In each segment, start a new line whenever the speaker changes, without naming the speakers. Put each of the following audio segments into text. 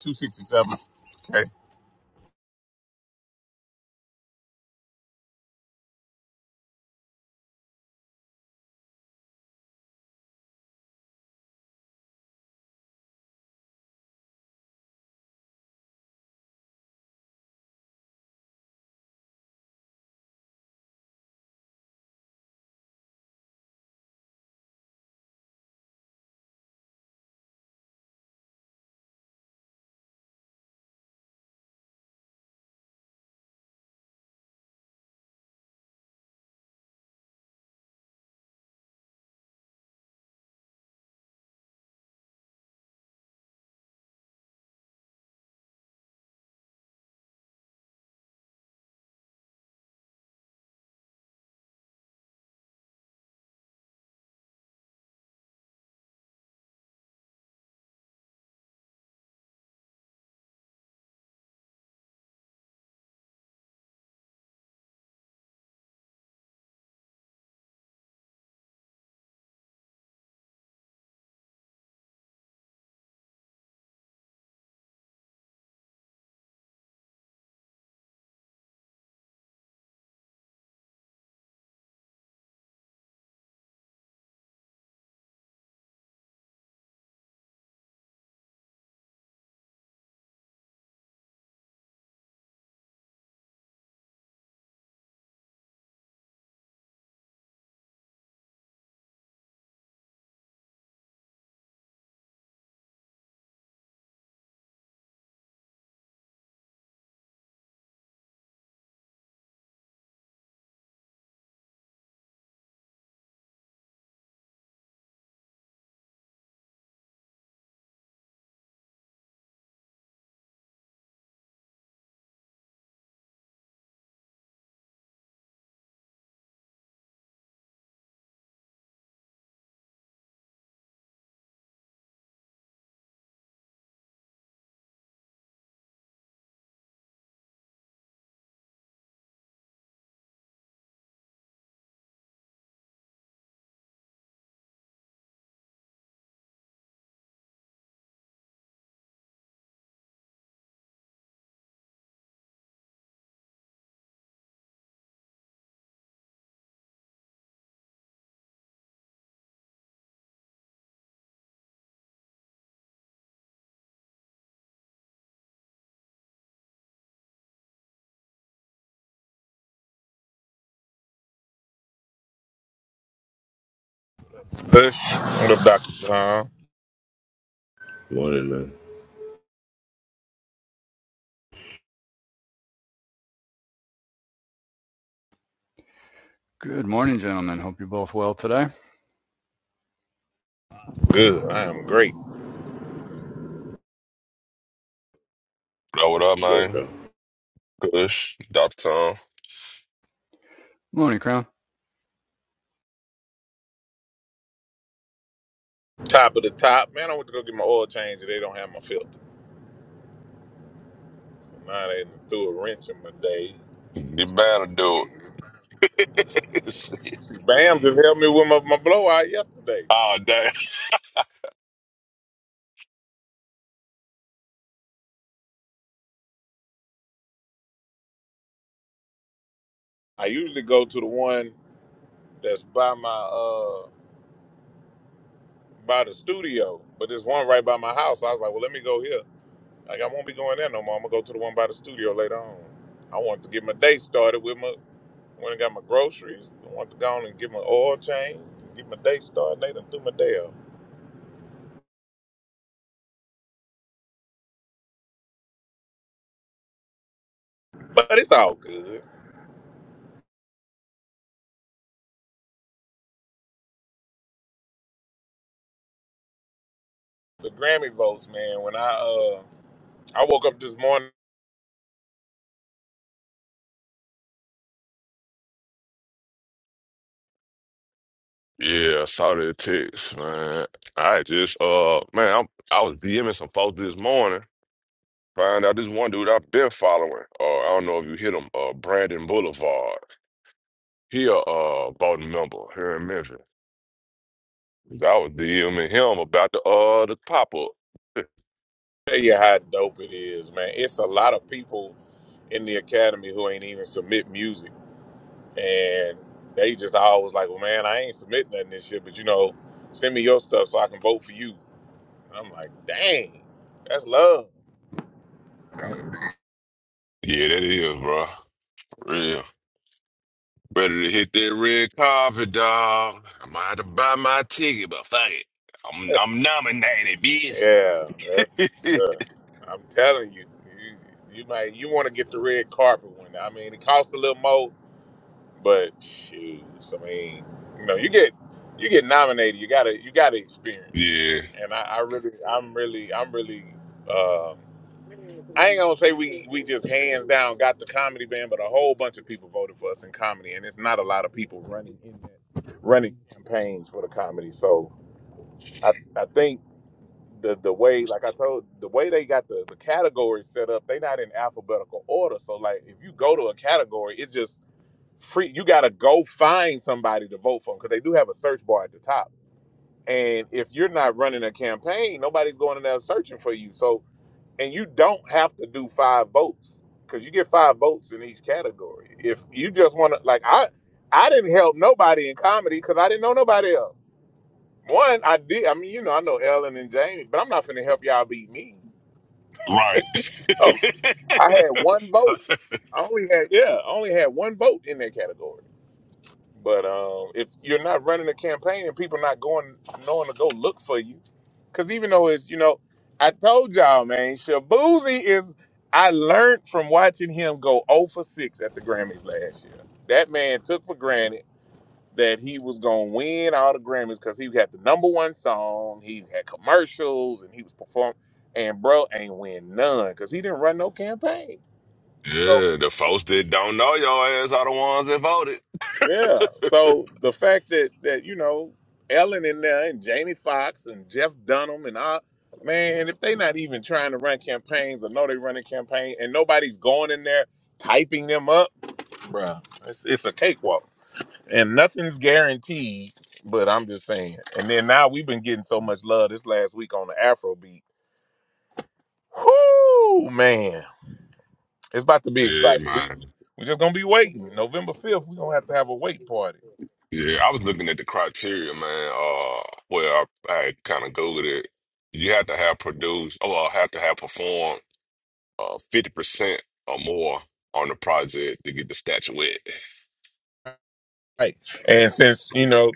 267. Okay. Bush. What up, Dr. Tom?
Morning, man.
Good morning, gentlemen. Hope you're both well today.
Good. I am great.
Yo, what up,
What up,
man?
bro?
Kush, Dr. Tom.
Morning, Crown.
Top of the top. Man, I went to go get my oil change and they don't have my filter. Now they threw a wrench in my day.
You better do it. Shit.
See, Bam just helped me with my, my blowout yesterday.
oh, damn.
I usually go to the one that's by my uh by the studio, but there's one right by my house. I was like, well, let me go here. Like I won't be going there no more. I'm gonna go to the one by the studio later on. I wanted to get my day started with my Went and got my groceries. I wanted to go on and get my oil change, get my day started. They done threw my day off. But it's all good. The Grammy votes, man. When I uh I woke up this morning,
Yeah, I saw the text, man. I just, uh, man, I, I was DMing some folks this morning. Find out this one dude I've been following. Uh, I don't know if you hit him, uh, Brandon Boulevard. He a uh, Bolton member here in Memphis. I was DMing him about the, uh, the pop-up.
tell you how dope it is, man. It's a lot of people in the academy who ain't even submit music, and they just always like, well, man, I ain't submit nothing this year, but you know, send me your stuff so I can vote for you. And I'm like, dang, that's love.
Yeah, that is, bro. For Real. Ready to hit that red carpet, dog. i might have to buy my ticket, but fuck it. I'm I'm nominated, bitch.
Yeah, that's.
yeah,
Uh, I'm telling you, you you might you want to get the red carpet one. I mean, it costs a little more, but shoes. I mean, you know, you get you get nominated. You gotta you gotta experience it. And I, I really, I'm really, I'm really. Um, I ain't gonna say we we just hands down got the comedy band, but a whole bunch of people voted for us in comedy, and it's not a lot of people running in that running campaigns for the comedy. So I I think the the way like I told the way they got the, the categories set up, they not in alphabetical order. So like if you go to a category, it's just free. You gotta go find somebody to vote for because they do have a search bar at the top. And if you're not running a campaign, nobody's going in there searching for you. So and you don't have to do five votes because you get five votes in each category. If you just want to like I I didn't help nobody in comedy because I didn't know nobody else. One, I did. I mean, you know, I know Ellen and Jamie, but I'm not finna help y'all beat me.
right.
so
yeah,
I had one vote. I only had yeah, I only had one vote in that category. But um, if you're not running a campaign and people not going knowing to go look for you, because even though it's you know, I told y'all, man, Shabuzi is. I learned from watching him go 0 for 6 at the Grammys last year. That man took for granted that he was gonna win all the Grammys because he had the number one song, he had commercials, and he was performing. And bro ain't win none because he didn't run no campaign. So
the folks that don't know your ass are the ones that voted.
yeah, so the fact that that you know Ellen in there and Jamie Foxx and Jeff Dunham and all man, if they not even trying to run campaigns or know they running campaign and nobody's going in there typing them up, bruh, it's, it's a cakewalk. and nothing's guaranteed. But I'm just saying. And then now we've been getting so much love this last week on the Afrobeat. Whoo, man, it's about to be
Yeah,
exciting. We
man.
we're just gonna be waiting. November fifth, we're gonna have to have a wait party.
Yeah, I was looking at the criteria, man. Uh, well, I, I kind of googled it. You have to have produced, or well, have to have performed uh fifty percent or more on the project to get the statuette.
Right. And since you know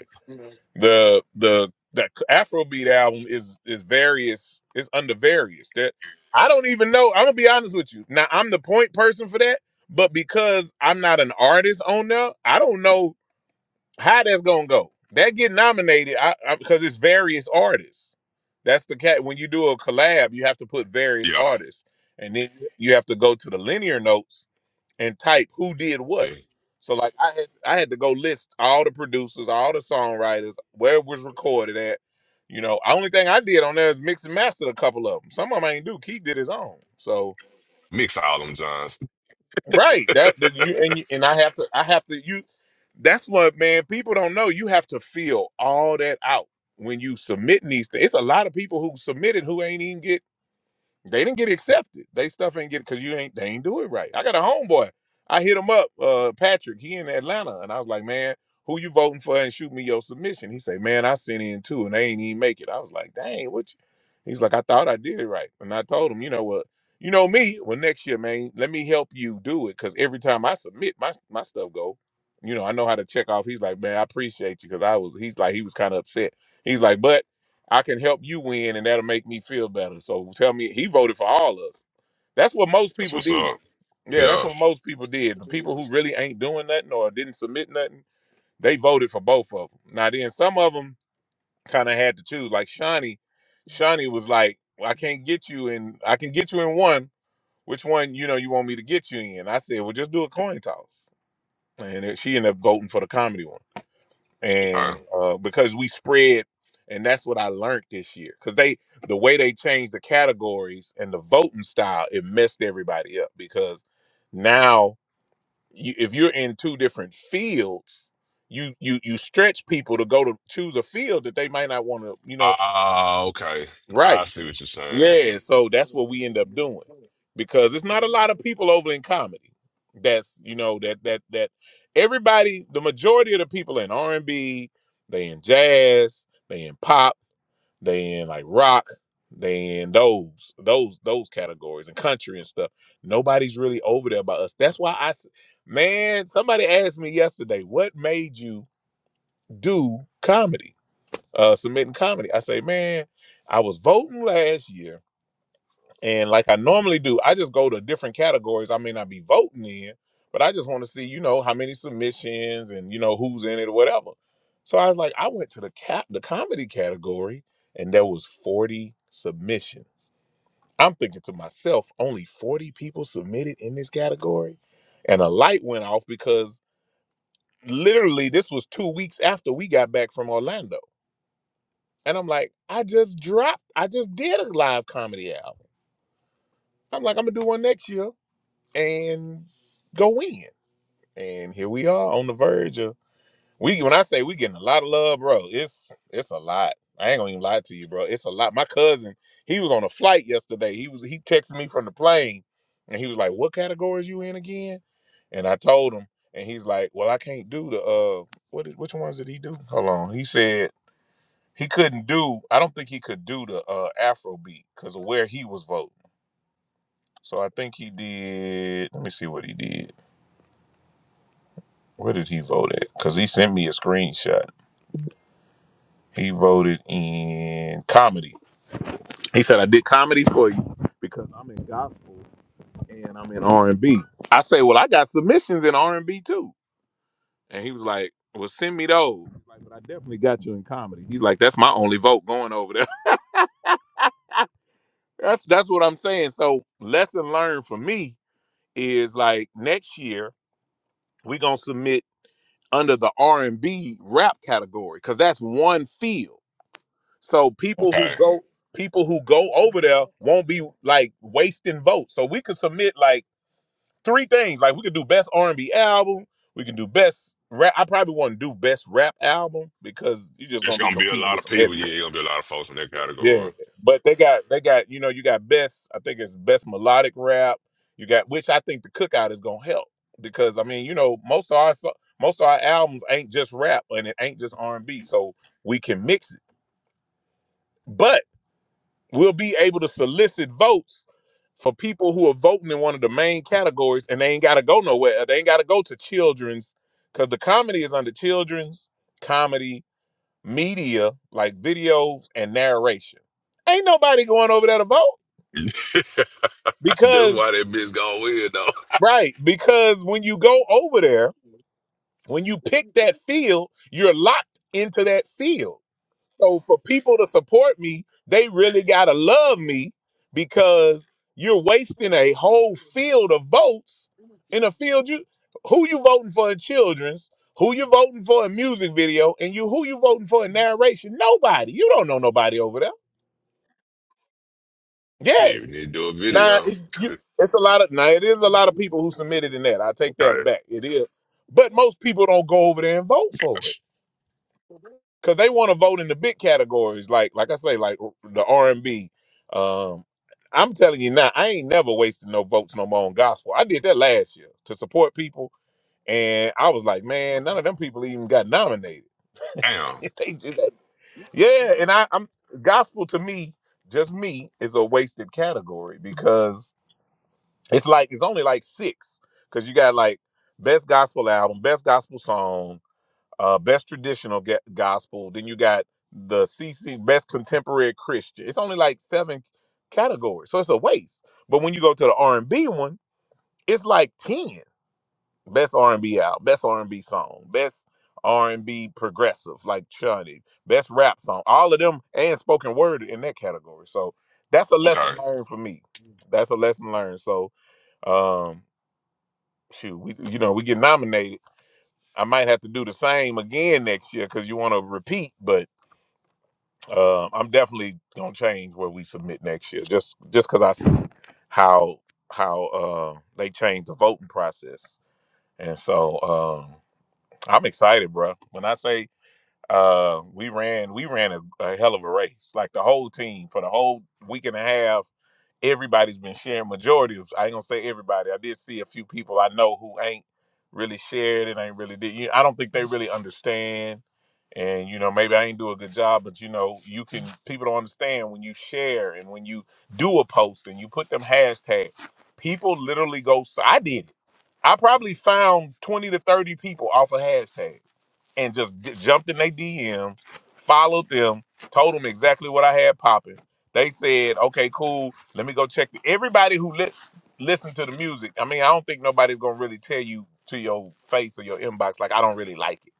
the the the Afrobeat album is is various is under various that I don't even know. I'm gonna be honest with you. Now I'm the point person for that, but because I'm not an artist on there, I don't know how that's gonna go. That get nominated I I, because it's various artists. That's the cat. When you do a collab, you have to put various
Yeah.
artists, and then you have to go to the linear notes and type who did what. So like I had I had to go list all the producers, all the songwriters, where it was recorded at. You know, only thing I did on there is mix and master a couple of them. Some of them I ain't do. Keith did his own. So
Mix all them Johns.
right that, that
That's
you and you, and I have to I have to you. That's what man people don't know. You have to feel all that out when you submitting these things. It's a lot of people who submitted who ain't even get they didn't get accepted. They stuff ain't get because you ain't they ain't do it right. I got a homeboy. I hit him up, uh, Patrick. He in Atlanta, and I was like, man, who you voting for? And shoot me your submission. He said, man, I sent in two, and they ain't even make it. I was like, dang, what? You? He's like, I thought I did it right, and I told him, you know what? You know me. Well, next year, man, let me help you do it because every time I submit, my my stuff go. You know, I know how to check off. He's like, man, I appreciate you because I was. He's like, he was kind of upset. He's like, but I can help you win, and that'll make me feel better. So tell me, he voted for all of us. That's what most people
what's
did.
up.
Yeah, that's
Yeah.
what most people did. The people who really ain't doing nothing or didn't submit nothing, they voted for both of them. Now then, some of them kind of had to choose. Like Shawnee, Shawnee was like, well, "I can't get you in. I can get you in one. Which one, you know, you want me to get you in?" I said, "Well, just do a coin toss." And it- she ended up voting for the comedy one and
Okay.
uh, because we spread, and that's what I learned this year. Because they, the way they changed the categories and the voting style, it messed everybody up. Because now, you, if you're in two different fields, you you you stretch people to go to choose a field that they might not want to. You know,
Ah, okay.
right?
I see what you're saying.
Yeah, so that's what we end up doing because it's not a lot of people over in comedy. That's you know that that that everybody, the majority of the people in R and B, they in jazz, they in pop, they in like rock, they in those those those categories and country and stuff. Nobody's really over there by us. That's why I, s- man, somebody asked me yesterday, what made you do comedy, uh, submitting comedy? I say, man, I was voting last year. And like I normally do, I just go to different categories I may not be voting in, but I just want to see, you know, how many submissions and, you know, who's in it or whatever. So I was like, I went to the cat the comedy category and there was 40 submissions. I'm thinking to myself, only 40 people submitted in this category. And a light went off because literally this was two weeks after we got back from Orlando. And I'm like, I just dropped, I just did a live comedy album. I'm like, I'm gonna do one next year. and go in. And here we are on the verge of we when I say we getting a lot of love, bro, it's it's a lot. I ain't gonna even lie to you, bro. It's a lot. My cousin, he was on a flight yesterday. He was he texted me from the plane and he was like, What category is you in again? And I told him, and he's like, Well, I can't do the uh what did, which ones did he do? Hold on. He said he couldn't do, I don't think he could do the uh Afro beat because of where he was voting. So I think he did, let me see what he did. Where did he vote at? Because he sent me a screenshot. He voted in comedy. He said, "I did comedy for you because I'm in gospel and I'm in R and B." I say, "Well, I got submissions in R and B too," and he was like, "Well, send me those." Like, but I definitely got you in comedy. He's like, "That's my only vote going over there." that's that's what I'm saying. So, lesson learned for me is like next year we are gonna submit under the R and B rap category because that's one field So people who
Okay.
go people who go over there won't be like wasting votes. So we could submit like three things. Like we could do best R and B album. We can do best rap. I probably want to do best rap album because you're just gonna
It's
be
gonna be a
competing
lot
with
of
some
people. Yeah, it's
heavyweights.
gonna be a lot of folks in that
Yeah,
category.
but they got they got you know you got best. I think it's best melodic rap. You got which I think the cookout is gonna help because I mean you know most of our so- most of our albums ain't just rap and it ain't just R and B. So we can mix it. But We'll be able to solicit votes for people who are voting in one of the main categories and they ain't got to go nowhere. uh, They ain't got to go to children's because the comedy is under children's, comedy, media, like videos and narration. Ain't nobody going over there to vote
That's
because,
why that bitch gonna win though.
right, because when you go over there, when you pick that field, you're locked into that field. So for people to support me, they really gotta love me because you're wasting a whole field of votes in a field you who you voting for in children's, who you voting for in music video, and you who you voting for in narration. Nobody. You don't know nobody over there.
Shit, we need
Yes.
to do a
Now
video.
it, you it's a lot of now it is a lot of people who submitted in that. I take that
okay.
back. It is. But most people don't go over there and vote for it.
Gosh.
because they want to vote in the big categories, like like I say, like the R and B. Um, I'm telling you now, I ain't never wasting no votes no more on gospel. I did that last year to support people, and I was like, man, none of them people even got nominated.
Damn.
they just, yeah, and I, I'm gospel to me, just me, is a wasted category because it's like it's only like six because you got like best gospel album, best gospel song uh, best traditional ga- gospel. Then you got the CC best contemporary Christian. It's only like seven categories, so it's a waste. But when you go to the R and B one, it's like ten best R and B out, best R and B song, best R and B progressive like Chunny, best rap song. All of them and spoken word in that category. So that's a lesson
Okay.
learned for me. That's a lesson learned. So um, shoot, we you know we get nominated. I might have to do the same again next year because you want to repeat, but Uh, I'm definitely gonna change where we submit next year, just just because I s- how how uh, they changed the voting process, and so um, I'm excited, bro. When I say uh, we ran, we ran a, a hell of a race, like the whole team for the whole week and a half everybody's been sharing majority of i ain't gonna say everybody i did see a few people i know who ain't really shared it ain't really did you- i don't think they really understand and you know maybe i ain't do a good job but you know you can people don't understand when you share and when you do a post and you put them hashtags people literally go s- i did it i probably found 20 to 30 people off a hashtag and just g- jumped in their DM, followed them, told them exactly what I had popping. They said, "Okay, cool. Let me go check." The-. Everybody who li- listened to the music, I mean, I don't think nobody's gonna really tell you to your face or your inbox like I don't really like it.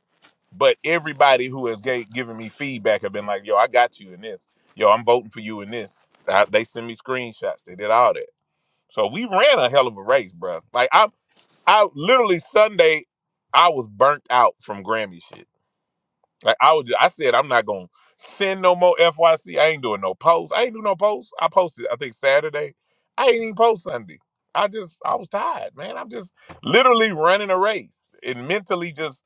But everybody who has gave, given me feedback have been like, "Yo, I got you in this. Yo, I'm voting for you in this." I, they send me screenshots. They did all that. So we ran a hell of a race, bro. Like I, I literally Sunday, I was burnt out from Grammy shit. Like I was, I said I'm not gonna send no more F Y C. I ain't doing no posts. I ain't do no posts. I posted, I think Saturday. I ain't even post Sunday. I just, I was tired, man. I'm just literally running a race and mentally just.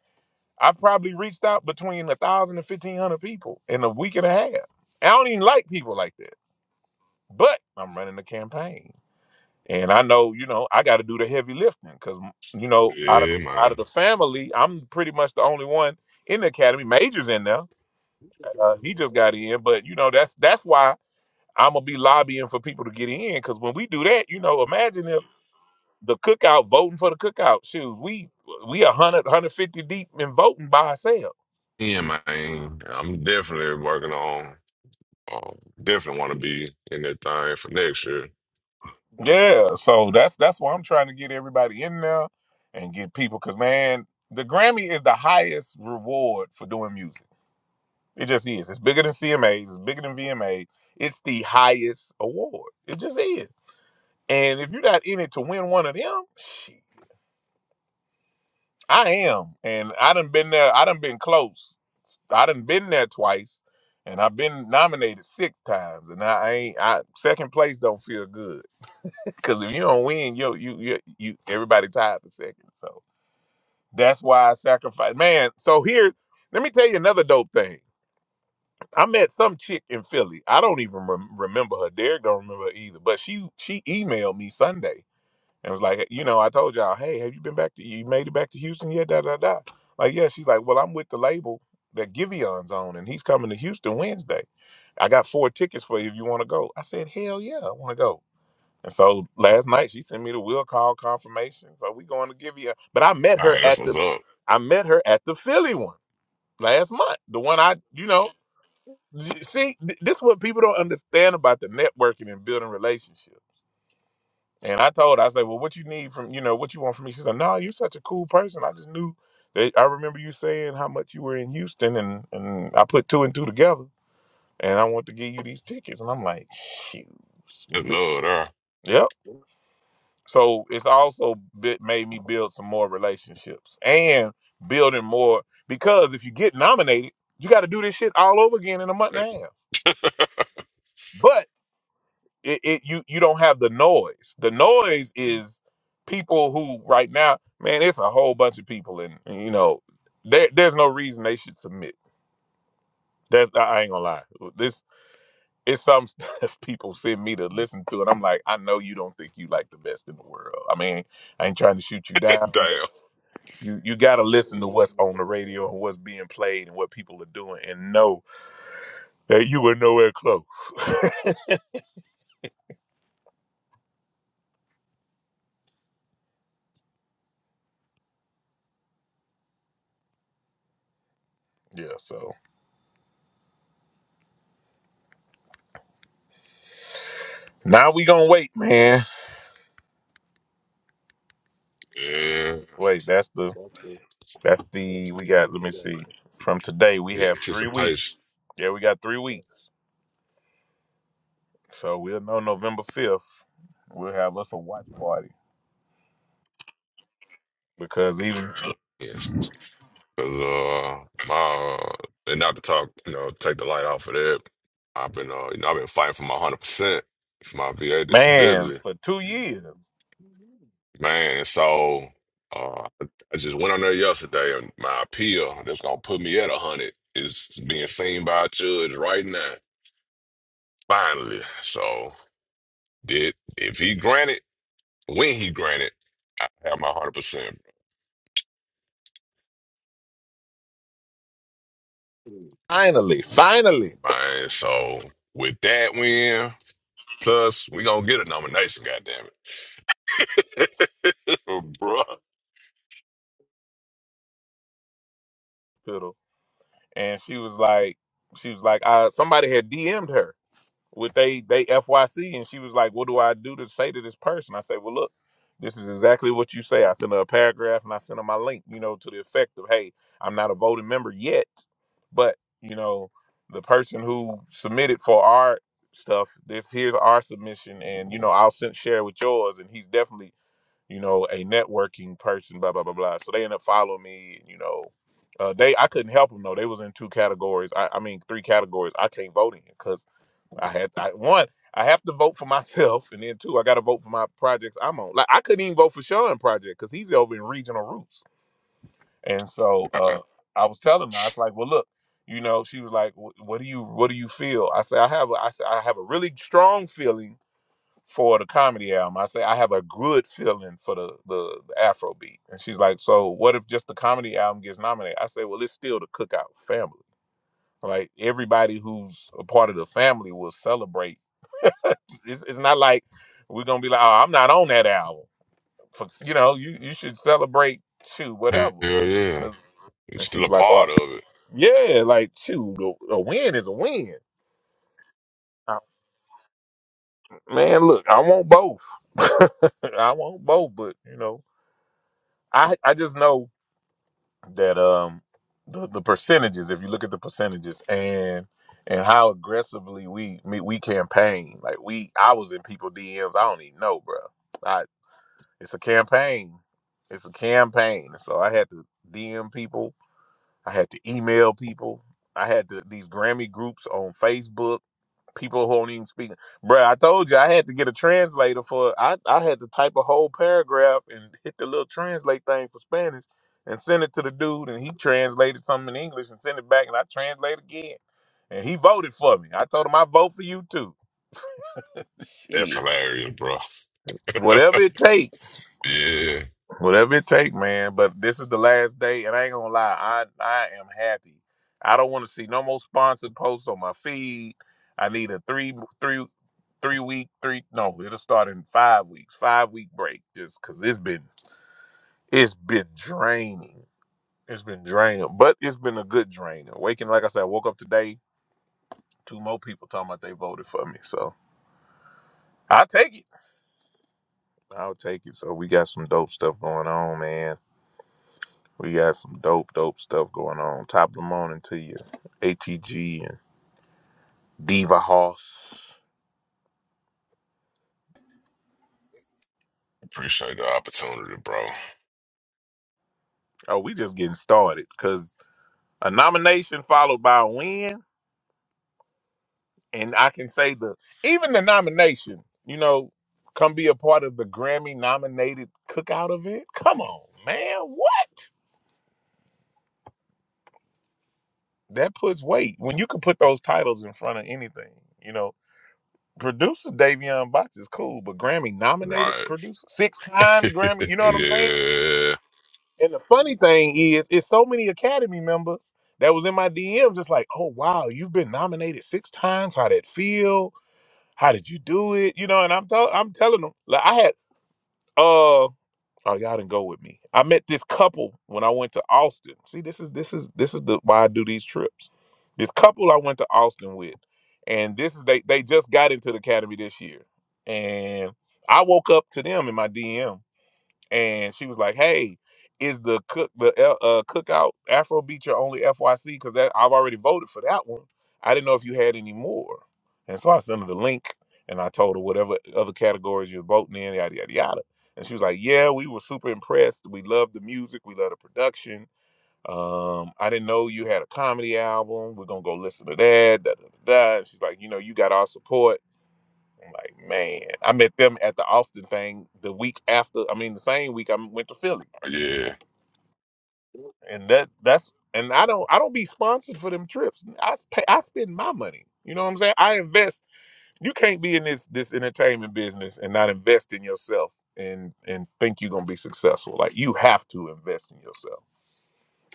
I've probably reached out between a thousand and fifteen hundred people in a week and a half. I don't even like people like that, but I'm running a campaign, and I know, you know, I got to do the heavy lifting because, you know, out of
Yeah,
out of
man.
the family, I'm pretty much the only one in the academy. Majors in there, uh, he just got in, but you know that's that's why I'm gonna be lobbying for people to get in. Because when we do that, you know, imagine if the cookout voting for the cookout shoes, we we a hundred, hundred fifty deep in voting by ourselves.
Yeah, man. I'm definitely working on. Uh, definitely want to be in that thing for next year.
Yeah, so that's that's why I'm trying to get everybody in there and get people. Because man, the Grammy is the highest reward for doing music. It just is. It's bigger than CMAs. It's bigger than VMAs. It's the highest award. It just is. And if you're not in it to win one of them, shit. I am, and I done been there. I done been close. I done been there twice, and I've been nominated six times, and I, ain't. I second place don't feel good because if you don't win, you you you you everybody tied for second. So that's why I sacrifice. Man, so here, let me tell you another dope thing. I met some chick in Philly. I don't even rem- remember her. Derek don't remember her either. But she she emailed me Sunday and was like, "Hey, you know, I told y'all, hey, have you been back to you made it back to Houston yet? Da da da. Like, yeah, she's like, well, I'm with the label that Givion's on, and he's coming to Houston Wednesday. I got four tickets for you if you want to go. I said, hell yeah, I want to go. And so last night she sent me the will call confirmation. So we going to Givion, but I met
All
her
right, that's
at
what's
the,
up.
I met her at the Philly one last month. The one I, you know, see, th- this is what people don't understand about the networking and building relationships and I told her, I said, Well, what you need from, you know, what you want from me? She said, No, you're such a cool person. I just knew that I remember you saying how much you were in Houston and and I put two and two together and I want to give you these tickets. And I'm like, shoot.
It's
bitch."
love
Yep. So it's also bit made me build some more relationships and building more because if you get nominated, you gotta do this shit all over again in a month and a
there.
half. it, it you you don't have the noise. The noise is people who right now, man, it's a whole bunch of people, and, and, you know, there there's no reason they should submit. That's I I ain't gonna lie. This it's some stuff people send me to listen to, and I'm like, I know you don't think you like the best in the world. I mean, I ain't trying to shoot you down. But
Damn.
you you gotta listen to what's on the radio and what's being played and what people are doing, and know that you were nowhere close. yeah. So now we gonna wait, man.
Yeah.
Wait, that's the That's the we got. Let me see. From today, we
The
have three weeks.
anticipation.
Yeah, we got three weeks. So we'll know November fifth. We'll have us a watch party because even
Yes. Cause uh my uh, and not to talk, you know, take the light off of that. I've been uh you know, I've been fighting for my hundred percent for my VA
man
disability.
for two years.
Man, so uh I just went on there yesterday and my appeal that's gonna put me at a hundred is being seen by a judge right now. Finally. So did if he granted, when he granted, I have my 100%.
Finally, finally.
Man, so with that win, plus we gonna get a nomination, goddamn it. bruh.
Fiddle. And she was like, she was like, uh, somebody had DM'd her with they they FYC, and she was like, "What do I do to say to this person?" I say, "Well, look, this is exactly what you say." I sent her a paragraph, and I sent her my link, you know, to the effect of, "Hey, I'm not a voting member yet, but you know, the person who submitted for our stuff, this here's our submission, and you know, I'll send share with yours." And he's definitely, you know, a networking person, blah blah blah blah. So they end up following me, and you know. Uh, they I couldn't help them though. They was in two categories. I, I mean three categories. I can't vote in because I had I, one. I have to vote for myself, and then two, I got to vote for my projects I'm on. Like I couldn't even vote for Sean project because he's over in regional roots. And so uh, I was telling her, I was like, "Well, look, you know." She was like, "Wh- "What do you What do you feel?" I say, "I have a, I say, I have a really strong feeling for the comedy album." I say, "I have a good feeling for the the, the Afrobeat." And she's like, "So what if just the comedy album gets nominated?" I say, "Well, it's still the Cookout family. Like everybody who's a part of the family will celebrate." It's, it's not like we're gonna be like, oh, I'm not on that album. F- you know, you you should celebrate shoot
Hell
whatever.
yeah.
Cause
It's
and she
still
was
a
like, oh,
part of it.
yeah, like shoot, a, a win is a win. I- Man, look, I want both. I want both, but you know, I I just know that um the, the percentages. If you look at the percentages and and how aggressively we me, we campaign, like we I was in people DMs. I don't even know, bro. It's a campaign. It's a campaign. So I had to DM people. I had to email people. I had to these Grammy groups on Facebook. People who don't even speak. Bruh, I told you I had to get a translator for I, I had to type a whole paragraph and hit the little translate thing for Spanish and send it to the dude and he translated something in English and sent it back and I translated again. And he voted for me. I told him I vote for you too.
That's
Shit.
hilarious, bro.
Whatever it takes.
yeah.
Whatever it take, man. But this is the last day, and I ain't gonna lie, I I am happy. I don't want to see no more sponsored posts on my feed. I need a three three three week three no, it'll start in five weeks, five week break, just cause it's been it's been draining. It's been draining, but it's been a good drain. Waking, like I said, I woke up today, two more people talking about they voted for me, so I'll take it. I'll take it. So we got some dope stuff going on, man. We got some dope, dope stuff going on. Top of the morning to you. ATG and Diva Hoss.
Appreciate the opportunity, bro.
Oh, we just getting started because a nomination followed by a win. And I can say the even the nomination, you know, come be a part of the Grammy nominated cookout event. Come on, man. What? That puts weight. When you can put those titles in front of anything, you know. Producer Davion Box is cool, but Grammy nominated
Right.
producer, six time Grammy, you know what I'm saying?
yeah.
And the funny thing is, it's so many Academy members that was in my DM, just like, oh wow, you've been nominated six times. How did it feel? How did you do it? You know, and I'm tell I'm telling them, like I had uh oh y'all didn't go with me. I met this couple when I went to Austin. See, this is this is this is the why I do these trips. This couple I went to Austin with, and this is they they just got into the academy this year. And I woke up to them in my DM and she was like, "Hey, is the cook the uh, uh, cookout Afrobeat your only FYC? Because that I've already voted for that one. I didn't know if you had any more." And so I sent her the link, and I told her whatever other categories you're voting in, yada yada yada. And she was like, "Yeah, we were super impressed. We love the music. We love the production. Um, I didn't know you had a comedy album. We're gonna go listen to that." Da, da, da, da. And she's like, "You know, you got our support." I'm like, man, I met them at the Austin thing the week after. I mean, the same week I went to Philly,
Yeah.
and that that's and I don't I don't be sponsored for them trips. I sp- I spend my money. You know what I'm saying? I invest. You can't be in this this entertainment business and not invest in yourself and and think you're gonna be successful. Like you have to invest in yourself.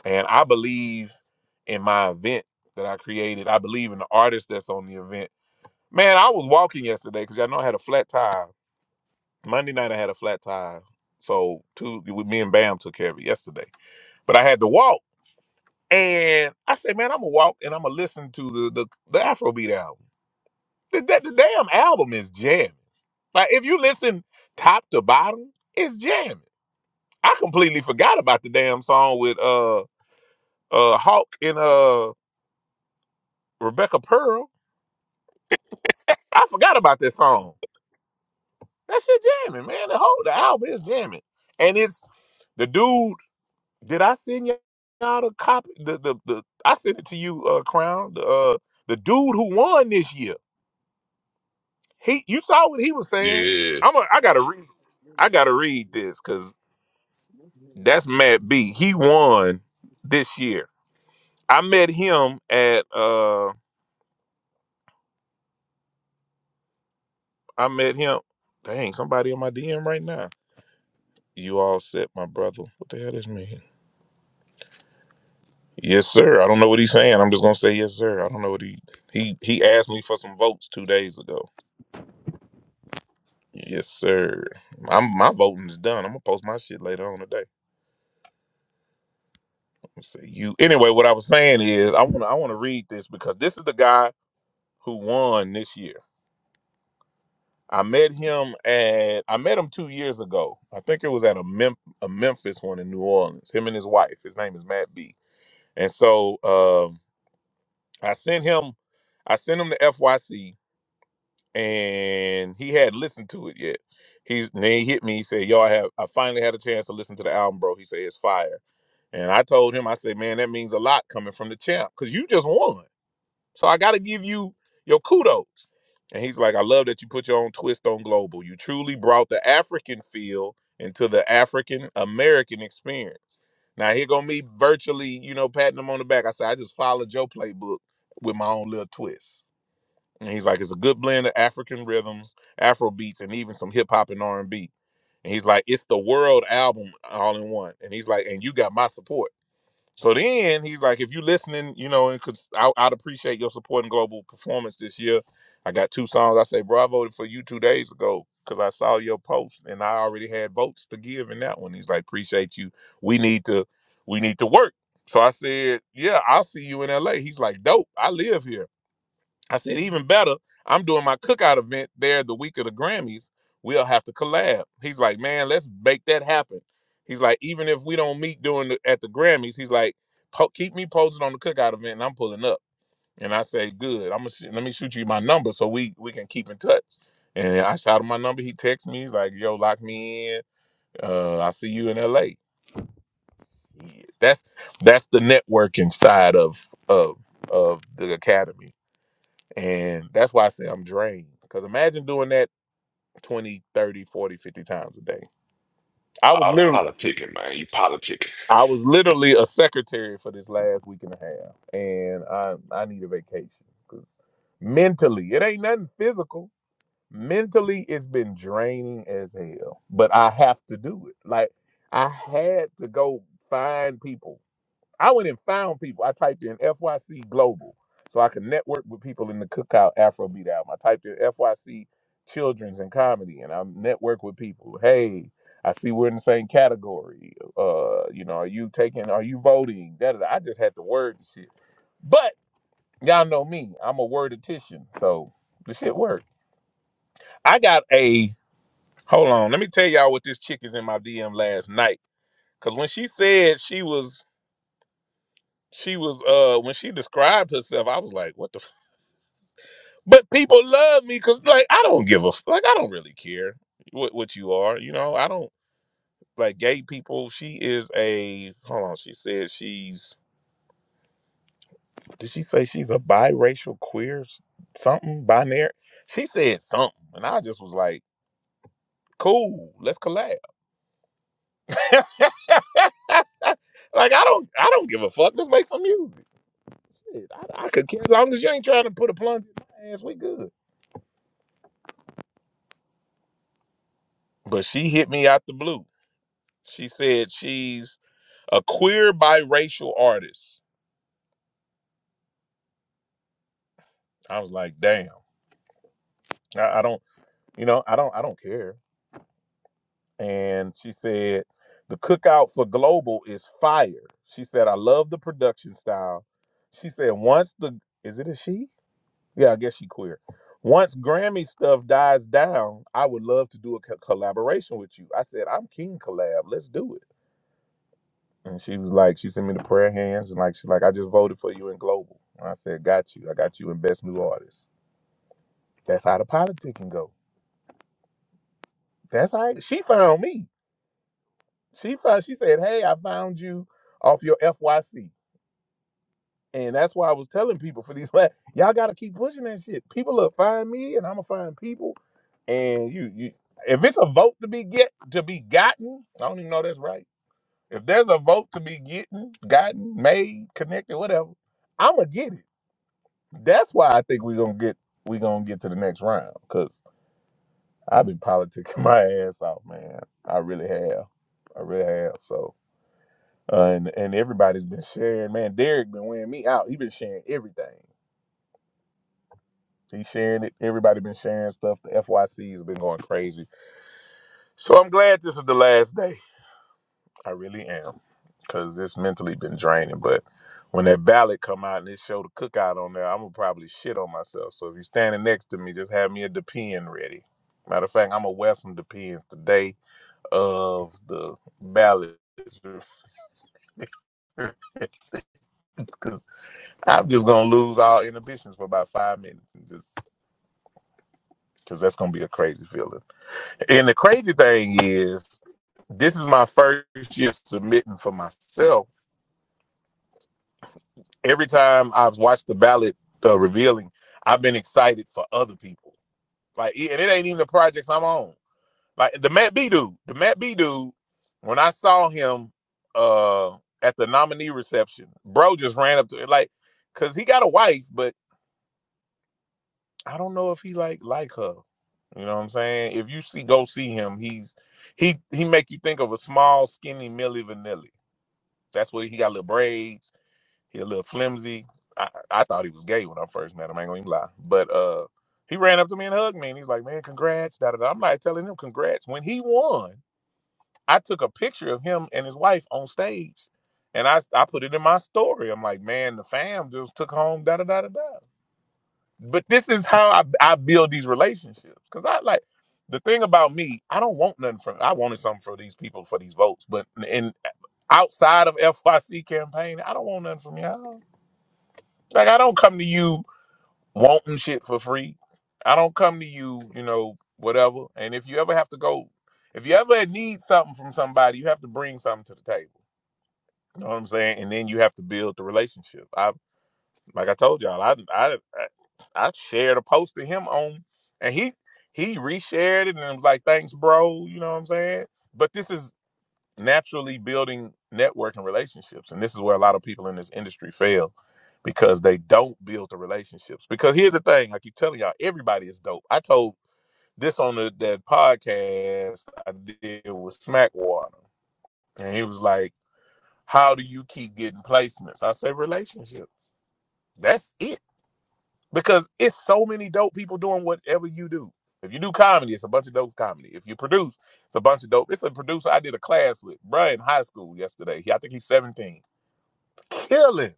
And I believe in my event that I created. I believe in the artist that's on the event. Man, I was walking yesterday because I know I had a flat tire Monday night I had a flat tire, so Tuesday with me and Bam took care of it yesterday. But I had to walk, and I said, "Man, I'm gonna walk and I'm gonna listen to the the, the Afrobeat album. The, that the damn album is jamming. Like if you listen top to bottom, it's jamming. I completely forgot about the damn song with uh uh Hawk and uh Rebecca Pearl. I forgot about that song. That shit jamming, man. The whole the album is jamming, and it's the dude. Did I send y- y'all the copy? The, the the I sent it to you, uh, Crown. The uh, the dude who won this year. He, you saw what he was saying.
Yeah.
I'm. A, I gotta read. I gotta read this because that's Matt B. He won this year. I met him at. uh I met him. Dang, somebody in my DM right now. You all set, my brother. What the hell does mean? Yes, sir. I don't know what he's saying. I'm just gonna say yes, sir. I don't know what he he he asked me for some votes two days ago. Yes, sir. I'm my voting is done. I'm gonna post my shit later on today. Let's see you. Anyway, what I was saying is I wanna I wanna read this because this is the guy who won this year. I met him at I met him two years ago. I think it was at a Mem- a Memphis one in New Orleans. Him and his wife. His name is Matt B. And so um, I sent him I sent him to FYC and he had listened to it yet. He's and then he hit me. He said, "Yo, I have I finally had a chance to listen to the album, bro." He said, "It's fire." And I told him, I said, man, that means a lot coming from the champ because you just won. So I got to give you your kudos. And he's like, I love that you put your own twist on global. You truly brought the African feel into the African American experience. Now, here go me virtually, you know, patting him on the back. I said, I just followed your playbook with my own little twist. And he's like, it's a good blend of African rhythms, Afro beats, and even some hip hop and R&B. And B. And he's like, it's the world album all in one. And he's like, and you got my support. So then he's like, if you listening, you know, and cause I, I'd appreciate your support in global performance this year. I got two songs. I say, bro, I voted for you two days ago because I saw your post and I already had votes to give in that one. He's like, appreciate you. We need to, we need to work. So I said, yeah, I'll see you in LA. He's like, dope. I live here. I said, even better, I'm doing my cookout event there the week of the Grammys. We'll have to collab. He's like, man, let's make that happen. He's like, even if we don't meet during the, at the Grammys, he's like, po- keep me posted on the cookout event, and I'm pulling up. And I say, good. I'm gonna sh- let me shoot you my number so we we can keep in touch. And I shot him my number. He texts me. He's like, yo, lock me in. Uh, I see you in L.A. Yeah, that's that's the networking side of of of the academy and that's why I say I'm drained. Because imagine doing that 20, 30, 40, 50 times a day. I was
All the
literally
politicking, man. You politicking.
I was literally a secretary for this last week and a half. And I I need a vacation. 'Cause mentally, it ain't nothing physical. Mentally, it's been draining as hell. But I have to do it. Like I had to go find people I went and found people. I typed in FYC Global so I could network with people in the Cookout Afrobeat album. I typed in FYC Children's and Comedy, and I network with people. Hey, I see we're in the same category. Uh, you know, are you taking? Are you voting? Da, da, da. I just had to word the shit. But y'all know me. I'm a worditician, so the shit worked. I got a. Hold on. Let me tell y'all what this chick is in my DM last night. Cause when she said she was She was uh when she described herself, I was like, what the f-? But people love me because like I don't give a f- like I don't really care what what you are, you know. I don't like gay people. She is a hold on, she said she's did she say she's a biracial queer s- something binary? She said something, and I just was like, cool, let's collab. like I don't I don't give a fuck. Let's make some music. Shit, I, I could care as long as you ain't trying to put a plunge in my ass, we good. but she hit me out the blue. She said she's a queer biracial artist. I was like, damn, I, I don't, you know, I don't, I don't care. And she said the cookout for global is fire. She said I love the production style. She said once the is it a she? Yeah, I guess she queer. Once Grammy stuff dies down, I would love to do a co- collaboration with you. I said I'm King Collab. Let's do it. And she was like, she sent me the prayer hands, and like she's like, I just voted for you in global. And I said, Got you. I got you in best new artist. That's how the politic can go. That's how it- she found me. She found. She said, Hey, I found you off your FYC, and that's why I was telling people for these last. Y'all got to keep pushing that shit. People will find me, and I'm gonna find people. And you, you, if it's a vote to be get to be gotten, I don't even know that's right. If there's a vote to be getting, gotten, made, connected, whatever, I'ma get it. That's why I think we're gonna get we gonna get to the next round because I've been politicking my ass off, man. I really have. I really have. So uh, and and everybody's been sharing. Man, Derek been wearing me out. He been sharing everything. He sharing it. Everybody been sharing stuff. The FYC has been going crazy. So I'm glad this is the last day. I really am, cause it's mentally been draining. But when that ballot come out and it show the cookout on there, I'm gonna probably shit on myself. So if you're standing next to me, just have me a depend ready. Matter of fact, I'm gonna wear some depends the day of the ballot, cause I'm just gonna lose all inhibitions for about five minutes and just cause that's gonna be a crazy feeling. And the crazy thing is, this is my first year submitting for myself every time I've watched the ballot uh, revealing, I've been excited for other people. Like, and it ain't even the projects I'm on. Like the Matt B dude, the Matt B dude. When I saw him uh, at the nominee reception, bro just ran up to it, like, cause he got a wife, but I don't know if he like like her. You know what I'm saying? If you see, go see him. He's he he make you think of a small, skinny Millie Vanilli. That's what he got little braids He a little flimsy. I, I thought he was gay when I first met him. I ain't gonna even lie. But uh, he ran up to me and hugged me, and he's like, "Man, congrats!" Da da da. I'm like telling him congrats. When he won, I took a picture of him and his wife on stage, and I I put it in my story. I'm like, "Man, the fam just took home." Da da da da da. But this is how I, I build these relationships because I like the thing about me. I don't want nothing from. I wanted something for these people for these votes, but in outside of FYC campaign, I don't want nothing from y'all. Like I don't come to you wanting shit for free. I don't come to you, you know, whatever. And if you ever have to go, if you ever need something from somebody, you have to bring something to the table. You know what I'm saying? And then you have to build the relationship. I like I told y'all, I I I I shared a post to him on, and he he reshared it and was like, "Thanks, bro." You know what I'm saying? But this is naturally building networking relationships. And this is where a lot of people in this industry fail because they don't build the relationships. Because here's the thing, I keep telling y'all, everybody is dope. I told this on the, that podcast I did with Smackwater, and he was like, "How do you keep getting placements?" I say, "Relationship. That's it." because it's so many dope people doing whatever you do. If you do comedy, it's a bunch of dope comedy. If you produce, it's a bunch of dope. It's a producer I did a class with, bruh, in high school yesterday. He, I think he's 17. Killing.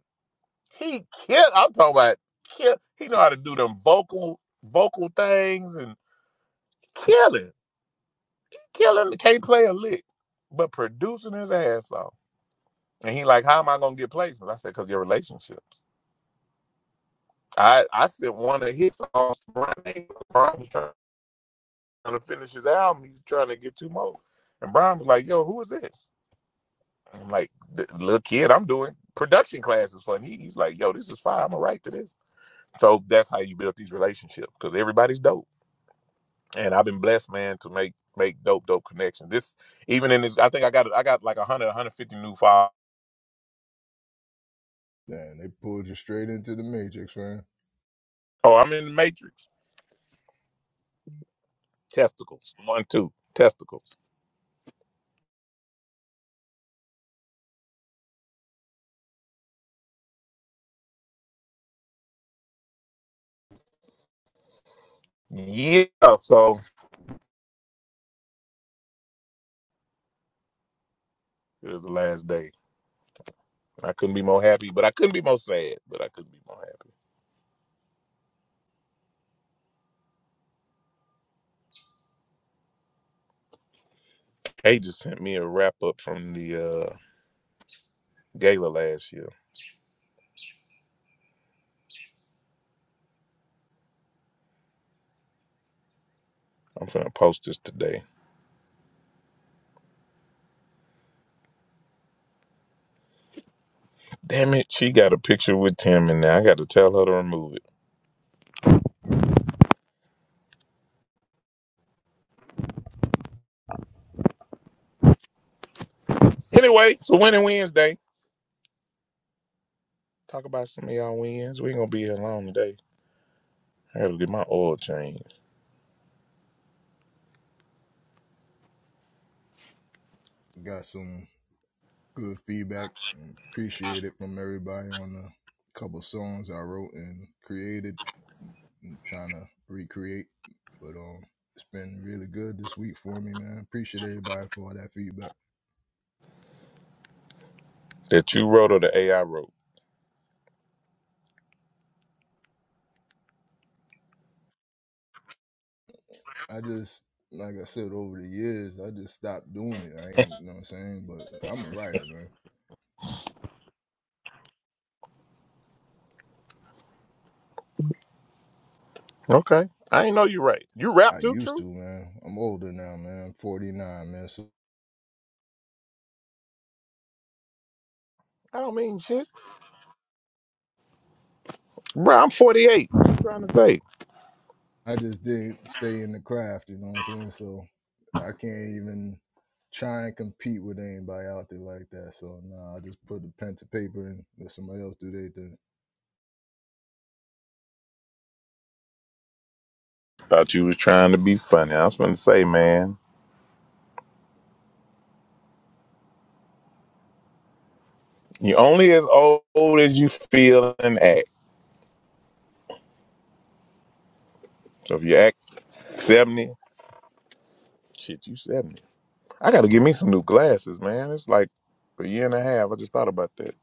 He kill. I'm talking about kill. He know how to do them vocal vocal things and killing. Killing. Can't play a lick, but producing his ass off. And he like, how am I gonna get placements? I said, cause your relationships. I I sent one of his songs to my neighbor. trying to finish his album. He's trying to get two more. And Brian was like, "Yo, who is this?" And I'm like, "The "Little kid, I'm doing production classes for." him." he, he's like, "Yo, this is fire. I'm gonna write to this." So that's how you build these relationships because everybody's dope. And I've been blessed, man, to make make dope, dope connections. This even in this, I think I got I got like 100, 150 new files.
Damn, they pulled you straight into the matrix, man.
Oh, I'm in the matrix. Testicles, one, two, testicles. Yeah. So it was the last day. I couldn't be more happy, but I couldn't be more sad. But I couldn't be more happy. Kay just sent me a wrap up from the uh, gala last year. I'm gonna post this today. Damn it, she got a picture with Tim in there. I got to tell her to remove it. Anyway, so winning Wednesday. Talk about some of y'all wins. We ain't gonna be here long today. I gotta get my oil changed.
Got some good feedback. Appreciate it from everybody on the couple songs I wrote and created and trying to recreate. But um, it's been really good this week for me, man. Appreciate everybody for all that feedback.
That you wrote or the AI wrote.
I just, like I said, over the years, I just stopped doing it. I ain't, you know what I'm saying? But I'm a writer, man.
Okay. I ain't know you right. You rap
I
too,
used to,
true?
man. I'm older now, man. I'm 49, man. So
I don't mean shit. Bro, I'm 48. What you trying to say?
I just didn't stay in the craft, you know what I'm saying? So I can't even try and compete with anybody out there like that. So nah, I just put the pen to paper and let somebody else do their thing.
Thought you was trying to be funny. I was gonna say, man, you only as old as you feel and act. So if you act 70, Shit, you 70. I got to get me some new glasses, man. It's like a year and a half. I just thought about that.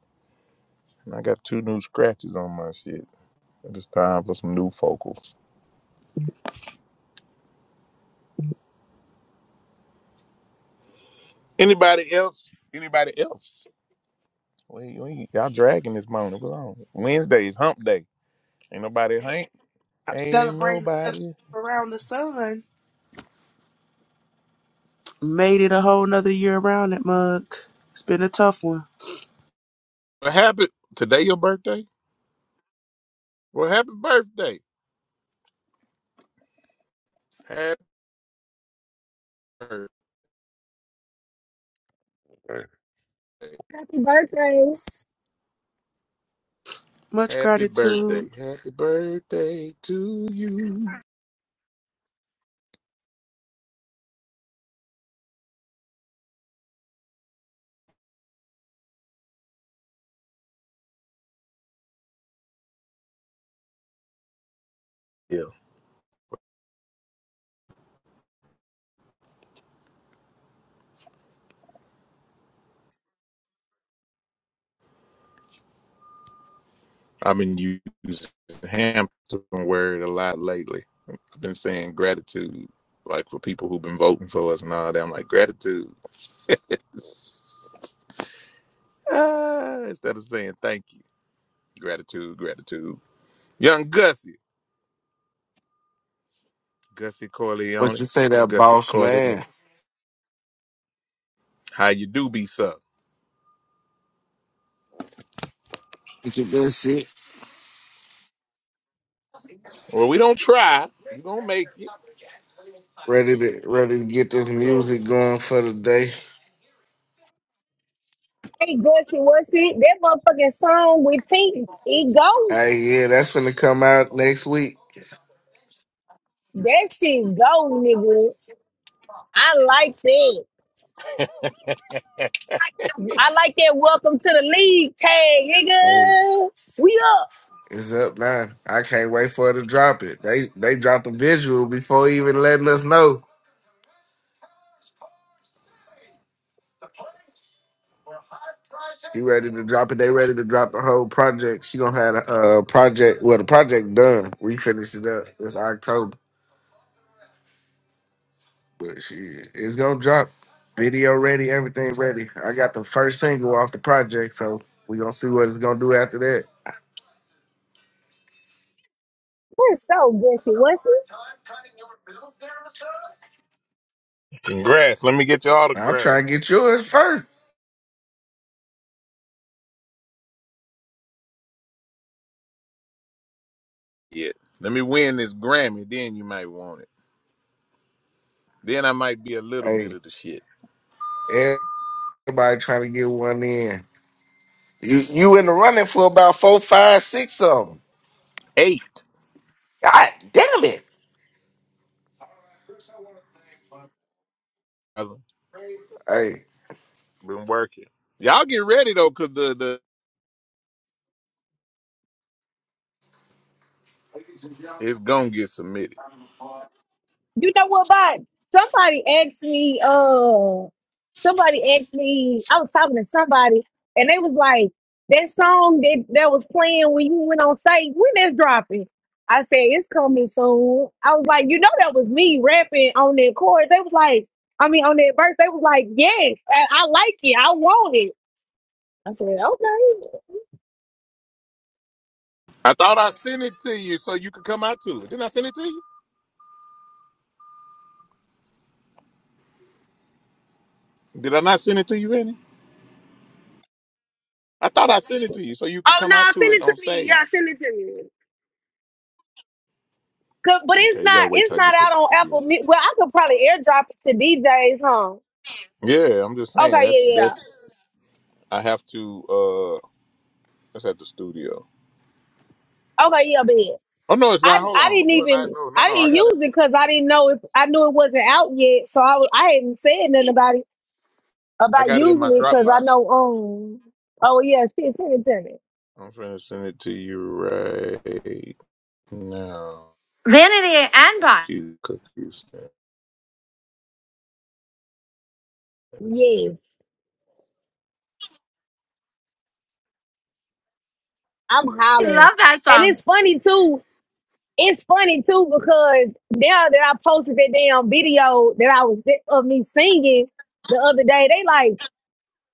And I got two new scratches on my shit. And It's time for some new focals. Anybody else? Anybody else? Wait, wait. Y'all dragging this morning. Go on. Wednesday is hump day. Ain't nobody ain't.
I'm
Ain't
celebrating another
nobody.
trip around the sun. Made it a whole nother year around that mug. It's been a tough one.
What happened? Today your birthday? Well, happy birthday. Happy birthday.
Man,
Happy birthdays.
Much
Happy
gratitude.
birthday. Happy birthday to you. Yeah. I've been using Hampton word a lot lately. I've been saying gratitude, like for people who've been voting for us and all that. I'm like gratitude Ah, instead of saying thank you. Gratitude, gratitude. Young Gussie, Gussie
What
Corleone,
you say that
Gussie
boss
Corleone.
man?
How you do be sir?
Get your good shit.
Well, we don't try. You gonna make it.
Ready to ready to get this
So,
music going for the day.
Hey, Gushy, what's it? That motherfucking song with T, it go.
Hey yeah, that's gonna come out next week.
That shit go, nigga. I like that. I like that welcome to the league tag,
Hey,
nigga. We up.
it's up now. I can't wait for her to drop it. They they dropped a visual before even letting us know. She ready to drop it. They ready to drop the whole project. She gonna have a uh, project well the project done. We finish it up. It's October. But shit, it's gonna drop. Video ready, everything ready. I got the first single off the project, so we gonna see what it's gonna do after that.
We're so Gushy, what's it?
congrats. Let me get your
I'll try
autograph.
and get yours first.
Yeah. Let me win this Grammy, then you might want it. Then I might be a little bit
Hey,
of the shit.
everybody trying to get one in. You you in the running for about four, five, six of them.
Eight.
God damn it!
brother.
Hey.
Been working. Y'all get ready though, cause the, the it's gonna get submitted.
You know what, Bob? Somebody asked me, uh, somebody asked me, I was talking to somebody, and they was like, that song that, that was playing when you went on stage, when that's dropping. I said, it's coming soon. I was like, you know, that was me rapping on that chorus. They was like, I mean, on that verse, they was like, yes, I, I like it. I want it. I said, okay.
I thought I sent it to you so you could come out to it. Didn't I send it to you? Did I not send it to you, Vinny? I thought I sent it to you so you could
Oh,
come
no,
out to
send
it
it to
on
me.
stage.
Yeah, send it to me. 'Cause- But
Okay,
it's
you gotta
not
wait till
it's
I
not
get to
out
the
on
studio.
Apple. Mu- Well, I could probably airdrop it to DJs, huh?
Yeah, I'm just saying
Okay,
that's
yeah, yeah.
that's I have to uh that's at the studio.
yeah. Okay, yeah, bet.
Oh no, it's not.
I
Hold
I
on.
didn't
No, it's not.
even
no,
I
no, no. I
didn't use
got it.
it because I didn't know if I knew it wasn't out yet, so I was, I hadn't said nothing about it
I
about
got it in my
using it because I
Dropbox.
know um oh yeah shit send it to me
I'm finna send it to you right now.
Vanity and Bot.
Cookies. cookies.
yes I'm
I
hollering
love that
and
song.
it's funny too it's funny too because now that I posted that damn video that I was of me singing the other day they like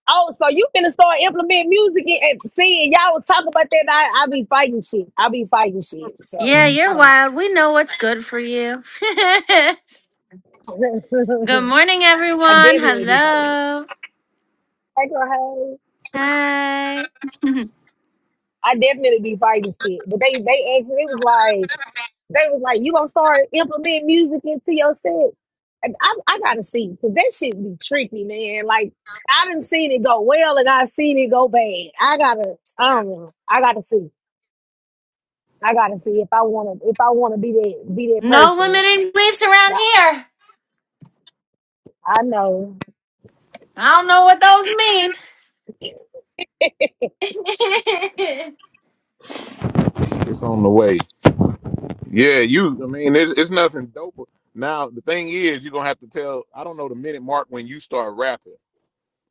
oh so you finna start implementing music and and singing y'all was talking about that I I be fighting shit I be fighting shit
Yeah,
so I
you're
don't know.
wild. We know what's good for you. good morning,
I
everyone.
definitely be fighting. it.
Hello.
Hey, girl, hey.
Hi.
I definitely be fighting shit. But they they asked me, it was like they was like, you gonna start implementing music into your set? And I I gotta see because that shit be tricky, man. Like I done seen it go well and I seen it go bad. I gotta I don't know. I gotta see. I gotta see if I wanna if I wanna be that be that
No
person.
limiting beliefs around
I,
here.
I know.
I don't know what those mean.
It's on the way. Yeah, you. I mean, it's it's nothing dope. Now the thing is, you're gonna have to tell. I don't know the minute mark when you start rapping,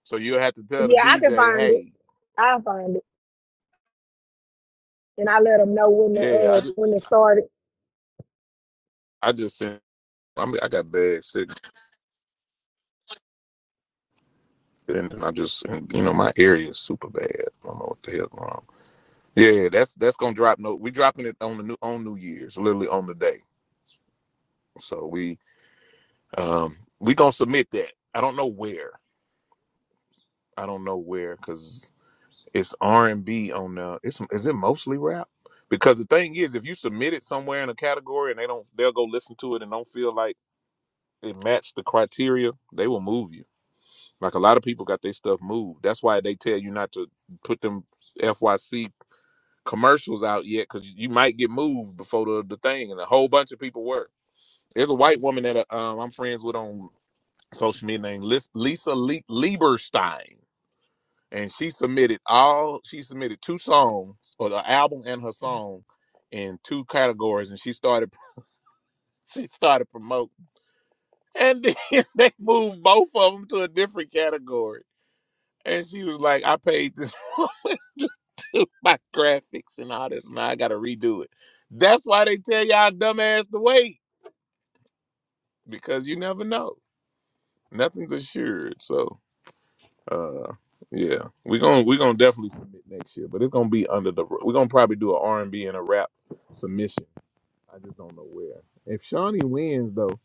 so you'll have to tell the
Yeah, I can
DJ,
find it.
"Hey,
I'll find it. And I let them know when the
yeah, I
uh
just
when it started.
I just sent. I mean, I got bad sick, and I just and, you know my area is super bad. I don't know what the hell's going on. Yeah, that's that's gonna drop. No, we dropping it on the new on New Year's, literally on the day. So we um we gonna submit that. I don't know where. I don't know where because. it's R and B on the. It's is it mostly rap? Because the thing is, if you submit it somewhere in a category and they don't, they'll go listen to it and don't feel like it matched the criteria, they will move you. Like a lot of people got their stuff moved. That's why they tell you not to put them FYC commercials out yet, because you might get moved before the, the thing. And a whole bunch of people were. There's a white woman that uh, um, I'm friends with on social media named Lis- Lisa Le- Lieberstein and she submitted all she submitted two songs or the album and her song in two categories and she started she started promoting and then they moved both of them to a different category and she was like i paid this woman to do my graphics and all this and i gotta redo it that's why they tell y'all dumbass to wait because you never know nothing's assured so. Uh, yeah, we're gonna we're gonna definitely submit next year, but it's gonna be under the we're gonna probably do an R and B and a rap submission. I just don't know where. If Shawnee wins though,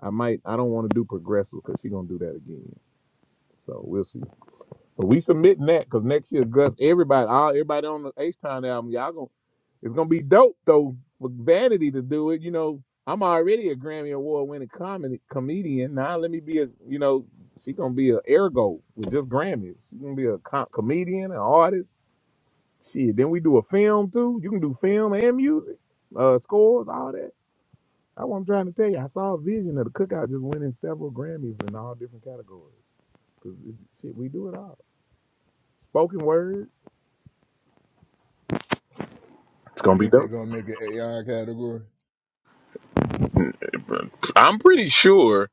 I might I don't want to do progressive because she's gonna do that again. So we'll see. But we submitting that because next year, Gus, everybody, all everybody on the H Town album, y'all gonna it's gonna be dope though for Vanity to do it. You know, I'm already a Grammy Award winning comedy comedian. Now let me be a you know, she gonna be a ergo with just Grammys. She gonna be a com- comedian, an artist. Shit, then we do a film too. You can do film and music, uh, scores, all that. That's what I'm trying to tell you. I saw a vision of the cookout just winning several Grammys in all different categories. Cause it, shit, we do it all. Spoken word. It's
You
gonna be
think they
dope.
gonna make an AI category?
I'm pretty sure.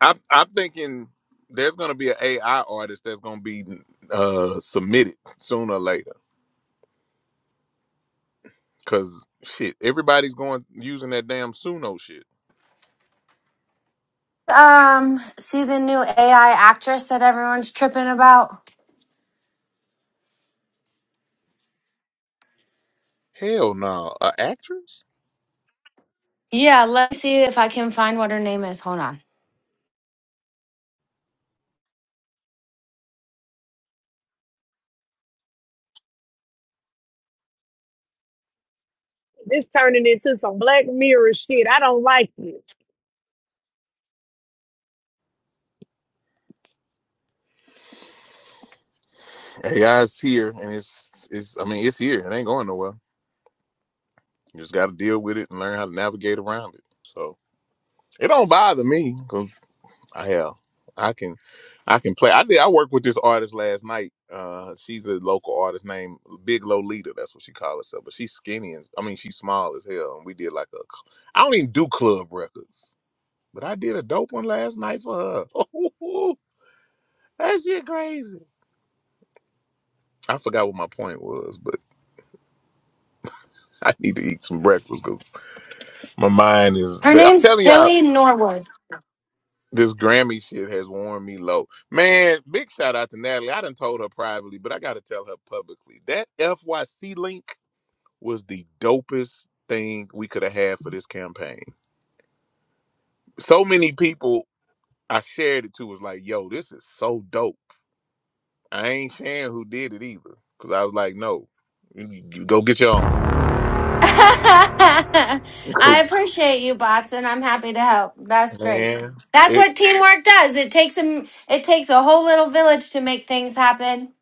I, I'm thinking there's gonna be an AI artist that's gonna be uh, submitted sooner or later. Cause shit, everybody's going using that damn Suno shit.
um, see the new AI actress that everyone's tripping about?
Hell no, a actress.
Yeah, let's see if I can find what her name is. Hold on.
This turning into some Black Mirror shit. I don't like it.
AI is here, and it's it's. I mean, it's here. It ain't going nowhere. You just got to deal with it and learn how to navigate around it. So it don't bother me. Hell, I can, I can play. I did. I worked with this artist last night. Uh, she's a local artist named Big Lolita. That's what she calls herself. But she's skinny and I mean she's small as hell. And we did like a. cl- I don't even do club records, but I did a dope one last night for her. that shit crazy. I forgot what my point was, but I need to eat some breakfast because my mind is.
Her
I'm
name's
telling y'all.
Tilly Norwood.
This Grammy shit has worn me low. Man, big shout out to Natalie. I done told her privately, but I gotta tell her publicly. That FYC link was the dopest thing we could have had for this campaign. So many people I shared it to was like, yo, this is so dope. I ain't sharing who did it either. Cause I was like, no, you, you go get your own.
I
Cool.
appreciate you, bots, and I'm happy to help. That's great.
Man.
That's
It
what teamwork does. It takes a it takes a whole little village to make things happen.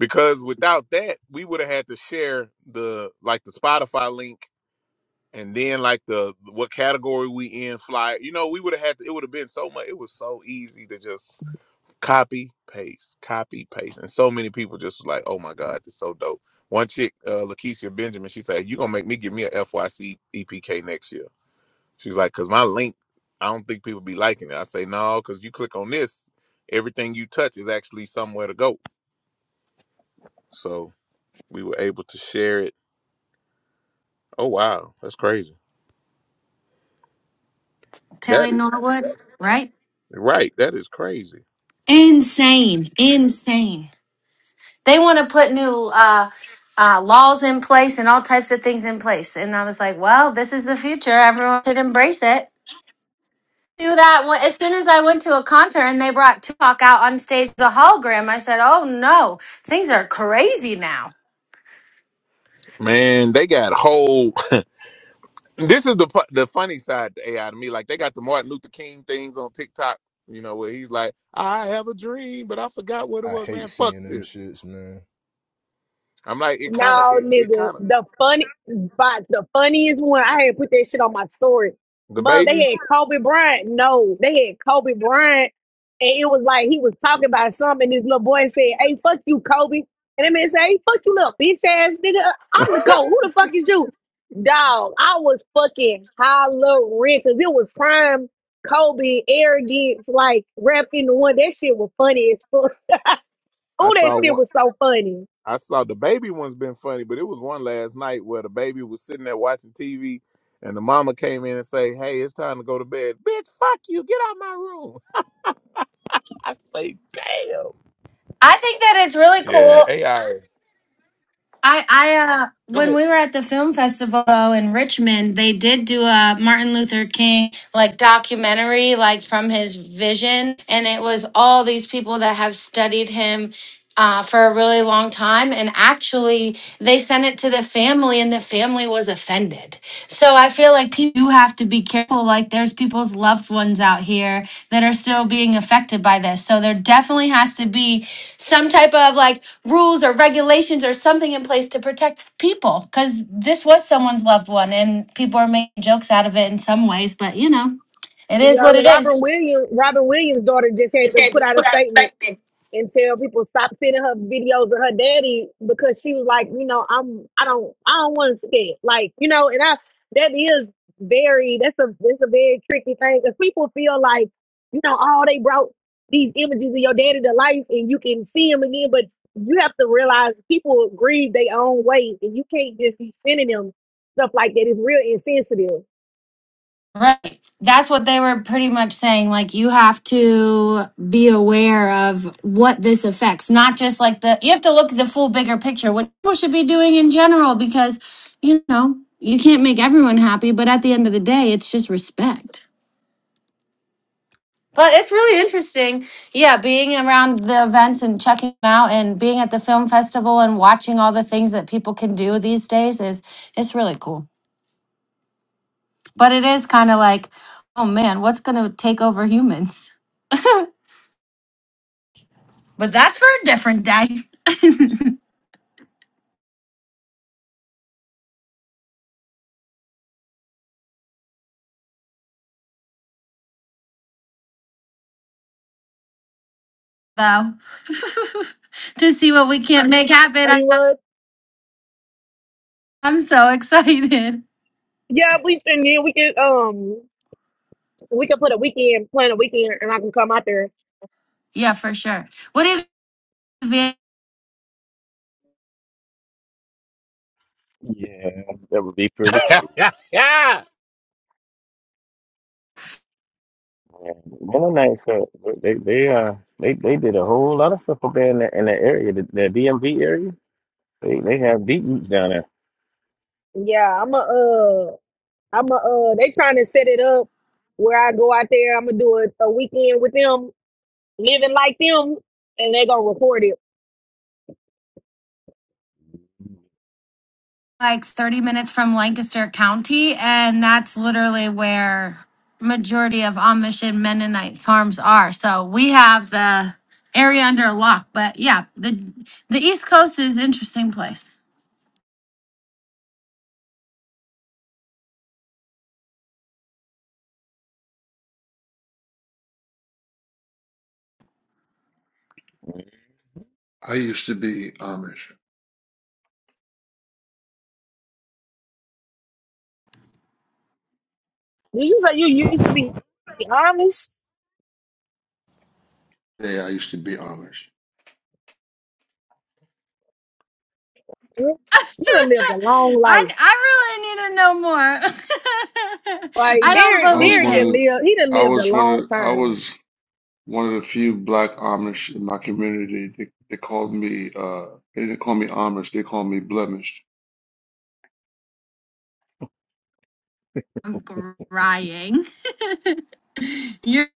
because without that, we would have had to share the like the Spotify link and then like the what category we in fly you know we would have had to, it would have been so much it was so easy to just copy paste copy paste and so many people just was like oh my god it's so dope one chick uh Lakeisha Benjamin she said you gonna make me give me a FYC EPK next year she's like because my link I don't think people be liking it I say no because you click on this everything you touch is actually somewhere to go so we were able to share it oh wow that's crazy that
Telling
is
Norwood, right?
right that is crazy
Insane. Insane. They want to put new uh, uh, laws in place and all types of things in place. And I was like, well, this is the future. Everyone should embrace it. Do that when- as soon as I went to a concert and they brought Tupac out on stage, the hologram. I said, oh no, things are crazy now.
Man, they got whole. This is the fu- the funny side to AI to me. Like they got the Martin Luther King things on TikTok. You know where he's like, "I have a dream, but I forgot what it
I
was."
hate
Man, fuck
seeing them
this.
shits, man.
I'm like, it kind of,
No,
it, it
nigga.
kind of
The funny, but the funniest one, I had put that shit on my story.
the
But
baby.
they had Kobe Bryant. No, they had Kobe Bryant. And it was like he was talking about something. And this little boy said, Hey, fuck you, Kobe. And that man said, Hey, fuck you, little bitch ass nigga. I'm the GOAT. Who the fuck is you? Dog, I was fucking hollering because it was prime Kobe arrogance, like rap in the one. That shit was funny as fuck.
I
Oh, that
saw
shit
one.
was so funny.
I saw the baby one's been funny, but it was one last night where the baby was sitting there watching TV, and the mama came in and say, "Hey, it's time to go to bed." Bitch, fuck you. Get out my room. I say, damn.
I think that it's really
Yeah,
cool.
AI.
I, I, uh, when
Go
we were at the film festival in Richmond, they did do a Martin Luther King like documentary, like from his vision, and it was all these people that have studied him. Uh, for a really long time and actually they sent it to the family and the family was offended so i feel like people do have to be careful like there's people's loved ones out here that are still being affected by this so there definitely has to be some type of like rules or regulations or something in place to protect people because this was someone's loved one and people are making jokes out of it in some ways but you know it is what
Uh,
it
Robin
is
Williams, Robin Williams' daughter just had to put out a statement and tell people stop sending her videos of her daddy because she was like, you know, I'm, I don't, I don't want to see it. Like, you know, and I, that is very, that's a, that's a very tricky thing because people feel like, you know, oh, they brought these images of your daddy to life and you can see him again, but you have to realize people grieve their own way and you can't just be sending them stuff like that. It's real insensitive.
right that's what they were pretty much saying like you have to be aware of what this affects not just like the you have to look at the full bigger picture what people should be doing in general because you know you can't make everyone happy but at the end of the day it's just respect But it's really interesting. Yeah, being around the events and checking them out and being at the film festival and watching all the things that people can do these days is it's really cool. But it is kind of like, oh man, what's going to take over humans? But that's for a different day, though. to see what we can't make
I
happen.
mean, what?
I'm so excited.
Yeah, we and then we can um we can put a weekend plan a weekend and I can come out there.
Yeah, for sure. What do you
Yeah, that would be pretty cool.
ahead.
Yeah. Mennonites, uh, they they uh they they did a whole lot of stuff up there in the in the area, the, the DMV area. They they have deep roots down there.
Yeah, I'm a uh I'm a uh they trying to set it up where I go out there, I'm gonna do a, a weekend with them, living like them, and they gonna record it.
like 30 minutes from Lancaster County, and that's literally where majority of Amish and Mennonite farms are. So we have the area under lock, but yeah, the the East Coast is an interesting place.
I'm
I used to be Amish.
Did You say you used to be Amish?
Yeah, I used to be Amish.
You done lived a
I
long life.
I really need to know more.
Like
I don't
I
Derek
was
believe
Derek
one of
done
it.
the,
lived he done
I
lived a
was one of,
long
I
time.
was one of the few black Amish in my community. They, they called me, uh, they didn't call me Amish, they called me blemished.
I'm crying. You're,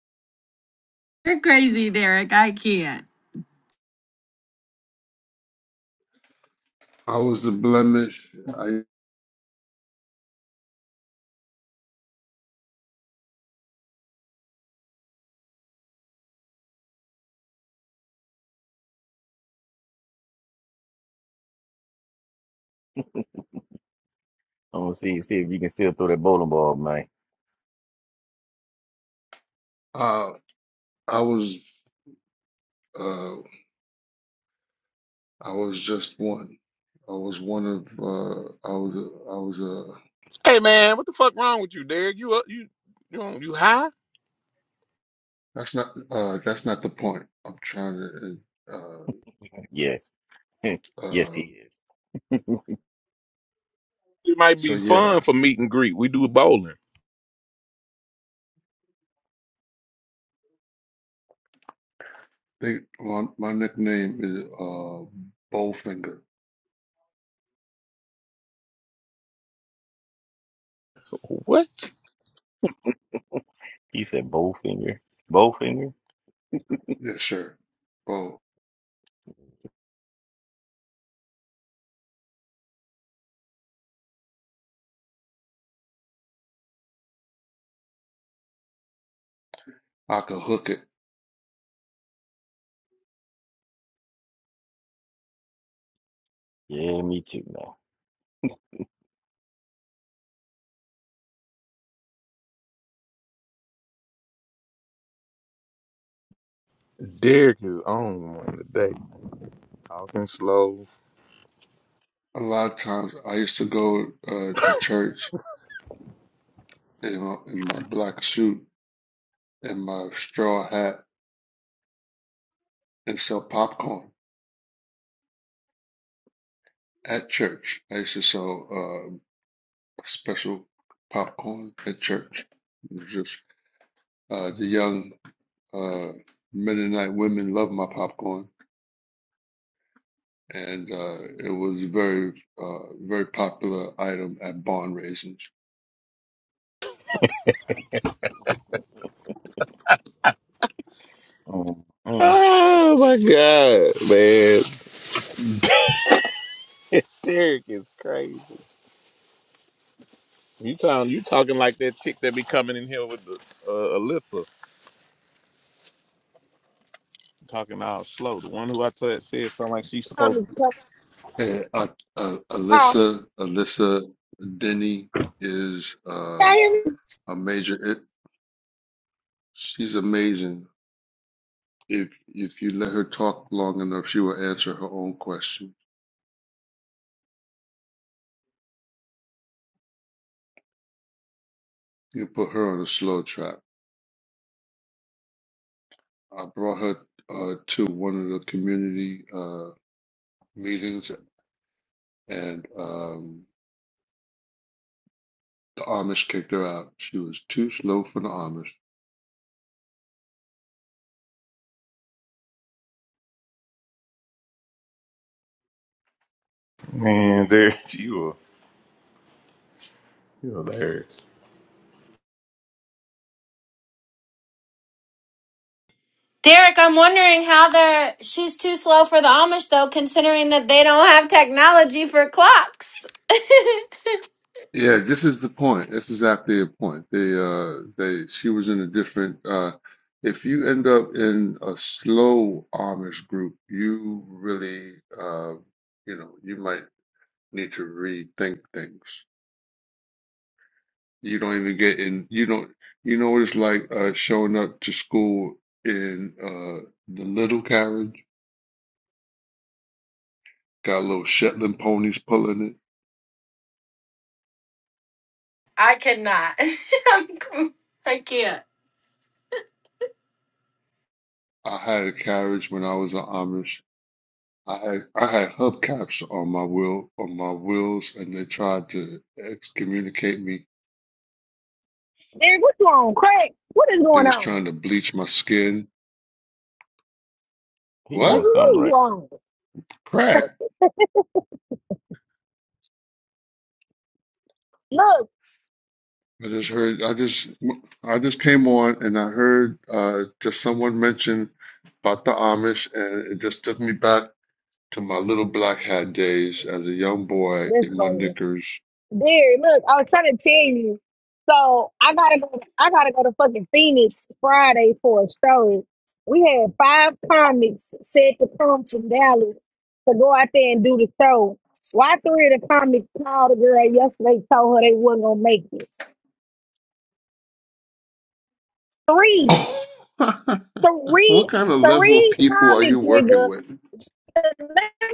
you're crazy, Derek. I can't.
I was the blemish. I,
gonna see see if you can still throw that bowling ball, man.
uh, I was, uh, I was just one. I was one of, uh, I was, a, I was a,
Hey man, what the fuck wrong with you, Derek? You up? You you you high?
that's not, uh, that's not the point. I'm trying to, uh,
Yes, yes, he
uh,
is.
It might
so
be
yeah.
fun for meet and greet. We do bowling.
They, my, my nickname is uh Bowfinger.
What?
He said bow finger, bow finger.
Yes, sir. Bow. I could hook it.
Yeah, me too,
Derek is on one today, talking slow.
A lot of times I used to go uh to church in my, in my black suit and my straw hat and sell popcorn at church. I used to sell uh special popcorn at church. It was Just uh the young uh Mennonite women loved my popcorn. And uh, it was a very, uh, very popular item at barn raisins.
man. Um, mm,
Oh my god, man! Derek is crazy. You talking? You talking like that chick that be coming in here with the uh, Alyssa, talking all slow. The one who I said said something like she's supposed to.
Amish
Be.
Hey, uh, uh,
how
Alyssa, Alyssa Denny is uh, a major. It, she's amazing. If if you let her talk long enough, she will answer her own question. You put her on a slow track. I brought her uh, to one of the community uh, meetings, and um, the Amish kicked her out. She was too slow for the Amish.
Man, Derek, you are you are hilarious.
Derek, I'm wondering how they're she's too slow for the Amish though, considering that they don't have technology for clocks.
Yeah, this is the point. This is exactly the point. They, uh, they, she was in a different, uh, if you end up in a slow Amish group, you really, uh, you know, you might need to rethink things. You don't even get in, you don't, you know what it's like, uh, showing up to school in, uh, the little carriage, got little Shetland ponies pulling it.
I could not. I'm, I can't.
I had a carriage when I was an Amish. I had I had hubcaps on my wheel on my wheels, and they tried to excommunicate me.
Derek, what you on? Crack, what is
They
going
was
on?
trying to bleach my skin.
he
What's
on
What?
something
really
right
wrong?
Crack?
Look,
I just heard. I just I just came on, and I heard uh, just someone mention about the Amish, and it just took me back to my little black hat days as a young boy
that's
in my
funny.
knickers.
There, look, I was trying to tell you. So I gotta go. I gotta go to fucking Phoenix Friday for a show. We had five comics said to come from Dallas to go out there and do the show. Why three of the comics called the girl yesterday, told her they wasn't gonna make it. Three,
what
three,
kind of level of
three
people are you
comics,
working
nigga.
with?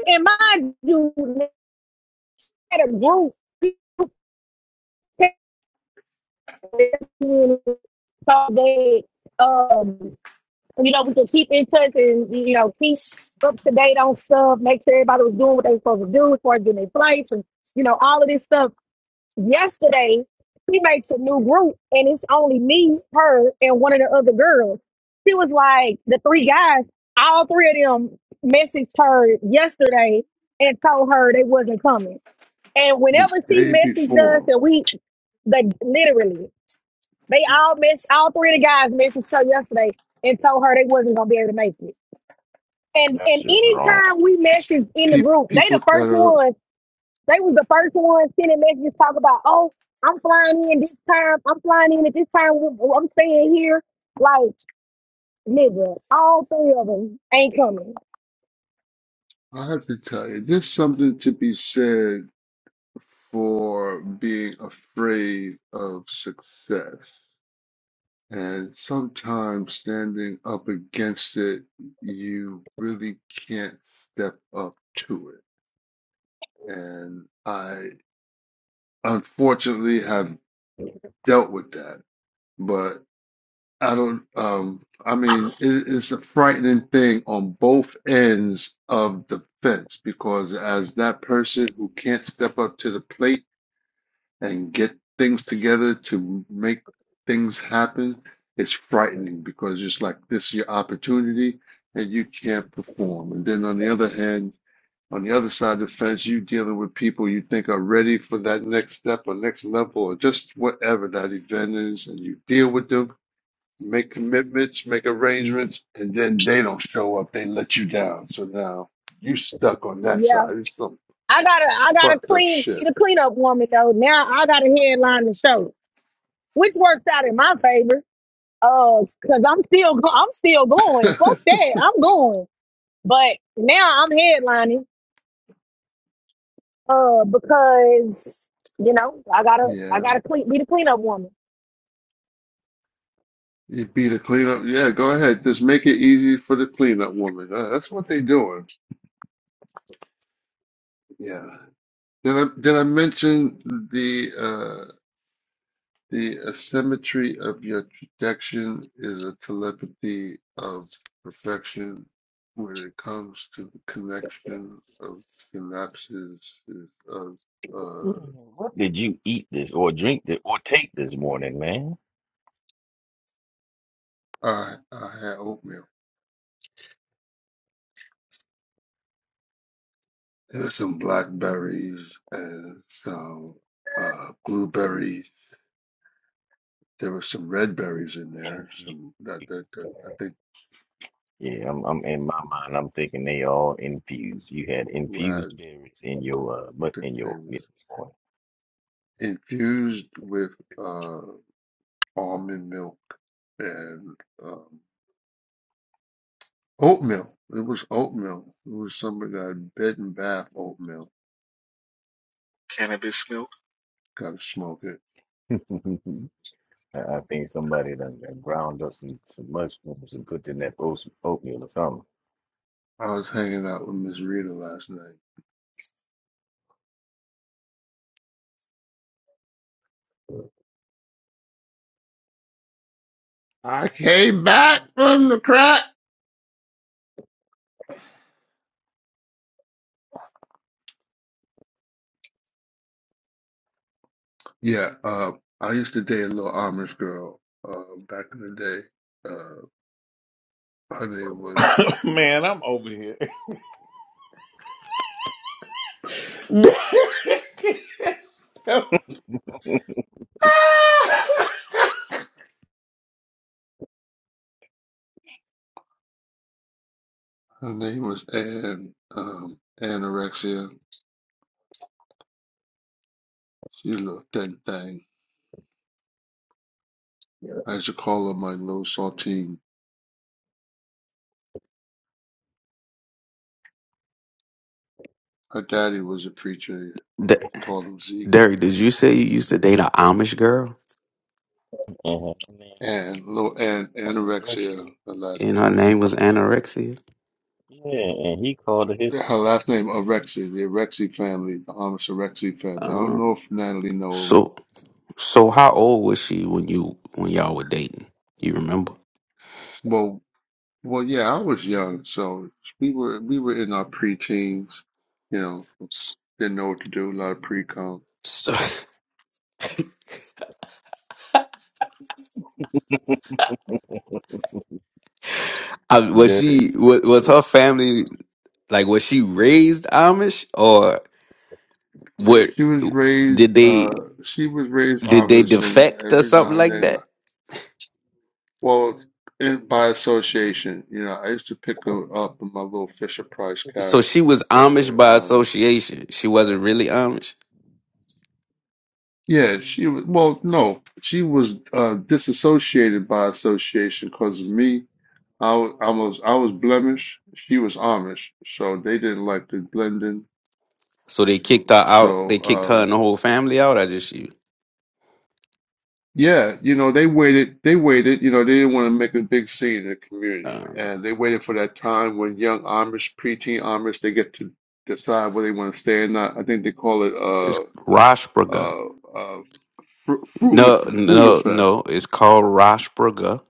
And mind you, they had a group. so they um you know we can keep in touch and you know keep up to date on stuff, make sure everybody was doing what they were supposed to do as far as getting their flights and you know all of this stuff. Yesterday, she makes a new group and it's only me, her, and one of the other girls. She was like the three guys, all three of them messaged her yesterday and told her they wasn't coming. And
The
whenever she
day
messaged us
before,
and we like literally. They all mentioned all three of the guys mentioned her yesterday and told her they wasn't gonna be able to make it.
now.
And
That's
and
just wrong.
anytime we
it's
message in the
people
group, they the
people that
first
are
ones. They was the first ones sending messages talking about, oh, I'm flying in this time. I'm flying in at this time. I'm staying here. Like nigga, all three of them ain't coming.
I have to tell you, there's something to be said for being afraid of success. And sometimes standing up against it, you really can't step up to it. And I unfortunately have dealt with that, but I don't, um, I mean, it, it's a frightening thing on both ends of the fence because as that person who can't step up to the plate, and get things together to make things happen, it's frightening because it's like this is your opportunity and you can't perform. And then on the other hand, on the other side of the fence, you are dealing with people you think are ready for that next step or next level or just whatever that event is, and you deal with them, make commitments, make arrangements, and then they don't show up, they let you down. So now you stuck on that
Yeah,
side. It's some
I gotta, I gotta
fucked up
clean
shit.
the cleanup woman though. Now I gotta headline the show, which works out in my favor. Uh, cause I'm still go- I'm still going. Fuck that. I'm going. But now I'm headlining. Uh, because you know I gotta I
yeah.
gotta clean, be the cleanup woman.
You'd be the cleanup. Yeah, go ahead. Just make it easy for the cleanup woman. Uh, that's what they're doing. Yeah. Did I did I mention the uh the asymmetry of your protection is a telepathy of perfection when it comes to the connection of synapses is of uh
Mm, What did you eat this or drink this or take this morning, man?
I I had oatmeal. There's some blackberries and some uh blueberries There was some red berries in there.
Infused.
Some that that, that I think
Yeah, I'm, I'm in my mind. I'm thinking they all infused. You had
uh,
infused berries in your uh, but
that
in
they
your
was
meals. boy.
infused with uh, almond milk and um, oatmeal. It was oatmeal. It was some of that bed and bath oatmeal.
cannabis milk.
Gotta smoke it.
I I think somebody done, done ground up some some mushrooms and put in that oats- oatmeal or something.
I was hanging out with Miss Rita last night. I came back from the crack. Yeah, uh, I used to date a little Amish girl uh, back in the day. Uh, her name was
man, I'm over here.
Her name was Ann. um, Anorexia. She looked anything. I used to call her my little saltine. Her daddy was a preacher.
D-
He called him Zeke.
Derek, did you say you used to date an Amish girl
And her name was
And little Ann. Anorexia,
anorexia.
her last
and her
name.
He
name was
called up,
anorexia?
yeah, and he called it his
Yeah,
little
her last name
saltine.
Orexia, the Orexi family, the Amish Orexi family. I don't
Um,
know if Natalie know.
so so how old was she when you when y'all were dating? You remember?
Well, well, yeah, I was young, so we were we were in our preteens. You know,
S-
didn't know what to do. A lot of pre-com.
So, I, was
Derek
she
is
was,
just a
was
new
her
fool, bro.
family like was she raised Amish or what
She was
did
raised
they
uh she was raised
did they
Amish and
defect or
every now
something
and
like
then
that?
well in, by association, you know, I used to pick her up in my little Fisher Price
So she
carriage.
was Amish
And
by
uh
association. She wasn't really Amish.
yeah, she was well no, she was uh disassociated by association because of me. I was, I was I was Blemish, she was Amish, so they didn't like to blend in.
So they kicked her out. They
So
kicked her
um,
and the whole family out. I just you.
Yeah, you know, they waited, they waited, you know, they didn't want to make a big scene in the community.
um,
And they waited for that time when young Amish, preteen Amish, they get to decide where they want to stay or not. I think they call it
It's
uh
Rashburger.
uh uh fr frugal
No,
frugal
no,
fest.
no. It's called Rashburger,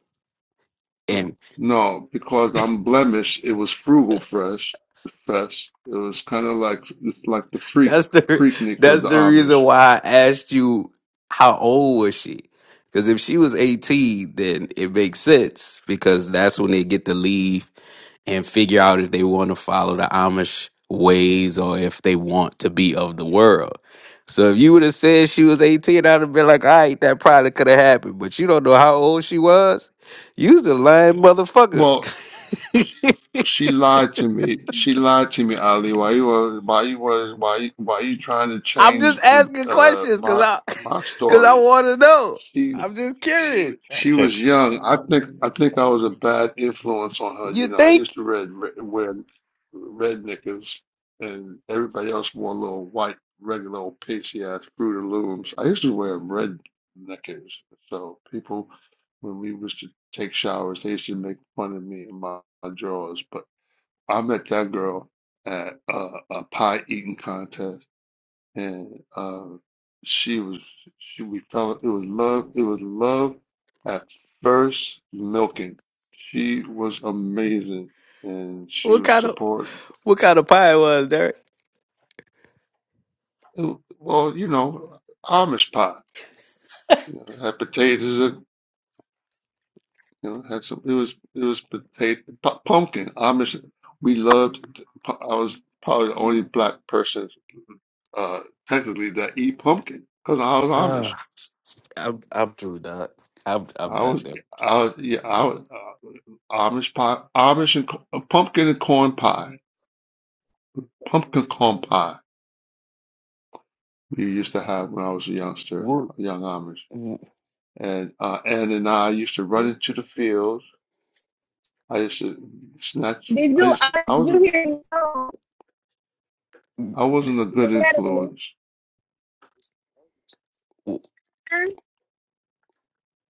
and
No, because I'm blemished, it was frugal fresh fest. It was kind of like it's like the freak
that's the
freaknik of
that's
the
the reason
Amish.
why I asked you how old was she? Because if she was eighteen, then it makes sense because that's when they get to leave and figure out if they want to follow the Amish ways or if they want to be of the world. So if you would have said she was 18, I'd have been like, all right, that probably could have happened. But you don't know how old she was. You's a lying motherfucker.
Well, She lied to me. She lied to me, Ali. Why you was why you was why you- why you trying to
I'm just
change the
asking
uh
questions because
my
I
my
because I
story?
want to know.
She
I'm just curious.
just fact
she was
checking,
young.
fact
I
fact
think
checking.
I
You
think
gotta
I
do
was
your
a
research.
bad influence on her.
You
You know, I
think
used to red, red wear red knickers, and everybody else wore little white regular old pasty ass Fruit of Looms. I used to wear red knickers, so people when we used to take showers, they used to make fun of me and my, my drawers. But I met that girl at a, a pie eating contest, and uh, she was she we fell. It was love. It was love at first milking. She was amazing, and she
what
was
kind of
support.
what kind of pie it was, Derek?
It, well, you know, Amish pie you know, had potatoes. in- You know, had some. It was it was potato pu- pumpkin Amish. We loved. I was probably the only black person uh, technically the eat pumpkin because I was
Uh,
Amish.
I'm I'm through, dog. I'm I'm
I
done
was,
there.
I was, yeah, I was uh, Amish pie, Amish and co- uh, pumpkin and corn pie, pumpkin corn pie. We used to have when I was a youngster,
Woo.
a young Amish,
woo-
and uh, Ann and I used to run into the fields. I used to snatch.
Did
I
you
used,
I,
I
did
was,
you hear me? song?
I wasn't a good influence.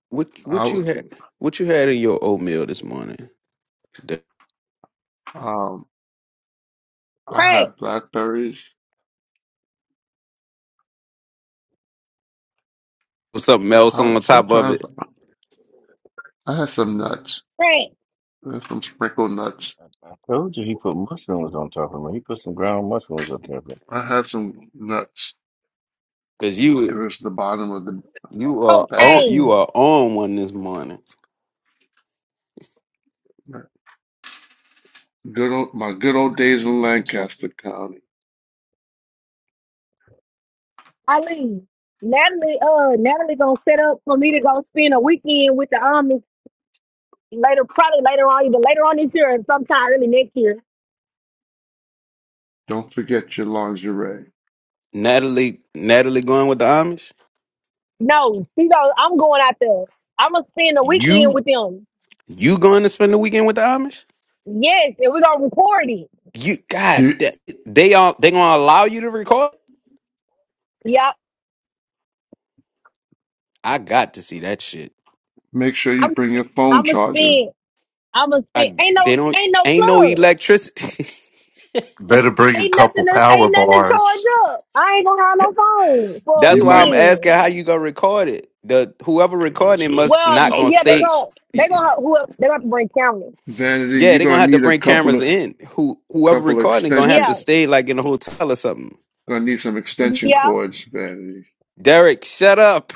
What
I
what you
was,
had? What you had in your oatmeal this morning? There
um, I
Crack,
had blackberries.
was something else on
Uh,
the top of
sometimes
it?
I had some nuts,
crack,
I had some sprinkled nuts
I told you he put mushrooms on top of me. He put some ground mushrooms up there, but
I had some nuts.
Cause
It
you
was the bottom of the
you are on
bag.
you
cocaine.
are on one this morning.
My good old, my good old days in Lancaster County.
Eileen, Natalie, uh, Natalie gonna set up for me to go spend a weekend with the army later, probably later on, either later on this year or sometime early next year.
Don't forget your lingerie.
Natalie Natalie going with the Amish.
No, she goes, I'm going out there. I'm gonna spend a weekend
You
with them.
you going to spend the weekend with the Amish?
Yes, and we're gonna record it.
You God,
You
that, they are they gonna allow you to record?
Yep.
I got to see that shit.
make sure you
I'm
bring your phone
I'm gonna
charger.
spend. I'm gonna spend.
I
Ain't
they
no
don't
ain't no
ain't no
plugs.
electricity.
Better bring a
Ain't nothing
couple
to,
power
ain't nothing to charge
bars.
up. I ain't gonna have no phone for a
That's
You
why
might,
I'm asking how
weekend.
you gonna record it. The whoever
man, look
recording
at
it
you.
must
Some
Well,
not gonna
solar
yeah, they
stay.
packs.
gonna they gonna have, who else- they gonna have to bring cameras.
Vanity,
Yeah,
you're
they gonna
gonna
have to
need a
bring
couple
cameras
of
in. Who whoever
couple of
recording it gonna have
extension.
to
Yeah.
stay like in a hotel or something.
Gonna need some extension
Yeah,
cords, Vanity.
Derek, shut up.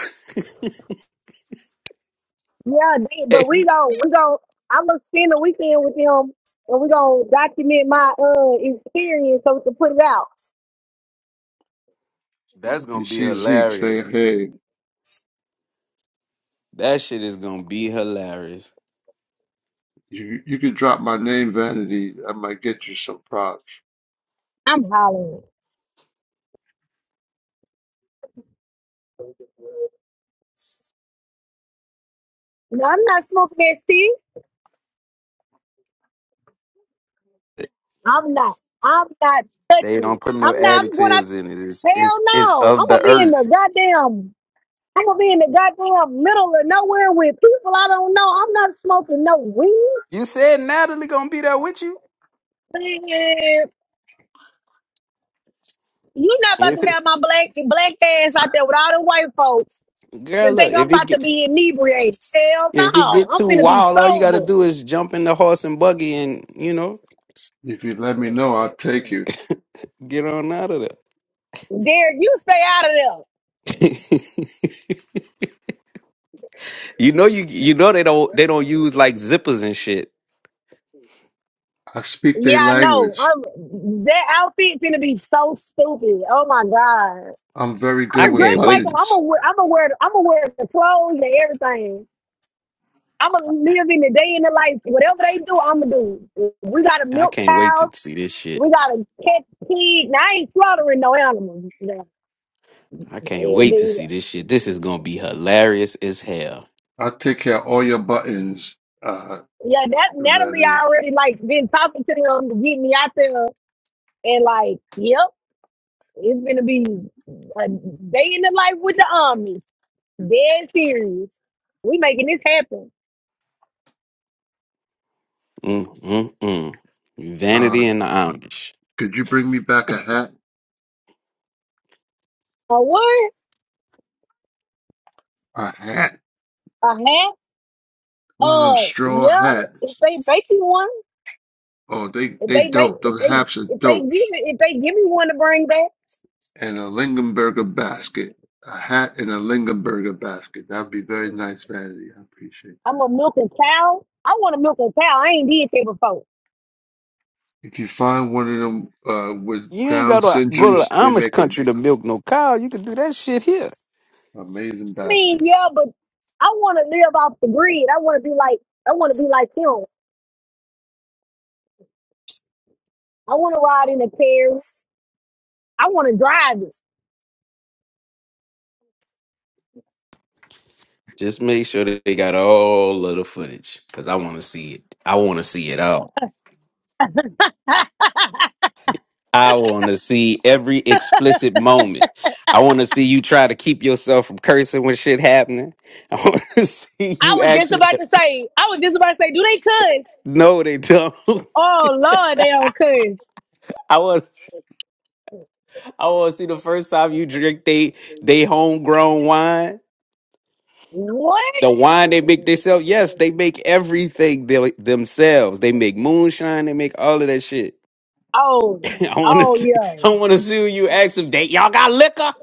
yeah, they, but we
That's
gon' we gon' I'm gonna spend the weekend with him, and we gonna document my uh experience so we can put it out.
If
gonna
you
be
see Zeke, say,
hilarious.
hey,
That shit is gonna be hilarious.
you you could drop my name, Vanity. I might get you some props.
I'm hollering. No, I'm not smoking that shit. I'm not. I'm not
They
touching
don't
it.
put no
I'm not. I'm going out.
additives in it. It's
Hell
it's it's
no. I'm
of
gonna
the
be in the
earth.
goddamn. I'm gonna be in the goddamn middle of nowhere with people I don't know. I'm not smoking no weed.
You said Natalie gonna be there with you.
Man, you not about
If
to
it-
have my black black ass out there with all the white folks.
Girl,
and
look
think I'm
if it
about to
get
be inebriated. Hell
if it
no,
get
I'm
too
finna be
wild, all you gotta
sober.
do is jump in the horse and buggy and you know.
If you let me know, I'll take you.
Get on out of
Derek, you stay out of there.
there. you know you you know they don't they don't use like zippers and shit.
I speak
Yeah,
their
I know.
language.
I'm, that outfit finna be so stupid. Oh my god,
I'm very
I
good
I'ma
with
dress
can't
like
wait
him.
to,
buttons.
I'ma wear. I'ma wear. I'ma wear the clothes and everything. I'ma live in the day in the life. Whatever they do, I'ma do. We got a
I
milk
can't wait to
cow.
see this shit.
We got a pet pig. Now I ain't slaughtering no animals. You know.
I can't
Yeah,
wait to
they-
see this shit. This is gonna be hilarious as hell.
I'll take care of all your buttons, uh,
yeah, that Natalie
Ready.
already like been talking to them to get me out there And like, yep, it's gonna be a day in the life with the armies. Dead serious. We making this happen.
Mm mm mm. Vanity
Uh,
and the Amish.
could you bring me back a hat?
A what?
A hat?
A hat?
One of them
Uh,
straw
yeah. If
hats.
they make you one,
Oh, they,
if
they
they make,
dope.
if
Those
they,
hats are
if they give
dopes.
it, if they give me one to bring back,
And a Lingenberger basket. A hat and a Lingenberger basket. That'd be very nice, Vanity. I appreciate
I'm
that.
a milk and cow. I want to milk a cow. I ain't did that before.
If you find one of them, uh, with
You ain't
Down
gotta go to the
syndromes, they
Amish
make 'em
country to milk no cow. You can do that shit here.
amazing
I mean, yeah,
baskets.
but I want to live off the grid. I want to be like, I want to be like him. I want to ride in a car. I want to drive it.
Just make sure that they got all of the footage because I want to see it. I want to see it all. I want to see every explicit moment. I want to see you try to keep yourself from cursing when shit happening. I want to see
I
you
was just
actually.
about to say, I was just about to say, do they cuss?
No, they don't.
Oh Lord, they don't cuss.
I want. I want to see the first time you drink they they homegrown wine.
What?
The wine they make themselves. Yes, they make everything they, themselves. They make moonshine. They make all of that shit.
Oh,
I want to
oh
see. I
yeah.
want to see when you ask them. They y'all got liquor.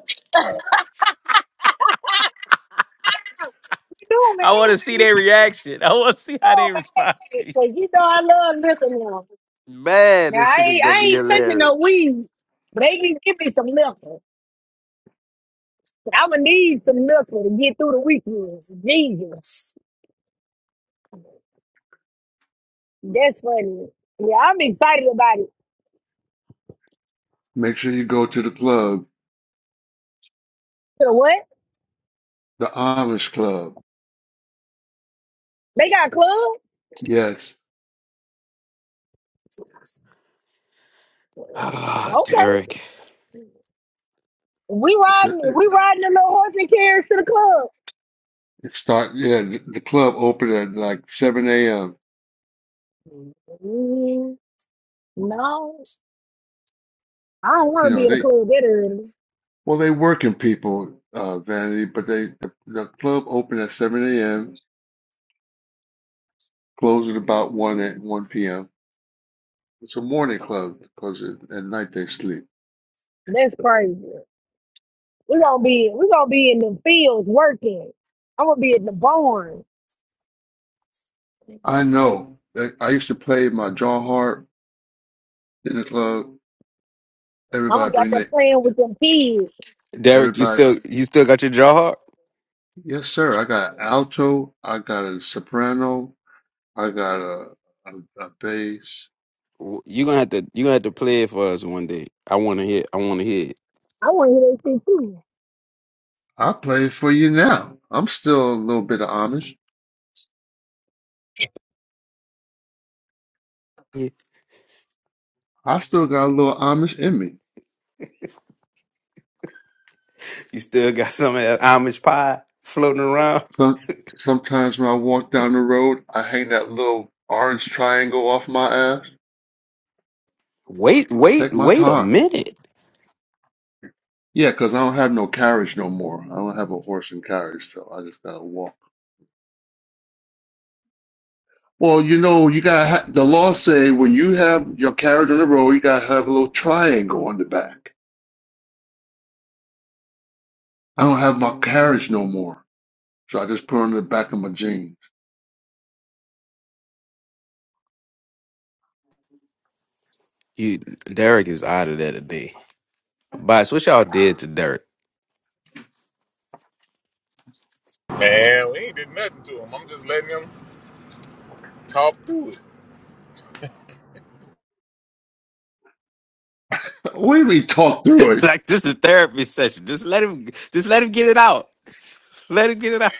Doing the
I want
exit,
to see
you
their reaction. I want to see how
know I'm
they
an
respond.
exit, so you know I love liquor now.
Man,
Now
this
I
shit is
ain't,
gonna
I
be
ain't touching no
hilarious.
weed, but they can give me some liquor. I'ma need some liquor to get through the weekend. Jesus, that's funny. Yeah, I'm excited about it.
Make sure you go to the club,
So what?
the Amish club.
They got club?
Yes.
Ah,
Okay.
Derek.
We
it's
riding if
a.
we riding the little horse and carriage to the club.
It start yeah, the, the club opened at like 7 a.m.
Mm, No, I don't want
You
to be
know,
in the
they
club that early.
well they working people, uh Vanity, but they the, the club opened at 7 a.m., closed at about 1 at 1 p.m. It's a morning club because at, at night they sleep.
That's crazy. We gonna be we gonna be in the fields working. I'm gonna be in the barn.
I know. I, I used to play my John Hart in the club.
I'm gonna
Everybody
be out
bring
there
the
playing with them kids.
Derek, you
everybody.
still you still got your jaw hard?
Yes, sir. I got alto, I got a soprano, I got a a, a bass.
W- You gonna have to you gonna have to play it for us one day. I wanna hear I wanna hear
I want to hear they shit too.
I play for you now. I'm still a little bit of Amish.
it.
I still got a little Amish in me.
You still got some of that Amish pie floating around?
Some sometimes when I walk down the road, I hang that little orange triangle off my ass.
Wait, wait,
Take my
wait a
time.
minute.
Yeah, 'cause I don't have no carriage no more. I don't have a horse and carriage, so I just gotta walk. Well, you know, you gotta ha the law say when you have your carriage on the road, you gotta have a little triangle on the back. I don't have my carriage no more, so I just put it on the back of my jeans.
You Derek is out of there today. Boss, what y'all did to Derek?
Man, we ain't did nothing to him. I'm just letting him talk through it.
We we talked through it.
like this is therapy session. Just let him just let him get it out. Let him get it out.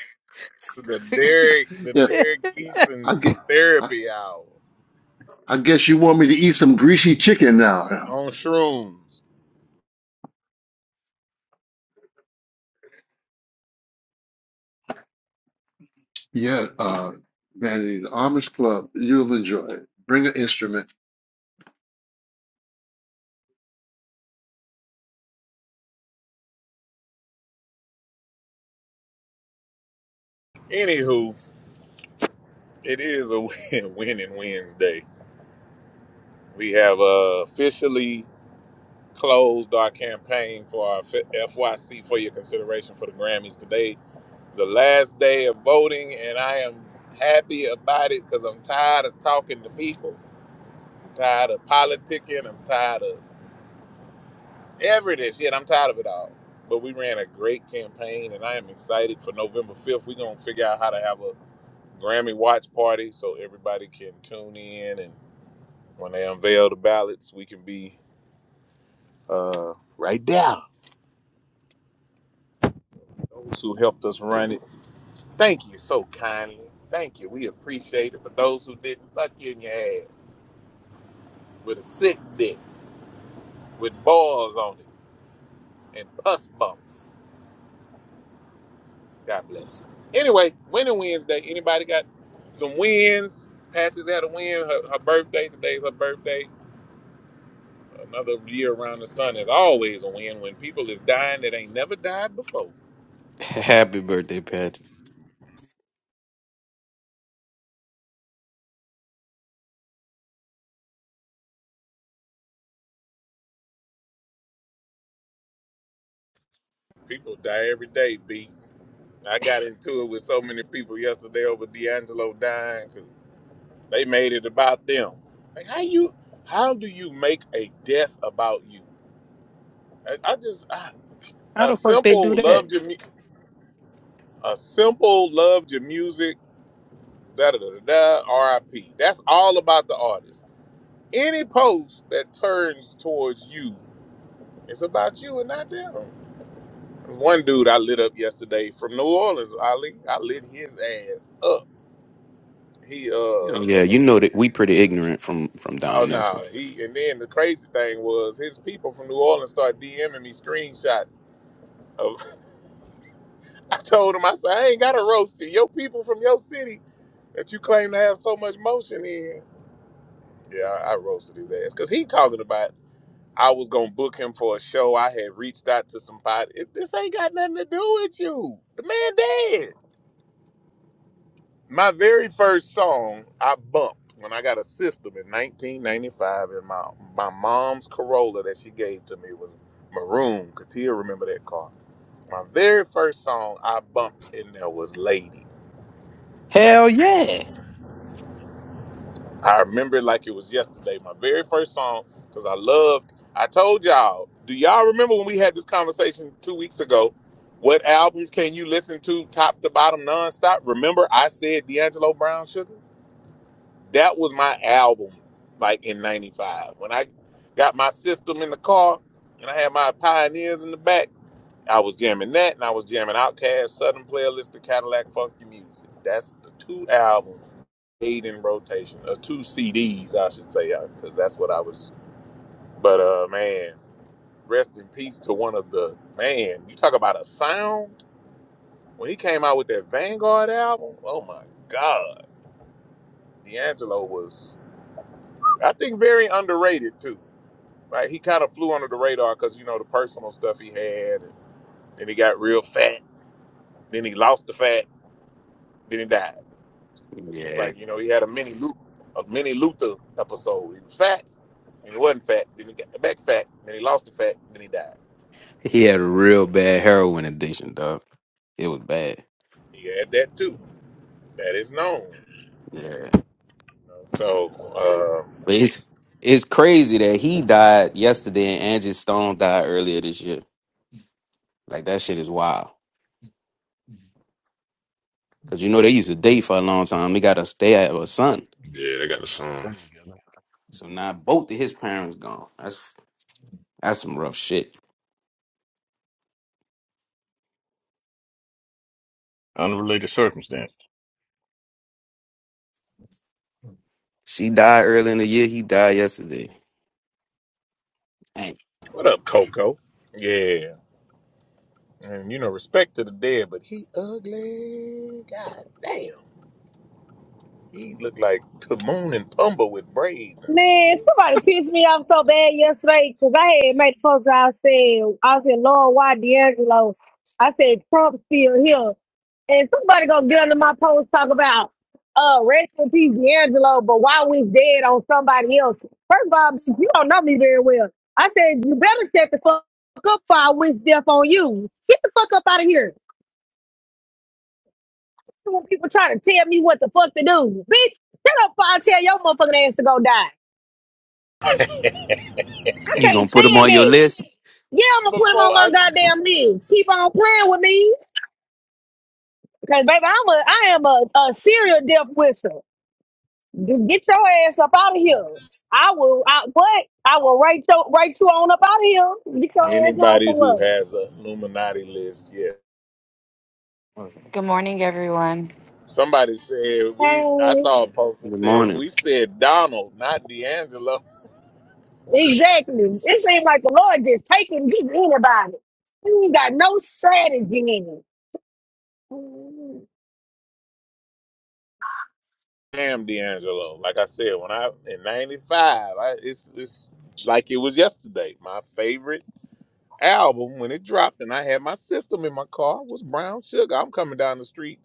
The Derek, the
yeah.
Derek Eason
I guess, I,
therapy hour
I guess you want me to eat some greasy chicken now.
on shrooms.
Yeah, uh, Vanity, the Amish Club, you'll enjoy it. Bring an instrument.
Anywho, it is a win, winning Wednesday. We have uh, officially closed our campaign for our FYC for your consideration for the Grammys today. The last day of voting, and I am happy about it because I'm tired of talking to people. I'm tired of politicking. I'm tired of Ever it is. Shit, I'm tired of it all. But we ran a great campaign, and I am excited for November 5th. We're going to figure out how to have a Grammy watch party so everybody can tune in. And when they unveil the ballots, we can be uh, right there. Those who helped us run it, thank you so kindly. Thank you. We appreciate it. For those who didn't, fuck you in your ass with a sick dick, with balls on it, and pus bumps. God bless you. Anyway, winning Wednesday. Anybody got some wins? Patches had a win. Her, her birthday. Today's her birthday. Another year around the sun is always a win. When people is dying that ain't never died before.
Happy birthday, Patrick.
People die every day, B. I got into it with so many people yesterday over D'Angelo dying 'cause they made it about them. Like how you how do you make a death about you? I, I just I,
How
a
the fuck they do
simple
that?
loved your mu- a simple loved your music Da da da da. RIP. That's all about the artist. Any post that turns towards you, it's about you and not them. There's one dude I lit up yesterday from New Orleans. I lit, I lit his ass up. He uh
Yeah, you know that we pretty ignorant from from
oh
down there. So.
no he and then the crazy thing was his people from New Orleans started DMing me screenshots of. I told him I said I ain't got a roast you. Your people from your city that you claim to have so much motion in. Yeah, I, I roasted his ass because he talking about I was gonna book him for a show. I had reached out to somebody. It, this ain't got nothing to do with you. The man dead. My very first song I bumped when I got a system in 1995, and my my mom's Corolla that she gave to me was maroon. Katia remember that car. My very first song I bumped in there was "Lady."
Hell yeah.
I remember it like it was yesterday. My very first song, because I loved. I told y'all. Do y'all remember when we had this conversation two weeks ago? What albums can you listen to top to bottom nonstop? Remember, I said D'Angelo Brown Sugar. That was my album, like in '95 when I got my system in the car and I had my pioneers in the back. I was jamming that, and I was jamming Outkast, Southern Playlist, The Cadillac Funky Music. That's the two albums made in rotation, or two CDs, I should say, because that's what I was. But uh, man, rest in peace to one of the man. You talk about a sound when he came out with that Vanguard album. Oh my God, D'Angelo was, I think, very underrated too. Right, he kind of flew under the radar because you know the personal stuff he had, and then he got real fat, then he lost the fat, then he died It's
Yeah.
like you know he had a mini Luther, a mini Luther episode. He was fat, and he wasn't fat. Then he got back fat, and then he lost the fat, and then he died.
He had a real bad heroin addiction, dog. It was bad.
He had that too. That is known.
Yeah.
So uh,
But it's it's crazy that he died yesterday and Angie Stone died earlier this year. Like that shit is wild. Cause you know they used to date for a long time. They got a they have a son.
Yeah, they
yeah,
got the
they got a
sun.
son together.
So now both of his parents gone. That's that's some rough shit.
Unrelated circumstance.
She died early in the year. He died yesterday. Hey,
what up, Coco? Yeah, and you know respect to the dead, but he ugly. God damn, he looked like Timon and Pumbaa with braids and shit.
Man, somebody pissed me off so bad yesterday because I had made post. I said, I said, Lord, why D'Angelo? I said, Trump's still here. And somebody gonna get under my post talk about uh rest in peace D'Angelo, but why we dead on somebody else. First of all, bitch, you don't know me very well. I said, you better shut the fuck up before I wish death on you. Get the fuck up out of here. When people try to tell me what the fuck to do. Bitch, shut up before I tell your motherfucking ass to go die. I
you
can't
gonna put him
stand
on your
that.
list?
Yeah, I'm gonna put him on
Before
my
I,
goddamn list. Keep on playing with me, cause baby, I'm a I am a, a serial death whistle. Just get your ass up out of here. I will. I, but I will write your write you on up out of here. Get your ass on
anybody who
somewhere.
has a Illuminati list, yes,
Good morning, everyone.
Somebody said we. I
Hey,
saw a post that
Good
said
morning.
we said Donald, not D'Angelo.
exactly. It seems like the Lord just taking just anybody. You ain't got no strategy in it. Mm-hmm.
Damn D'Angelo. Like I said, when I in '95, I, it's it's like it was yesterday. My favorite album when it dropped, and I had my system in my car was Brown Sugar. I'm coming down the street,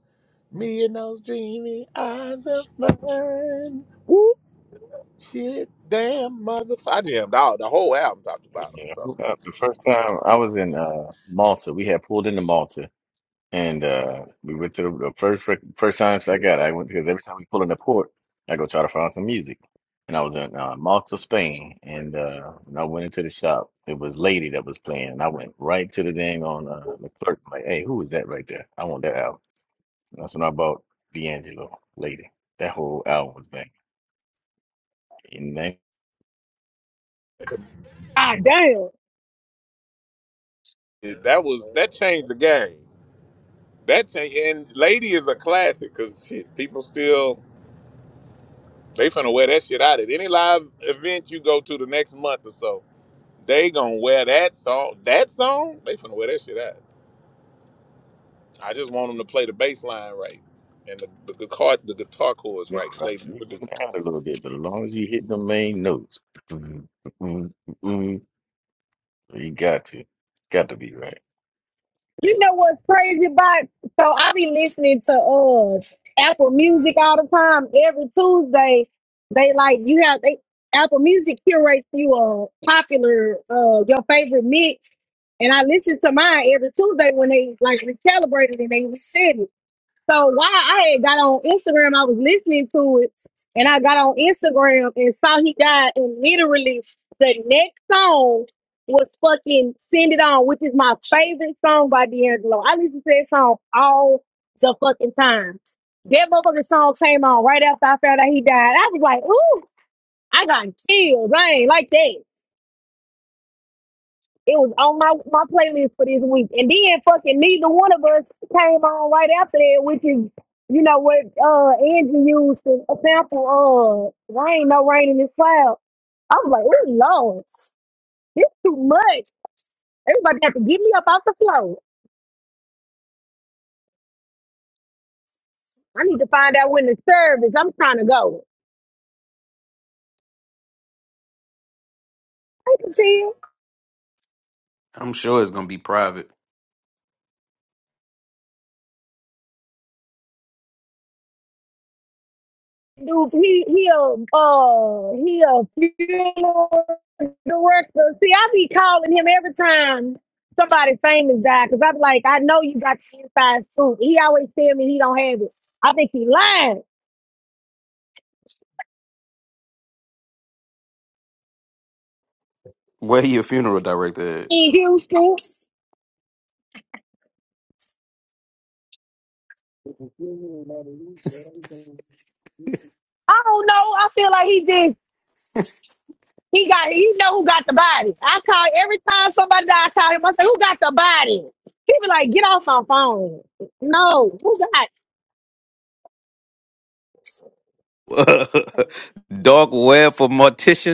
me and those dreamy eyes of mine. Whoop, shit, damn, motherfucker. I jammed out the whole album talked about him.
Yeah.
So
who The first time I was in uh, Malta, we had pulled into Malta, and uh, we went to the, the first rec- first science I got. I went because every time we pull in the port, I go try to find some music. And I was in uh, Malta, Spain, and uh, when I went into the shop, it was Lady that was playing, and I went right to the dang on uh, the clerk, like, "Hey, who is that right there? I want that album." That's when I bought D'Angelo Lady. That whole album was back in that.
Ah, damn.
that was that changed the game. That change and Lady is a classic because shit, people still they finna wear that shit out at any live event you go to the next month or so. They gonna wear that song. That song they finna wear that shit out. I just want them to play the bass line right and the, the guitar the guitar chords
No,
right. 'cause
right?
They
You,
never
you
do.
can add a little bit, but as long as you hit the main notes, you got to, got to be right.
You know what's crazy about? So I be listening to uh Apple Music all the time. Every Tuesday, they like you have they Apple Music curates you a popular uh your favorite mix, and I listen to mine every Tuesday when they like recalibrated and they reset it. So while I had got on Instagram, I was listening to it, and I got on Instagram and saw he died, and literally the next song was fucking "Send It On," which is my favorite song by D'Angelo. I listen to that song all the fucking time. That motherfucking song came on right after I found out he died. I was like, ooh, I got chills. I ain't like that. It was on my, my playlist for this week. And then fucking neither one of us came on right after that, which is, you know, what uh Angie used to a sample of rain, no rain in this cloud. I was like, oh Lord, this too much. Everybody got to get me up off the floor. I need to find out when the service. I'm trying to go. I can see
I'm sure it's gonna be private.
dude, he he a uh he a funeral director. See, I be calling him every time somebody famous die because I'm like, I know you got the inside scoop. He always tell me he don't have it. I think he lying
Where your funeral director at?
in Houston. I don't know. I feel like he did. He got. He know who got the body. I call every time somebody die. I call him. I say, "Who got the body?" He be like, "Get off my phone." No, who got?
Dark web for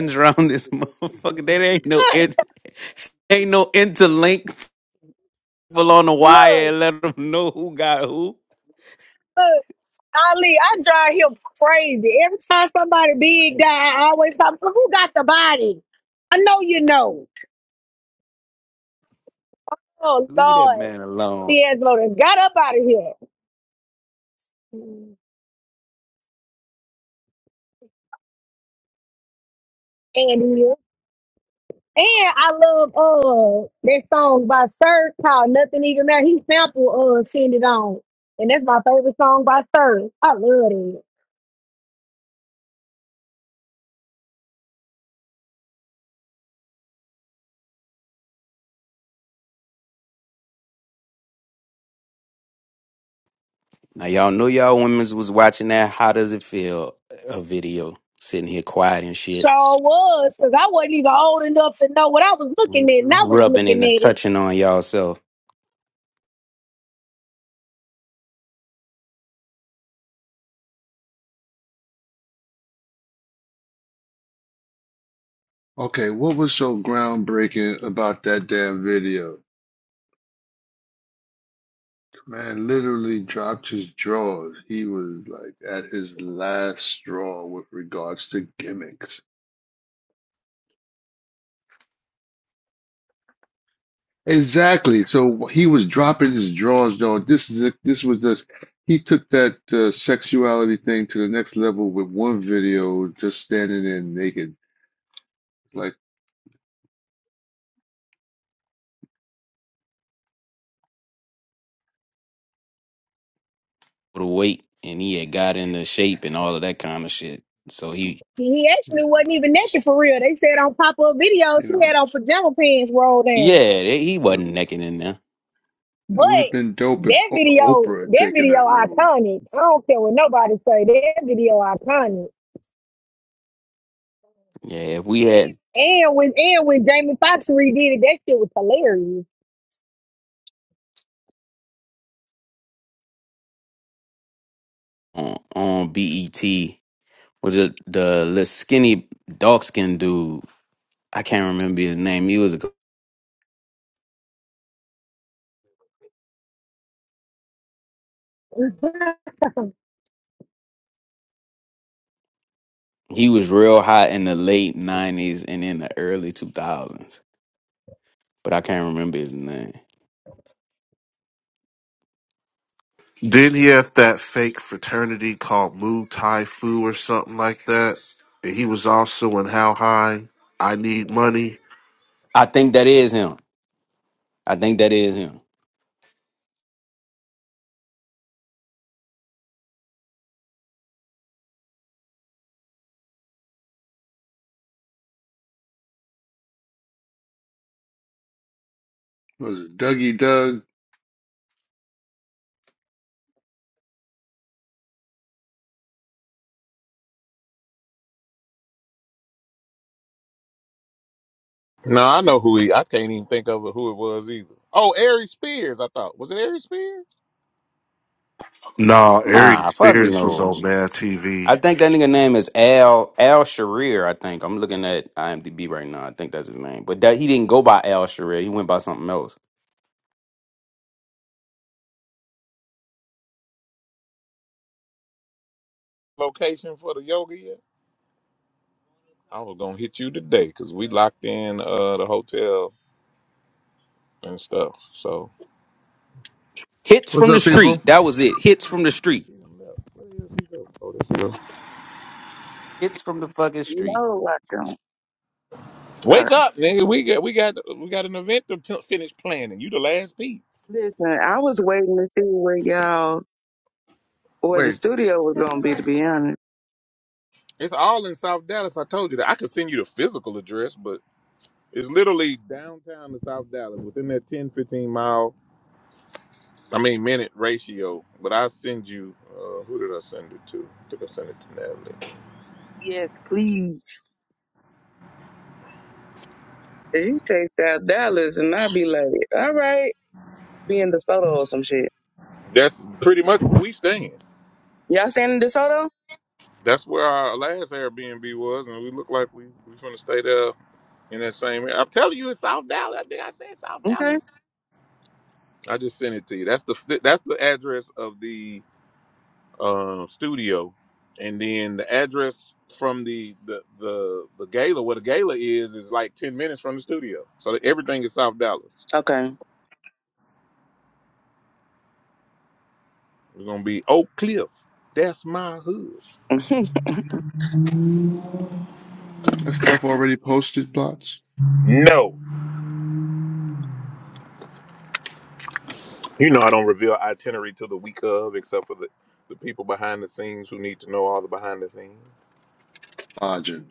Look,
around this motherfucker. There ain't no in, ain't no interlink people on the wire
look,
and let them know who got who.
Ali, I drive him crazy. Every time somebody big die, I always talk, who got the body? I know you know. Oh,
Leave that
Lord.
man alone.
D'Angelo done got up out of here. And he- and I love uh that song by Sir called Nothing Even Matter. He sampled uh Send It On. And that's my favorite song by Sir. I love it.
Now y'all know y'all women's was watching that how does it feel a video sitting here quiet and shit
Sure was, because I wasn't even old enough to know what I was looking
r-
at, and I was
rubbing
looking
and
at it.
touching on y'all self
Okay, what was so groundbreaking about that damn video? Man literally dropped his drawers. He was like at his last straw with regards to gimmicks. Exactly. So he was dropping his drawers, though. This is it. This was this. He took that uh, sexuality thing to the next level with one video, just standing there naked. Like,
with a weight and he had got into shape and all of that kind of shit. So he
He
yeah,
actually wasn't even that shit for real. They said on pop up videos
you
he
know,
had on pajama pants rolled
yeah,
in.
they- he
it,
wasn't necking in there.
it
But
would have been dope if
that
o
video,
Oprah had
that
taken
video
that road.
iconic. I don't care what nobody say. That video iconic.
Yeah, if we had
And when and when Jamie Foxx redid it, that shit was hilarious.
on, on BET was it the little skinny dark skinned dude, I can't remember his name. He was a, he was real hot in the late nineties and in the early two thousands. But I can't remember his name.
Didn't he have that fake fraternity called Mu Tai Fu or something like that? And he was also in How High? I Need Money?
I think that is him. I think that is him.
Was it Dougie Doug?
No, I know who he. I can't even think of who it was either. Oh, Ari Spears. I thought was it Ari Spears?
Nah, Aries
Nah, fuck
Spears was
no.
on Mad TV.
I think that nigga name is Al Al Sharir. I think I'm looking at IMDb right now. I think that's his name, but that he didn't go by Al Sharir. He went by something else.
Location for the yoga yet? I was gonna hit you today because we locked in uh, the hotel and stuff. So.
Hits
What's
from the
up,
street.
people?
That was it. Hits from the street.
She done left. Where the hell she go? Oh, there she go.
Hits from the fucking street.
No, I don't. Sorry.
Wake up, nigga. We got we got we got an event to p- finish planning. You the last piece.
Listen, I was waiting to see where y'all where the
Wait.
studio was gonna be. To be honest.
It's all in South Dallas. I told you that. I could send you the physical address, but it's literally downtown to South Dallas within that 10 15 mile, I mean, minute ratio. But I send you, uh, who did I send it to? I think I sent it to Natalie.
Yes, please. If you say South Dallas, and i be like, all right, be in DeSoto or some shit.
That's pretty much where we staying.
Y'all staying in DeSoto?
That's where our last Airbnb was, and we look like we we going to stay there in that same area. I'm telling you, it's South Dallas. I think I said South Dallas.
Okay.
I just sent it to you. That's the that's the address of the um, studio, and then the address from the, the the the gala where the gala is is like ten minutes from the studio. So everything is South Dallas.
Okay.
We're gonna be Oak Cliff. That's my hood.
That stuff already posted, Blots?
No, you know I don't reveal itinerary till the week of, except for the the people behind the scenes who need to know all the behind the scenes.
Lodging.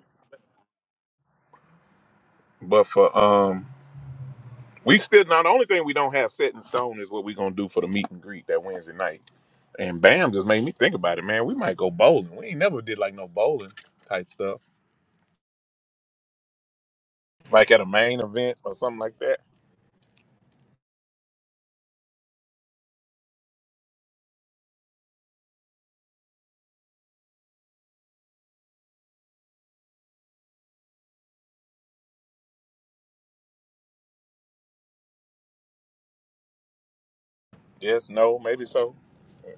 But for um, we still now the only thing we don't have set in stone is what we're gonna do for the meet and greet that Wednesday night And Bam just made me think about it, man. We might go bowling. We ain't never did like no bowling type stuff, like at a main event or something like that. Yes, no, maybe so.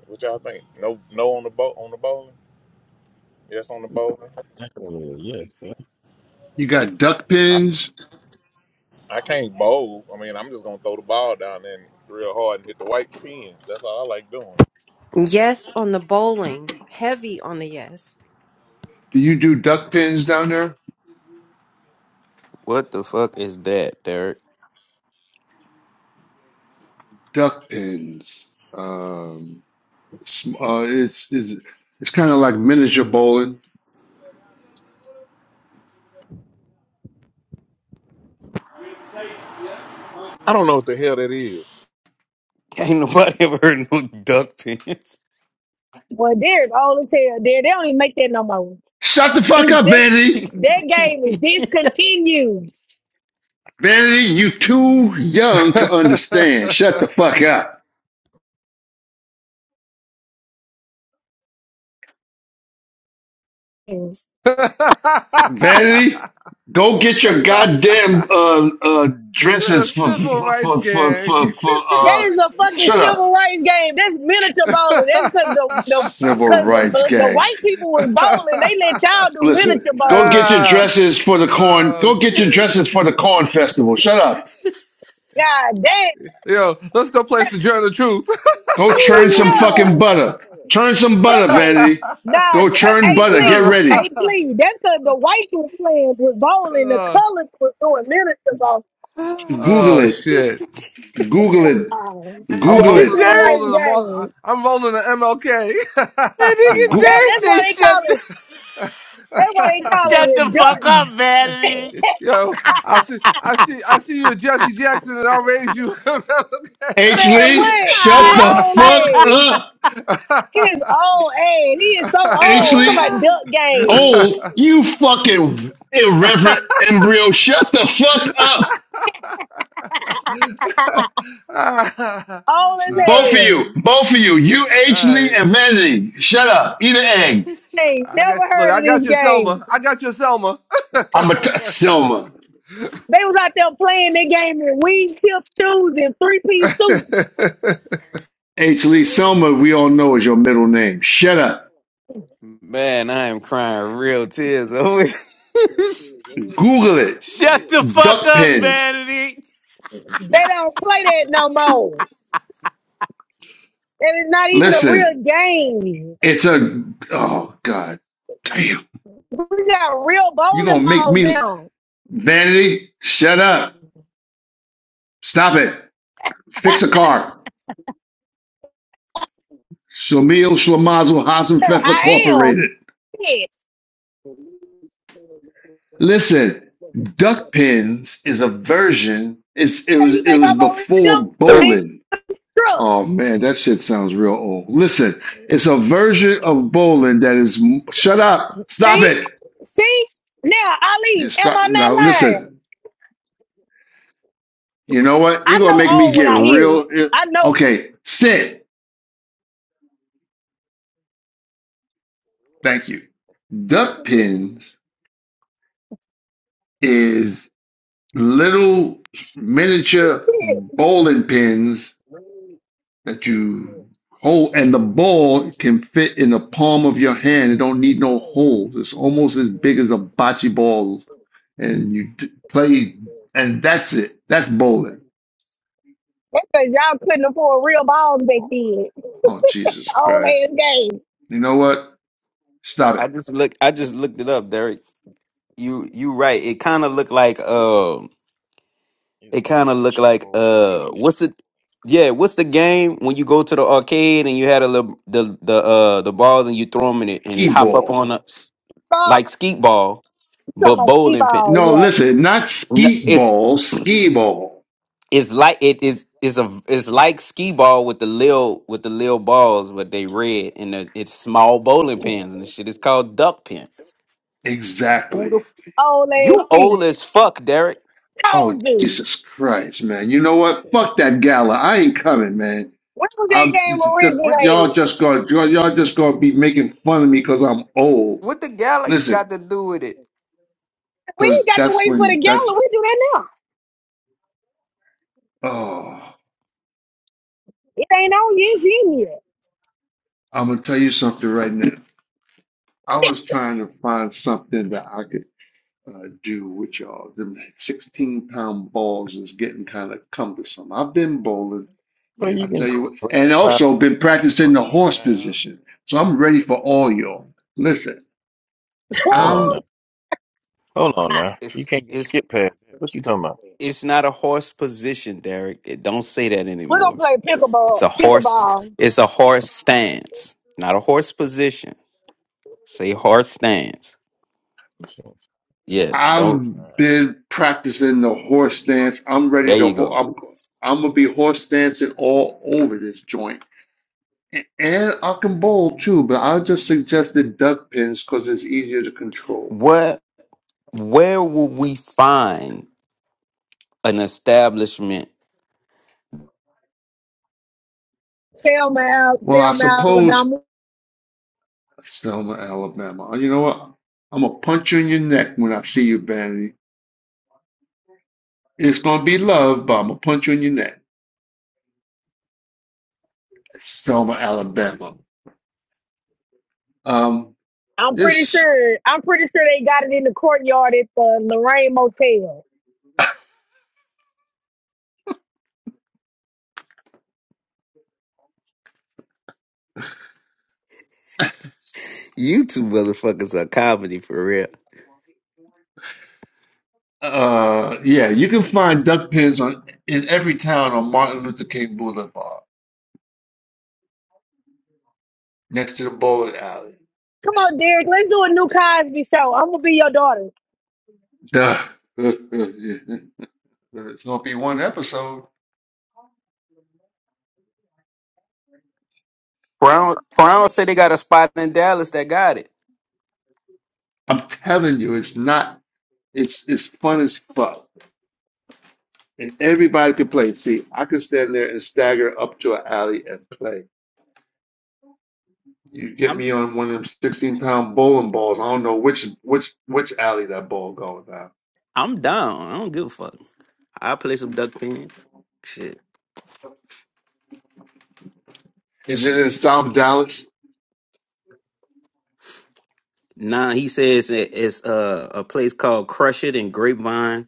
What y'all think? No, no on the boat on the bowling. Yes, on the bowling.
Definitely, yes, sir.
You got duck
I,
pins?
I can't bowl. I mean, I'm just gonna throw the ball down there real hard and hit the white pins. That's all I like doing.
Yes on the bowling, heavy on the yes.
Do you do duck pins down there?
What the fuck is that, Derek?
Duck pins. Um, it's, uh, it's, it's, it's kind of like miniature bowling.
I don't know what the hell that is.
Ain't nobody ever heard no duck pants.
Well, Derek all the hell. there. they don't even make that no more.
Shut the fuck
Is
up,
that
Vanity.
that
that game is discontinued.
Vanity, you too young
She's
to understand. Shut the fuck up.
That
Vanity, go get your goddamn uh uh
in a
dresses for
civil rights
for for for,
gang.
for uh
is a fucking
shut
civil
up.
rights game. That's miniature bowling. That's because the the
Civil
because the
rights
bu- the
gang.
white people was bowling. They let y'all do miniature
Listen, go
bowling.
get your
ah,
dresses for the corn.
oh,
Go get your
shit.
dresses for the corn festival. Shut up.
God damn,
Yo, let's go play some Journal of Truth.
Go churn some fucking
yo, that's
butter. Churn some
a
butter, Vanity.
nah.
Go churn
Hey,
butter. Get
please,
Ah,
ready.
hey, please. That's because the white was playing with bowling. The
Oh.
colors was doing miniature bowling.
Google
oh,
it.
shit.
nigga
Google
Hell
it.
nah. That
I'm
Google
ain't
rolling.
it.
civil
I'm
Derek.
rights
rolling the. Mar-
game.
I- I'm rolling the MLK.
That nigga
Go-
That,
Derek
that's
said,
why they
"Shut
call
the,
it. That's why they call
shut the
it
fuck up,
Dutton.
vanity."
Yo, I see. I see. I see you, at Jesse Jackson, and I'll raise you. all
H.
Man,
Lee,
what?
shut
His
the
old
fuck
ass.
up.
His old ass. He is so
H.
old. Talking
Lee,
about duck game.
old, you fucking irreverent embryo. Shut the fuck up.
old as
Both
right.
of
hell.
you, both of you, you
All
H. Lee
right.
and Vanity, shut up. Eat an egg.
Ain't
I
never
got. Look,
heard
I
of this
got your
game.
Selma. I got your Selma.
I'm a t- Selma.
They was out there playing that game in wing tip shoes and three piece suits.
H.
They
Lee, Selma, we all know is your middle name. Shut up.
Man, I am crying real tears over here.
Google it.
Shut the fuck
Duck
up,
pins.
Vanity.
don't play that no more. That is not even a real
Listen,
game.
it's a, oh God damn.
We got real
you
bowling
going to make
balls
me,
now.
Vanity, shut up. Stop it. Fix a car. Shamil Shlamazel Hassan
Yeah,
Fefa
I am.
Incorporated.
Shit.
Listen, duck pins is a version. It's, it
Hey, you
was it
think
was
I'm over
before
doing
bowling.
drugs?
Oh man, that shit sounds real old. Listen, it's a version of bowling that is. Shut up! Stop
See?
it!
See? Now, Ali,
You
am
stop
I not
now.
lying?
Listen. You know what? You're
I
gonna
know
make me
all
get
when I hear it.
real.
I know
Okay, sit. Thank you. Duck pins is little miniature
shit.
bowling pins that you hold, and the ball can fit in the palm of your hand. It don't need no holes. It's almost as big as a bocce ball, and you d- play, and that's it. That's bowling.
That's because y'all couldn't afford real
It's
balls
not
back
bowling.
then.
Oh Jesus
Old
Christ!
ass game.
You know what? Stop
I
it.
just look I just looked it up, Derek. You you right. It kinda looked like um
It's
it kinda looked
miniature
like
bowling.
uh what's it yeah, what's the game when you go to the arcade and you had a little the the uh the balls and you throw them in it and it
Ski
hop up
ball.
on a s-
Balls,
like skeet ball
talking
but
about
bowling pin.
ball,
No,
yeah.
listen, not
No,
skeet
It's
ball. Ski ball.
It's like it is it's a it's like skee ball with the lil with the lil balls, but they red and the, it's small bowling pins and the shit is called duck pin. Who the
Exactly.
f-
Old ass
you
shit.
old as fuck, Derek?
Oh,
Told
Jesus
you.
Christ, man. You know what? Fuck that gala. I
When
ain't coming, man.
was that
I'm
game
just, just
What the
y'all
originated?
just gonna y'all y'all just gonna be making fun of me because I'm old.
what the gala
Listen,
got to do with it?
We ain't
because
got to
that's
wait for the
when
gala.
that's
We do that now.
oh
It ain't on yet. It's in yet.
I'm gonna tell you something right now. I was trying to find something that I could uh, do with y'all. Them 16 pound balls is getting kind of cumbersome. I've been bowling,
But
and
you
I'll tell
can
you
throw
what,
a
and
twelve
also been
pound. You can throw
practicing the
an eight
horse
pound.
position. So I'm ready for all y'all. Listen.
Hold on
I'm
now. Hold on now.
It's
You can't get
it's
skip past that. What you talking about?
it's not a horse position, Derek. It don't say that
We're gonna
anymore.
play
It's
pickleball.
a horse.
Pickleball.
It's a horse stance, not a horse position. Say horse stance. Yes. Don't.
I've been practicing the horse stance. I'm
There
ready to
you
ho-
go.
I'm I'm gonna be horse dancing all over this joint. A- And I can bowl too, but I just suggested duck pins because it's easier to control.
What? Where will we find? an establishment.
Selma, Al-
Well, I
Selma,
suppose
Alabama.
Selma, Alabama. You know what? I'm gonna punch you in your neck when I see you, Vanity. It's gonna be love, but I'm gonna punch you in your neck. Selma, Alabama. Um,
I'm pretty
this.
sure. I'm pretty sure they got it in the courtyard at the Lorraine Motel.
You two motherfuckers are comedy for real.
Uh, yeah, you can find duck pens on in every town on Martin Luther King Boulevard, next to the bowling alley.
Come on, Derek. Let's do a new Cosby show. I'm gonna be your daughter.
Duh. It's gonna be one episode.
Brown Brown say they got a spot in Dallas that got it.
I'm telling you, it's not. It's it's fun as fuck, and everybody can play. See, I can stand there and stagger up to an alley and play. You get
I'm
me on one of them 16 pound bowling balls. I don't know which which which alley that ball going down.
I'm down. I don't give a fuck. I play some duck pins. Shit.
Is it in South Dallas?
Nah, he says it- it's uh, a place called Crush It and Grapevine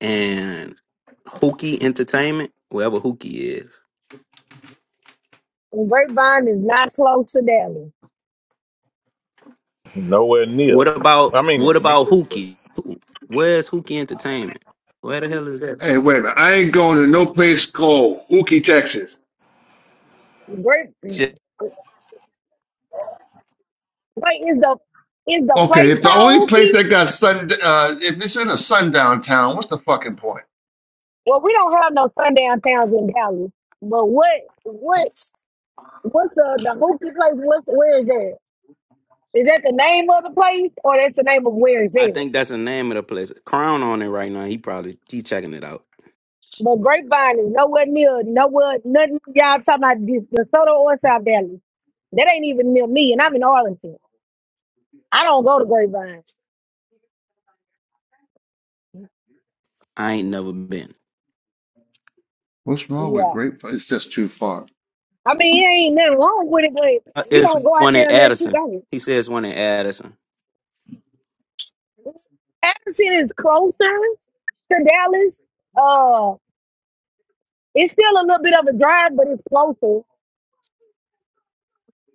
and Hookie Entertainment, wherever Hookie is.
And Grapevine is not close to Dallas.
Nowhere near.
What about
I mean,
what
it's
about
near.
Hookie? Where's Hookie Entertainment? Where the hell is
Hey, wait a minute. I ain't going to no place called Ookie, Texas.
Grape.
that?
Wait, is the is the
Okay,
place
if the only
called Hoopie?
place that got sun, uh, if it's in a sundown town, what's the fucking point?
Well, we don't have no sundown towns in Cali. But what what what's the the hooky place? What's where is that? Is that the name of the place or that's the name of where it's
I
at?
think that's the name of the place. Crown on it right now. He probably he checking it out.
But Grapevine is nowhere near nowhere nothing y'all talking about the the or South Valley. That ain't even near me and I'm in Arlington. I don't go to Grapevine.
I ain't never been.
What's wrong with
Yeah.
Grapevine? It's just too far.
I mean it ain't nothing wrong with it,
Uh,
but you
It's
don't go out
one in
there unless you
Addison.
go.
He says one in Addison.
Addison is closer to Dallas. Uh it's still a little bit of a drive, but it's closer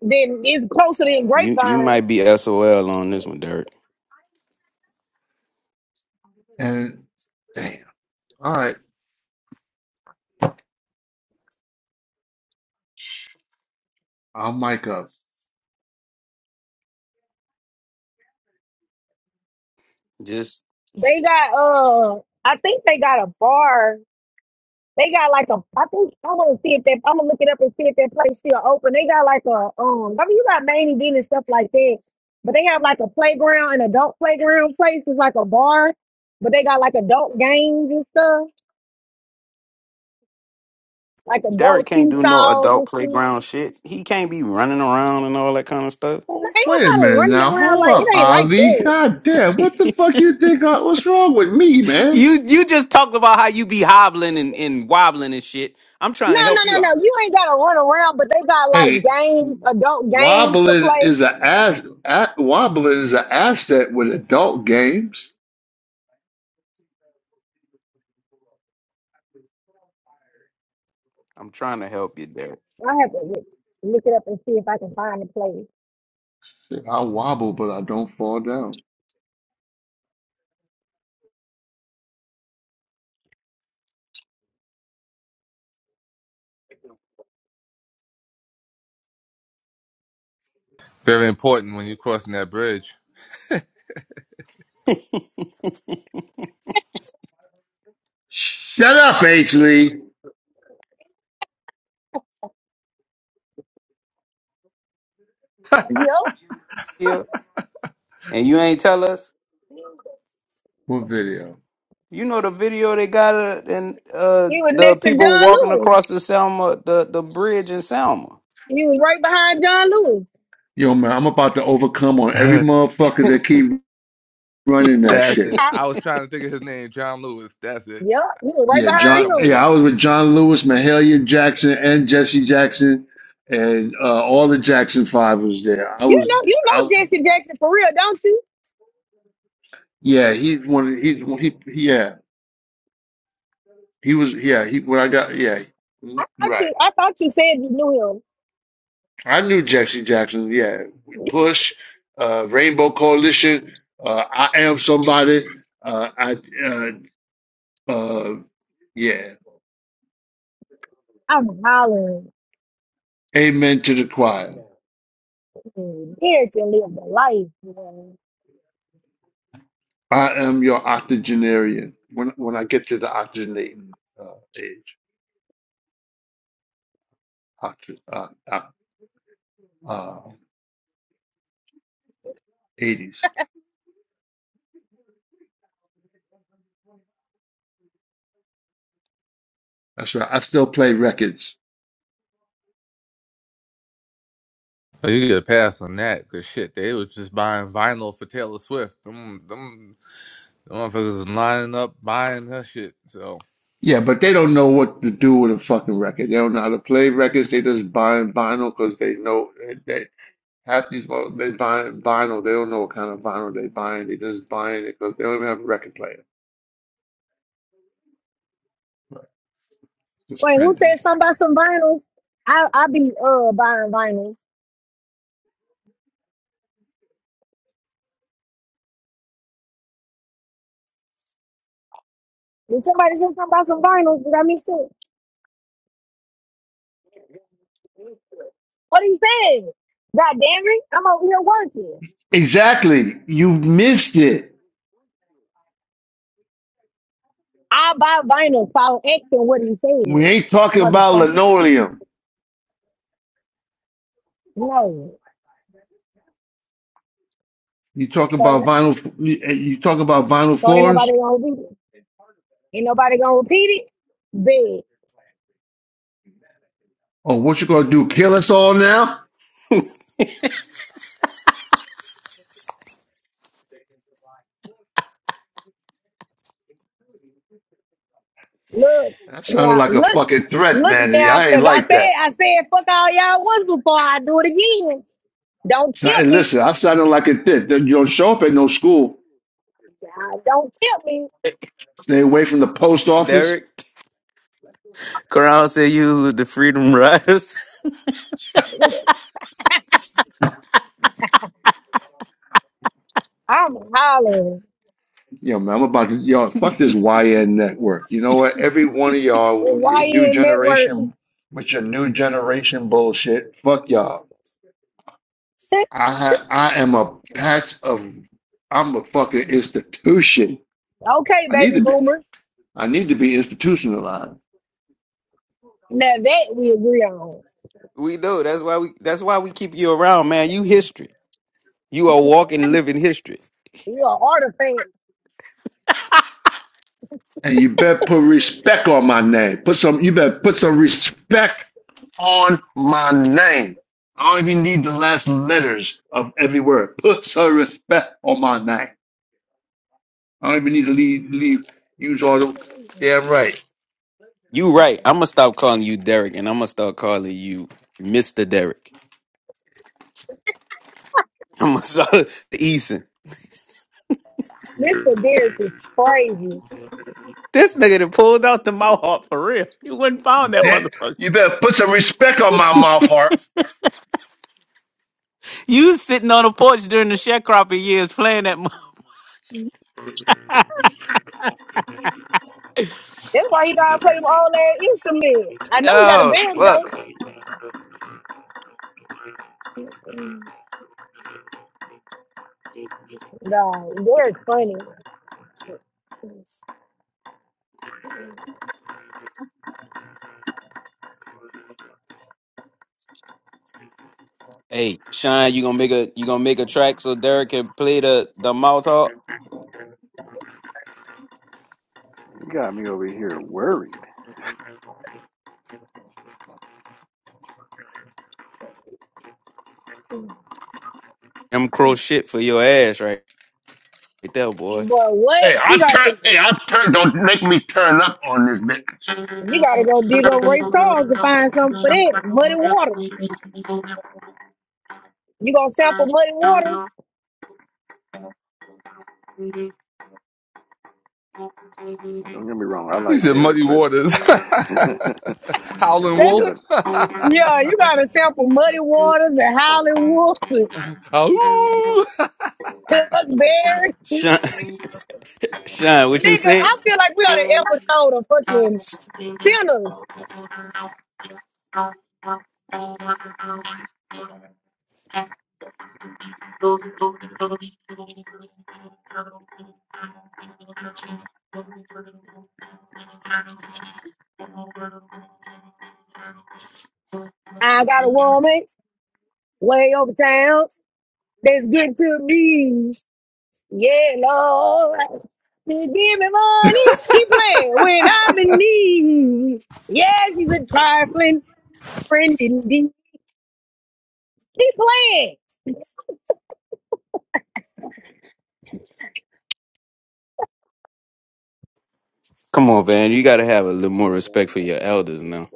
Then it's closer than
You you
Grapevine.
might be SOL on this one, Derek.
And damn, all right, I'll mic up.
Just
They got uh, I think they got a bar. They got like a. I think I want to see if that. I'm gonna look it up and see if that place still open. They got like a um. I mean, you got main event and stuff like that, but they have like a playground, an adult playground place. It's like a bar, but they got like adult games and stuff, like
Derek
adult
can't do no
seesaws
adult
and shit.
playground shit. He can't be running around and all that kind of stuff.
But
Oh,
Ain't
wait a
nobody
minute
running
now.
around
Hold
like it.
up,
Ain't like
Ali.
that.
God damn,
you
what the fuck you think? I, what's wrong with me, man?
you just talked about how you be hobbling and, and wobbling and shit. I'm trying
No,
to
no,
help you
no,
out.
no. You ain't gotta run around, but they got like
Hey,
games, adult games to
wobbling
play.
is a ass. a- Wobbling is an asset with adult games.
I'm trying to help you, Derek.
I have to look, look it up and see if I can find the place.
I wobble, but I don't fall down.
Very important when you're crossing that bridge.
Shut up, H. Lee.
Yep.
yeah. And you ain't tell us?
What video?
You know the video they got uh, and uh,
He was
the
next to
people
John
walking
Lewis.
across the Selma, the, the bridge in Selma.
He was right behind John Lewis.
Yo, man, I'm about to overcome on every
That's
motherfucker that keep running that shit.
it. I was trying to think of his name, John Lewis. That's
Yep. He was right
Yeah,
I got a
behind
John.
couple
him.
more.
Yeah, I was with John Lewis, Mahalia Jackson, and Jesse Jackson, and uh, all the Jackson Five was there. I
You
was,
know, you know
I
Jesse Jackson for real, don't you?
yeah, he wanted he he yeah he was yeah he when I got yeah
I thought
right.
you, I thought you said you knew him.
I knew Jesse Jackson. Yeah, Push, uh, Rainbow Coalition, uh, I Am Somebody. Uh, I uh, Uh, yeah.
I'm hollering.
Amen to the choir.
Mm, Derek can live the life. man.
I am your octogenarian. When when I get to the octogenating uh, age, octo, uh, uh, uh, 80s. That's right. I still play records.
Oh, You get a pass on that, cause shit, they was just buying vinyl for Taylor Swift. Them, them, them motherfuckers is lining up buying her shit. So
Yeah, but they don't know what to do with a fucking record. They don't know how to play records. They just buying vinyl because they know they, they half these folks they buying vinyl. They don't know what kind of vinyl they buying. They just buying it because they don't even have a record player. Right. It's Just
Wait, who
trending.
said something about some vinyls? I I be uh buying vinyls. Did somebody say something about some vinyls? Did I miss it? What are you saying? God damn it, I'm over here working.
Exactly. You missed it.
I buy vinyl, follow X, what are you
We
saying?
ain't talking about
Motherfucker.
linoleum.
No.
You talk
So,
about
ain't-
vinyl. You talk about vinyl
so ain't nobody
floors.
gonna repeat it. Ain't nobody gonna repeat it? Big.
Oh, what you gonna do? Kill us all now?
Look.
That sounded
Now,
like a
look.
fucking threat,
Look
Vanity.
now,
I ain't
because I
like
said,
that.
I said, fuck all y'all was before I do it again. Don't
So-
tilt
And
me.
listen, I sounded like a dick. Then You don't show up at no school.
God, Don't tilt me.
Stay away from the post office.
Derek Crown said you was with the Freedom Riders.
I'm hollering.
Yo, man, I'm about to yo fuck this YN network. You know what? Every one of y'all,
YN
your new
network?
generation, with your new generation bullshit. Fuck y'all. I ha- I am a patch of I'm a fucking institution.
Okay,
I need
baby
to be
boomer.
I need to be institutionalized.
Now that we agree on.
we know that's why we that's why we keep you around, man. You history. You are walking, living history.
You are artifact.
And you better put respect on my name. Put some you better put some respect on my name. I don't even need the last letters of every word. Put some respect on my name. I don't even need to leave, leave use all the damn right.
You right. I'm gonna stop calling you Derek, and I'm gonna start calling you Mister Derek. I'm gonna start Eason.
Mr. Derrick is crazy.
This nigga that pulled out the mouth for real. You wouldn't found that
That,
motherfucker.
you better put some respect on my mouth, heart.
You sitting on the porch during the sharecropping years playing that. mo-
That's why he gotta play them all that instrument. I know he got a
Oh
banjo.
fuck.
No, Derek's funny. But
Hey, Shine, you gonna make a you gonna make a track so Derek can play the the mouth talk?
You got me over here worried.
Them crow shit for your ass right, right there, boy.
what?
Hey, I
He got
turn
to
hey, I turn don't make me turn up on this bitch.
you gotta go dig up Ray Charles to find something for that. Muddy waters. You gonna sample muddy waters?
Now, Don't get me wrong, I
you
like
said
Derek,
muddy
but
waters,
you gotta,
howling
you
That's what
wolf.
gotta.
Yeah, you gotta sample Muddy Waters and Hollywood and
Ow!
Chuck Berry.
Shine, Shine, what you
Nigga,
said?
I feel like we on an episode of fucking sinners. I got a woman way over town that's good to me. Yeah, Lord. She give me money. Keep playing when I'm in need. Yeah, she's a trifling friend indeed. Keep playing.
Come on, man. You gotta have a little more respect for your elders now.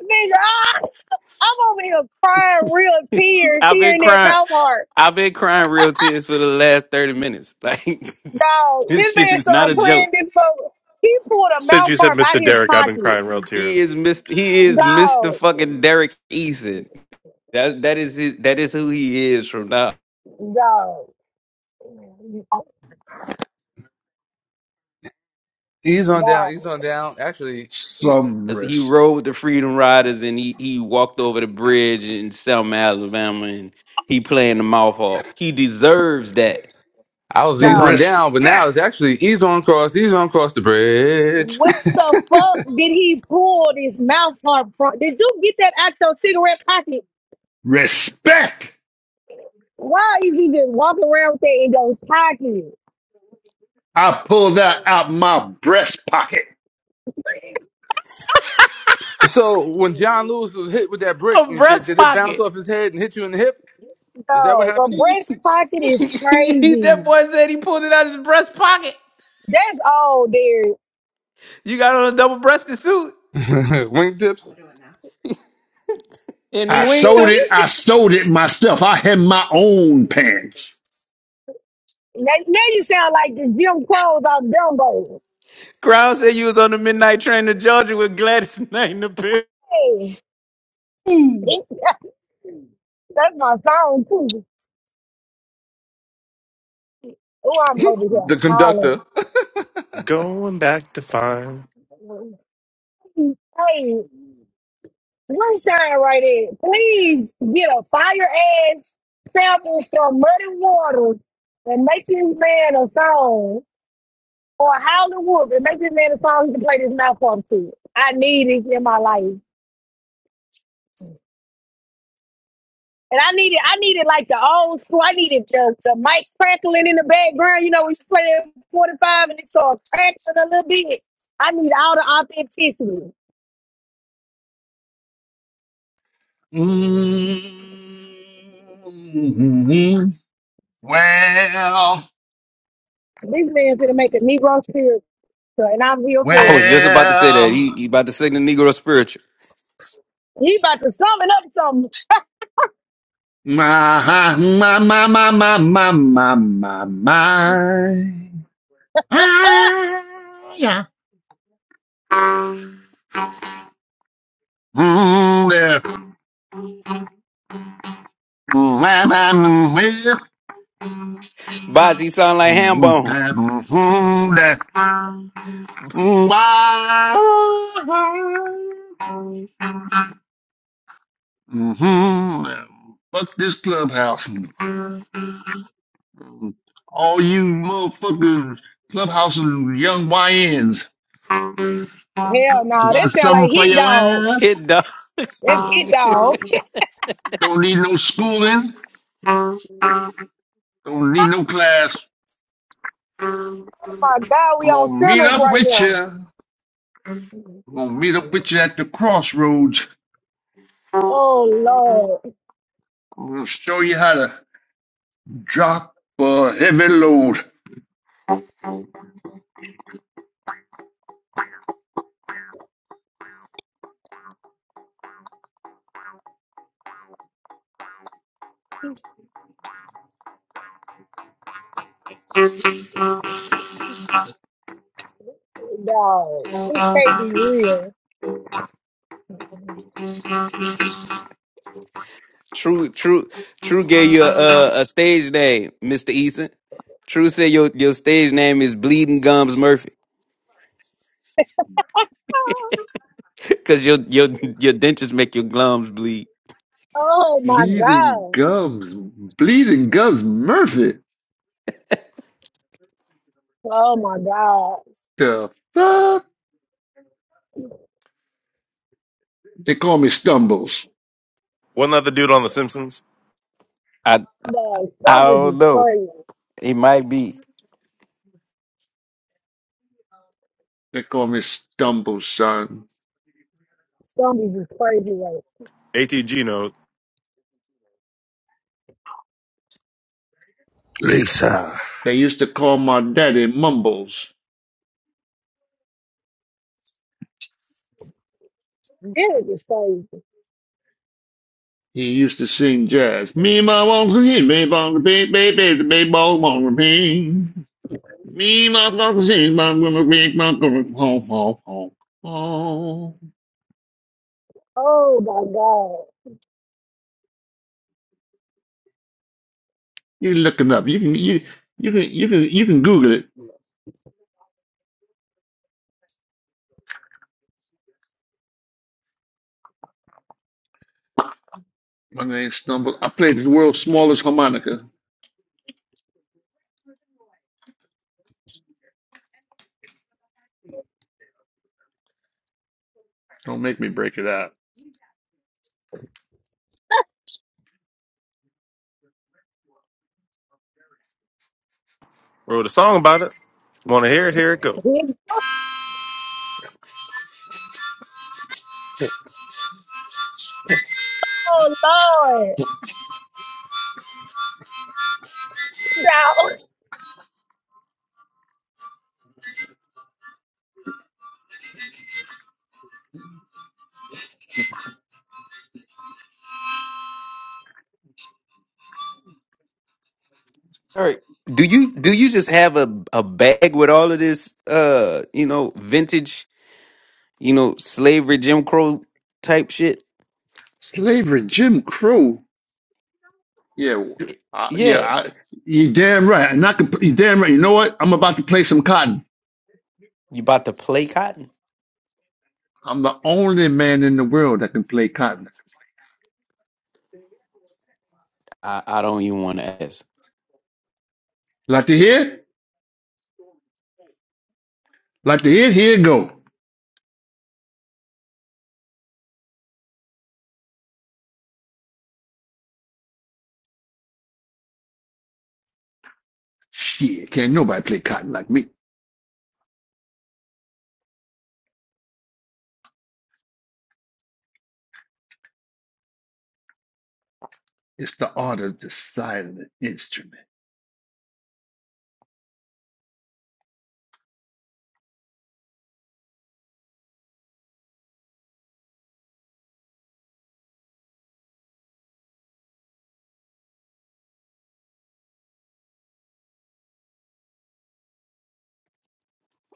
Nigga, ah, I'm over here crying real tears,
I've been
tearing that
crying.
mouth hard.
I've been crying real tears for the last thirty minutes. Like
Dog,
this
this
shit
man
is not a
started playing
joke.
this boat. He pulled a
Since
mouth
you said
harp out
Mr.
of his
Derek, I've been
pocket.
crying real
He
tears.
is Mr. He is Mr.
Dog,
Fucking Derek Eason. That that is his. That is who he is from now.
dog,
ease on down,
dog,
ease on down. Actually, e-
Some
As He
res-
rode the Freedom Riders and he he walked over the bridge in Selma, Alabama, and he playing the mouth off. He deserves that.
I was
some
ease on
dog.
respect.
down, but now it's actually ease on cross, ease on cross the bridge.
Where the fuck did he pull this mouth harp from? Did you get that out your cigarette pocket?
Respect.
Why is he just walking around with that in those pockets?
I pulled that out my breast pocket.
so when John Lewis was hit with that brick
A
and shit,
breast
did it bounce
pocket.
off his head and hit you in the hip? Is that what
Dog, a
happened?
breast pocket is
that
crazy.
boy said he pulled it out of his breast pocket.
That's all there.
You got on a double breasted suit
Wingtips.
and the
I
Eric, you
sold
what you
it.
wingtips.
said.
I stole it myself. I had my own pants.
Now, now you sound like the Jim Crows out Dumbo.
Crown said you was on the midnight train to Georgia with Gladys Knight in the
Hey,
Ooh.
that's my song too. Oh, I'm over here
The conductor.
hollering.
Going back to find.
Hey, one sign right there. Please get a fire ass sample from Muddy Waters and make this man a song or Howlin' Wolf and make this man a song he can play this mouth off to. I need this in my life. And I needed, I needed like the old school. I needed just the mic crackling in the background. You know, we was playing 45 and it started cracking a little bit. I need all the authenticity.
hmm Well,
This man's gonna make a Negro spiritual, and I'm here
I
for
was
it.
just about to say that.
well,
He, he about to sing the Negro spiritual.
He about to summon up something.
my, my, my, my, my, my, my, my, my. Ah, yeah. Mm, yeah.
Boz, he sound like Hambone.
Mm-hmm. Fuck this clubhouse. All you motherfuckers, clubhouse and young YNs.
Hell
I
no, that
got
sound like
something for
hit
your
dog.
ass.
Hit dog.
That's hit dog.
Don't need no schooling.
Oh
Don't need no class.
my God, we
I'm
on
gonna meet
sinners
up
right
with you.
now.
I'm gonna meet up with you at the crossroads.
Oh Lord,
I'm gonna show you how to drop a heavy load.
Hit dog, this can't be real.
True, true, true gave you a, a stage name, Mr. Eason. True said your, your stage name is Bleeding Gums Murphy. Cause your, your, your dentures make your gums bleed.
Oh my
Bleeding
God.
gums, bleeding gums, Murphy.
Oh my God.
The fuck? They call me Stumbles.
Wasn't that the dude on The Simpsons?
I,
Man,
I
stumbles
don't
is
know.
crazy.
It might be.
They call me Stumbles, son.
Stumbles is crazy. Like,
ATG knows.
Lisa.
They used to call my daddy Mumbles.
Derek is crazy.
He used to sing jazz. Me my won't sing, me bong be baby, baby, the be bong bong be. Me my won't sing, bong bong be bong bong bong bong bong. Oh,
Oh my God.
you looking up? You can you you can you can you can Google it. My name's Stumble. I played the world's smallest harmonica. Don't make me break it out.
Wrote a song about it. Want to hear it? Here it go.
He- Oh Lord. No.
All right. Do you, do you just have a, a bag with all of this, uh, you know, vintage, you know, slavery, Jim Crow type shit?
Slavery, Jim Crow. Yeah, w- I, yeah.
Yeah.
I, you damn right. I'm not. You damn right. You know what? I'm about to play some cotton.
You about to play cotton?
I'm the only man in the world that can play cotton.
I, I don't even want to ask.
Like to hear? Like to hear? Here it go. Shit, can't nobody play cotton like me. It's the art of the silent instrument.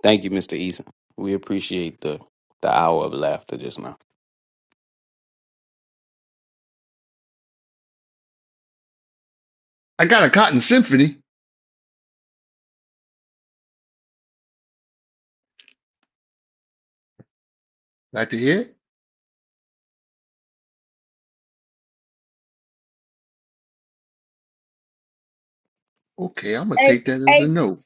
Thank you, Mr. Eason. We appreciate the the hour of laughter just now.
I got a cotton symphony. Like to hear? Okay, I'm gonna
Hey,
take that as a
hey,
no.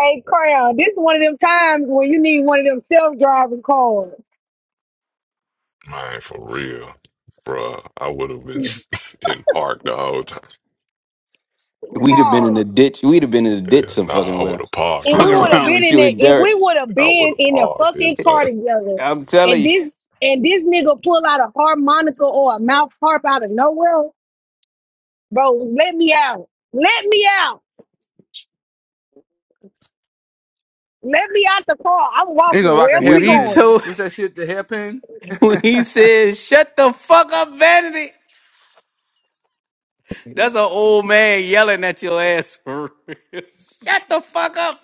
hey, Crown. This is one of them times when you need one of them self-driving cars.
Man, for real. Bruh, I would have been in park the whole
We'd have been in
Dog.
the ditch. We'd have been in the ditch
Yeah,
some fucking
nah, I would
well.
have
If
parked
we
it,
Fucking
would
son.
have
around
been
with
in
you
that,
and
if we
Derek.
would have
I would
been
have
in the
parked
fucking
it, son.
car together,
I'm telling
and
you.
this and this nigga pull out a harmonica or a mouth harp out of nowhere. Bro, let me out. Let me out. Let me out the car. I'm
You know,
walking
like a
wherever
When
we
he
hairpin.
going.
told
What's that shit? The hairpin?
when he said, shut the fuck up, Vanity. That's an old man yelling at your ass for real. Shut the fuck up.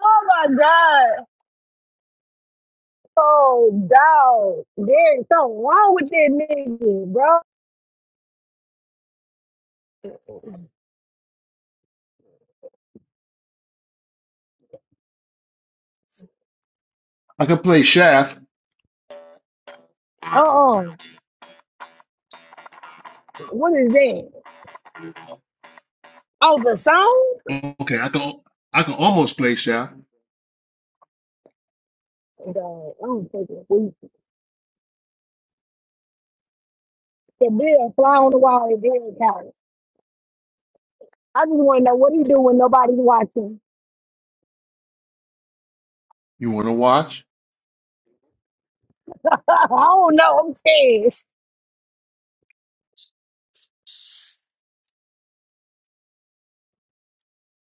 Oh my God. Oh dog. There's something wrong with that nigga, bro.
I can play shaft.
Uh-uh. What is that? Oh, the song?
Okay, I can I can almost play, that.
God, I don't take it. We- The bill fly on the wall in Derrick County. I just want to know what he do when nobody's watching.
You want to watch?
I don't know. I'm scared.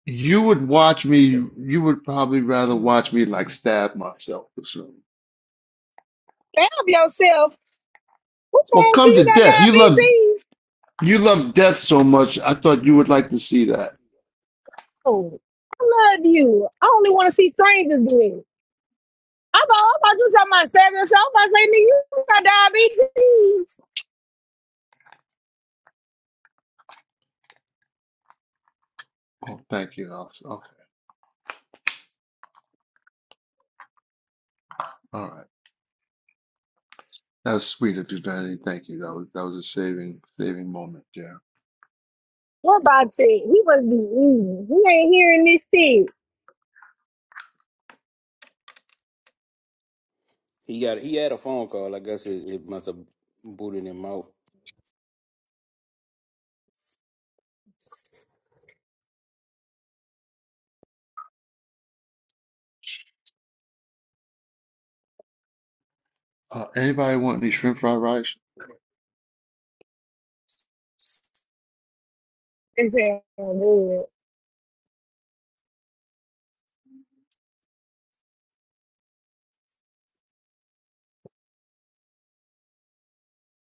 You would watch me. You would probably rather watch me like stab myself or something.
Stab yourself. What's
Well,
wrong with you?
come
You
to
got
death. You love
diabetes.
you love death so much. I thought you would like to see that.
Oh, I love you. I only want to see strangers do it. I'm about, I'm about you talking about seven. So I'm about to say, nigga, you got diabetes.
Oh, thank you, officer. Okay, all right. That was sweet of you, Benny. Thank you. That was that was a saving saving moment. Yeah.
What about that? He must be eating. He ain't hearing this shit.
He got he had a phone call. I guess it, it must have booted him out.
Uh, anybody want any shrimp fried rice?
It's saying, oh,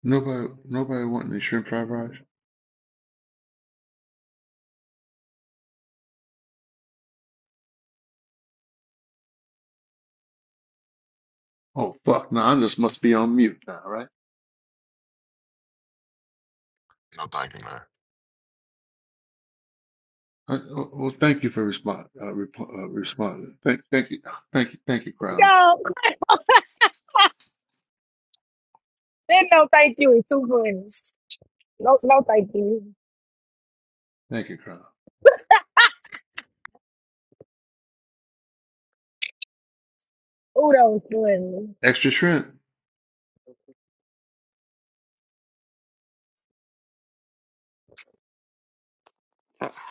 Nobody. Nobody want any shrimp fried rice? Oh fuck! Now I just must be on mute now, right?
No, thank you, man.
Uh, uh, Well, thank you for respond, uh, rep- uh, responding. Thank, thank you, thank you, thank you,
good.
Crown.
No, then no thank you. It's too funny. No, no thank you.
Thank you, Crown.
Ooh, that was funny.
Extra shrimp.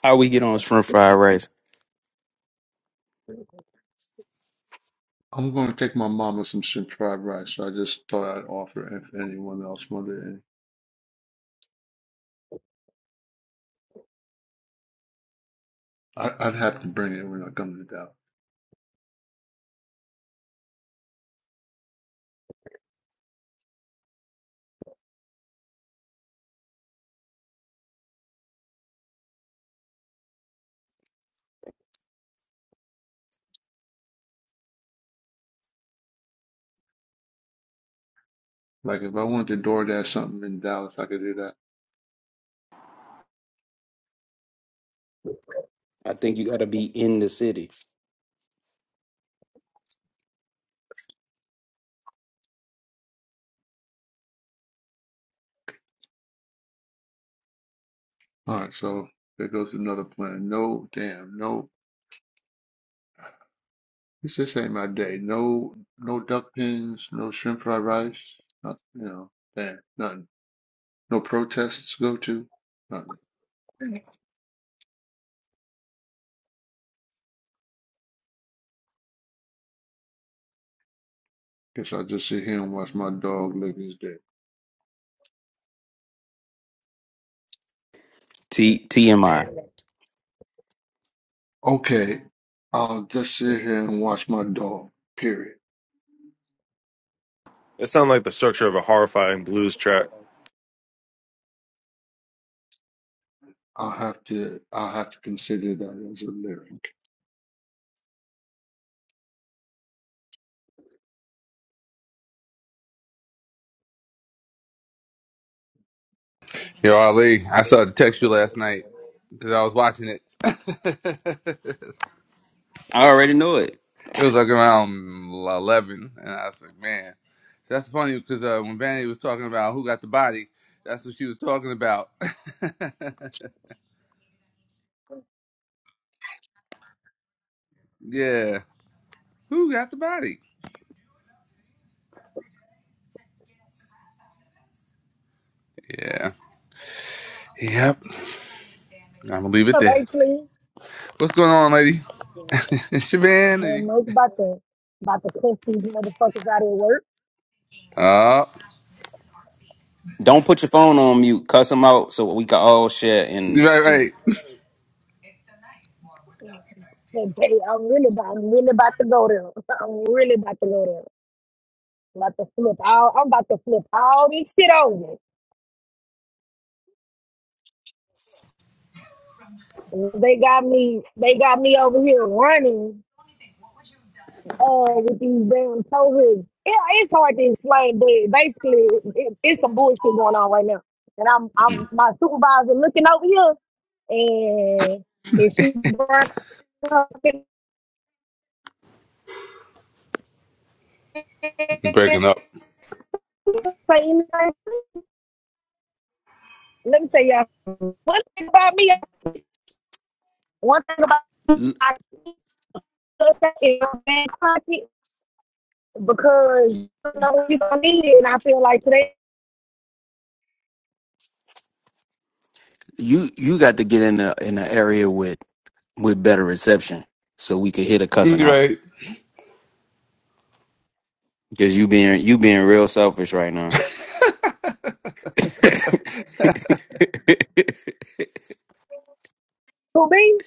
How we get on his front fried rice?
I'm going to take my mama some shrimp fried rice. So I just thought I'd offer if anyone else wanted any. I, I'd have to bring it when I come to Dallas. Like if I wanted to DoorDash something in Dallas, I could do that.
I think you gotta be in the city.
All right, so there goes another plan. No, damn, no. This just ain't my day. No, no duck pins. No shrimp fried rice. Not, you know, damn, nothing. No protests to go to. Nothing. Guess I'll just sit here and watch my dog live his day.
T TMI.
Okay, I'll just sit here and watch my dog. Period.
It sounded like the structure of a horrifying blues track.
I'll have to. I'll have to consider that as a lyric.
Yo, Ali, I saw the text you last night because I was watching it. it
I already know it.
was like around 11, and I was like, man. That's funny because uh, when Vanny was talking about who got the body, that's what she was talking about. yeah. Who got the body? Yeah. Yep. I'm going to leave it
Up,
there.
actually.
What's going on, lady? It's your
No,
Vanity.
no, it's about to, about to cuss these motherfuckers out at work.
Oh,
Don't put your phone on mute. Cuss them out so we can all share. And
right,
And tell you, I'm really about, I'm really about to go there. I'm really about to go there. I'm about to flip all. I'm about to flip all this shit over. They got me. They got me over here running uh, with these damn toes. Yeah, it's hard to explain, but basically, it, it's some bullshit going on right now. And I'm,
right.
I'm my supervisor looking over here, and if she brought up in-
Breaking up.
say anything, let me tell y'all one thing about me. One thing about me,
L-
I keep us in my back pocket because you know you gonna need it. And I feel like today,
You you got to get in a in an area with with better reception. so we can hit a cussing out
Right.
because you being you being real selfish right now.
who be?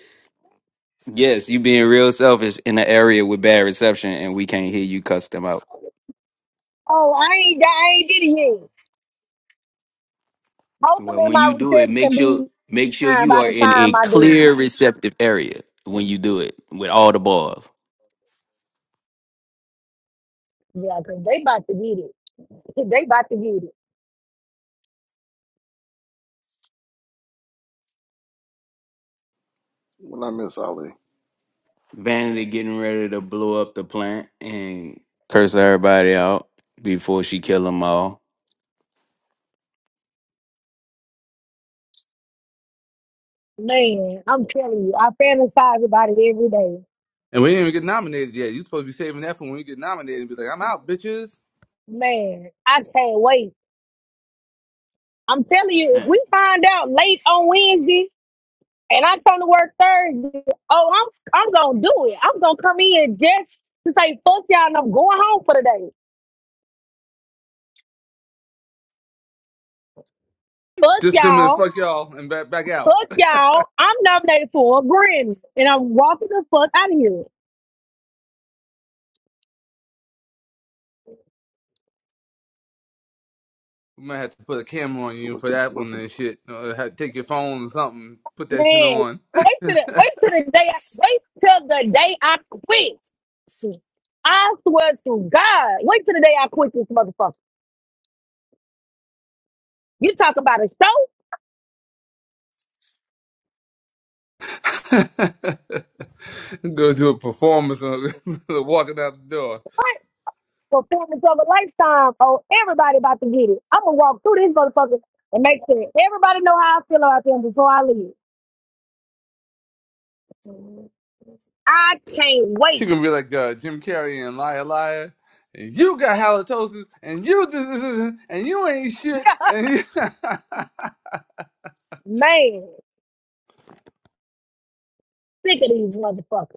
yes, you being real selfish in an area with bad reception, and we can't hear you cuss them out.
Oh, I ain't, I ain't did it yet. Hopefully,
Well, when
my
you do it, make
reception
sure
be
make sure
fine
you
by
are
the
in a
time I do.
clear receptive area when you do it with all the balls.
Yeah, 'cause they about to get it. They about to get it.
What I miss, Ali?
Vanity getting ready to blow up the plant and curse everybody out before she kill them all.
Man, I'm telling you, I fantasize about it every day.
And we ain't even get nominated yet. You supposed to be saving that for when we get nominated and be like, I'm out, bitches.
Man, I can't wait. I'm telling you, if
Yeah.
we find out late on Wednesday and I come to work Thursday, oh, I'm I'm gonna do it. I'm gonna come in just to say fuck y'all and I'm going home for the day. Fuck
Just come in and
y'all.
fuck y'all and back back out.
Fuck y'all. I'm nominated for a Grammy, and I'm walking the fuck out of here.
We might have to put a camera on
So
you
what's
for
the
that
what's
one
the
and shit. Or have to take your phone or something, put that shit
Man,
on.
wait till the wait till the day. I, wait till the day I quit. I swear to God, wait till the day I quit this motherfucker. You talk about a show,
Go to a performance or walking out the door.
what? Performance of a lifetime. Oh, everybody about to get it. I'm gonna walk through this motherfucker and make sure everybody know how I feel about them before I leave. I can't
She
wait.
gonna be like uh, Jim Carrey and Liar Liar. And you got halitosis and you and you ain't shit. And you
Man, sick of these motherfuckers.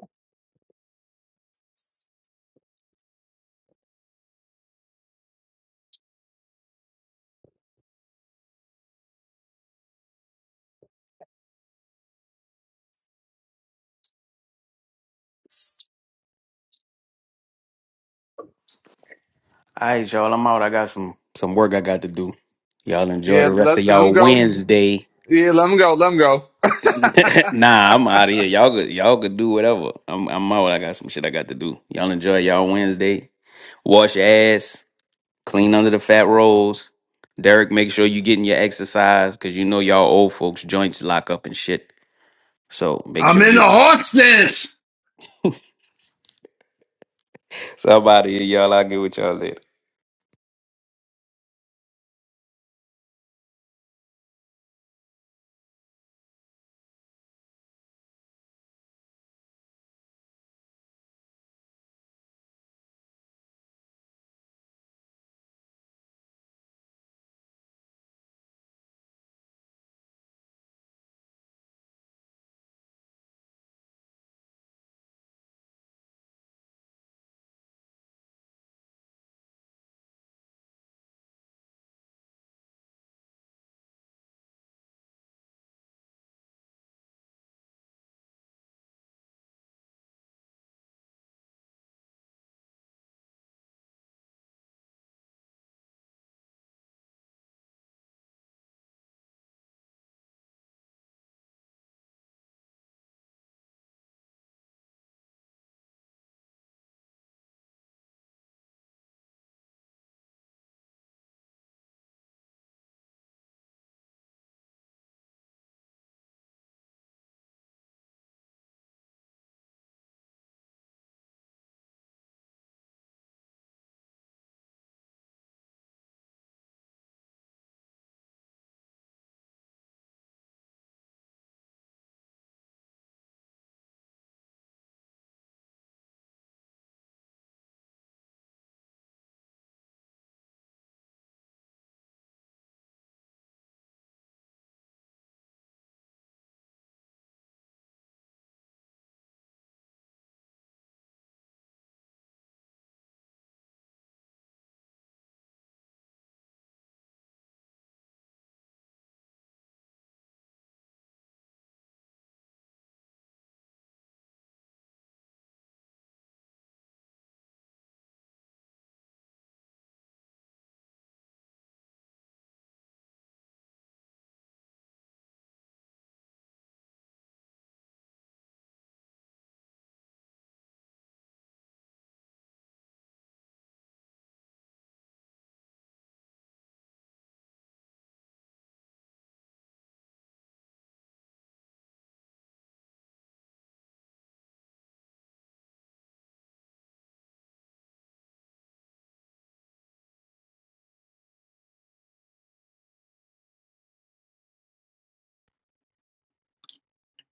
All right, y'all. I'm out. I got some some work I got to do. Y'all enjoy
yeah,
the rest of
let them
y'all
go.
Wednesday.
Yeah, let him go. Let him go.
nah, I'm out of here. Y'all could y'all could do whatever. I'm I'm out. I got some shit I got to do. Y'all enjoy y'all Wednesday. Wash your ass. Clean under the fat rolls. Derek, make sure you getting your exercise because you know y'all old folks joints lock up and shit. So make
I'm
sure
in
you
the horse sense.
Somebody, y'all, I'll get with y'all later.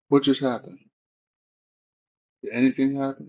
What just happened? Did anything happen?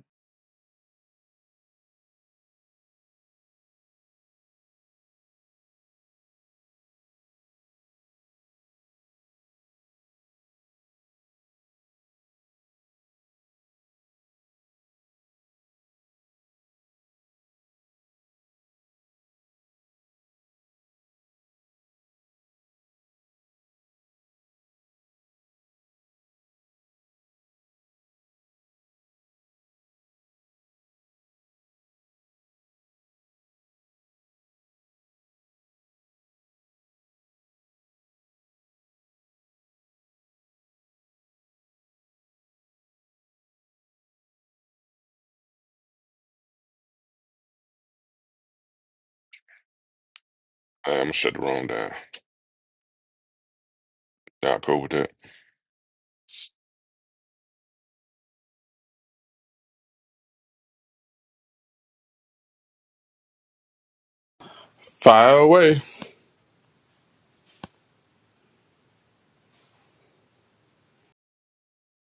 I'm gonna shut the room down. Y'all cool with that?
Fire away.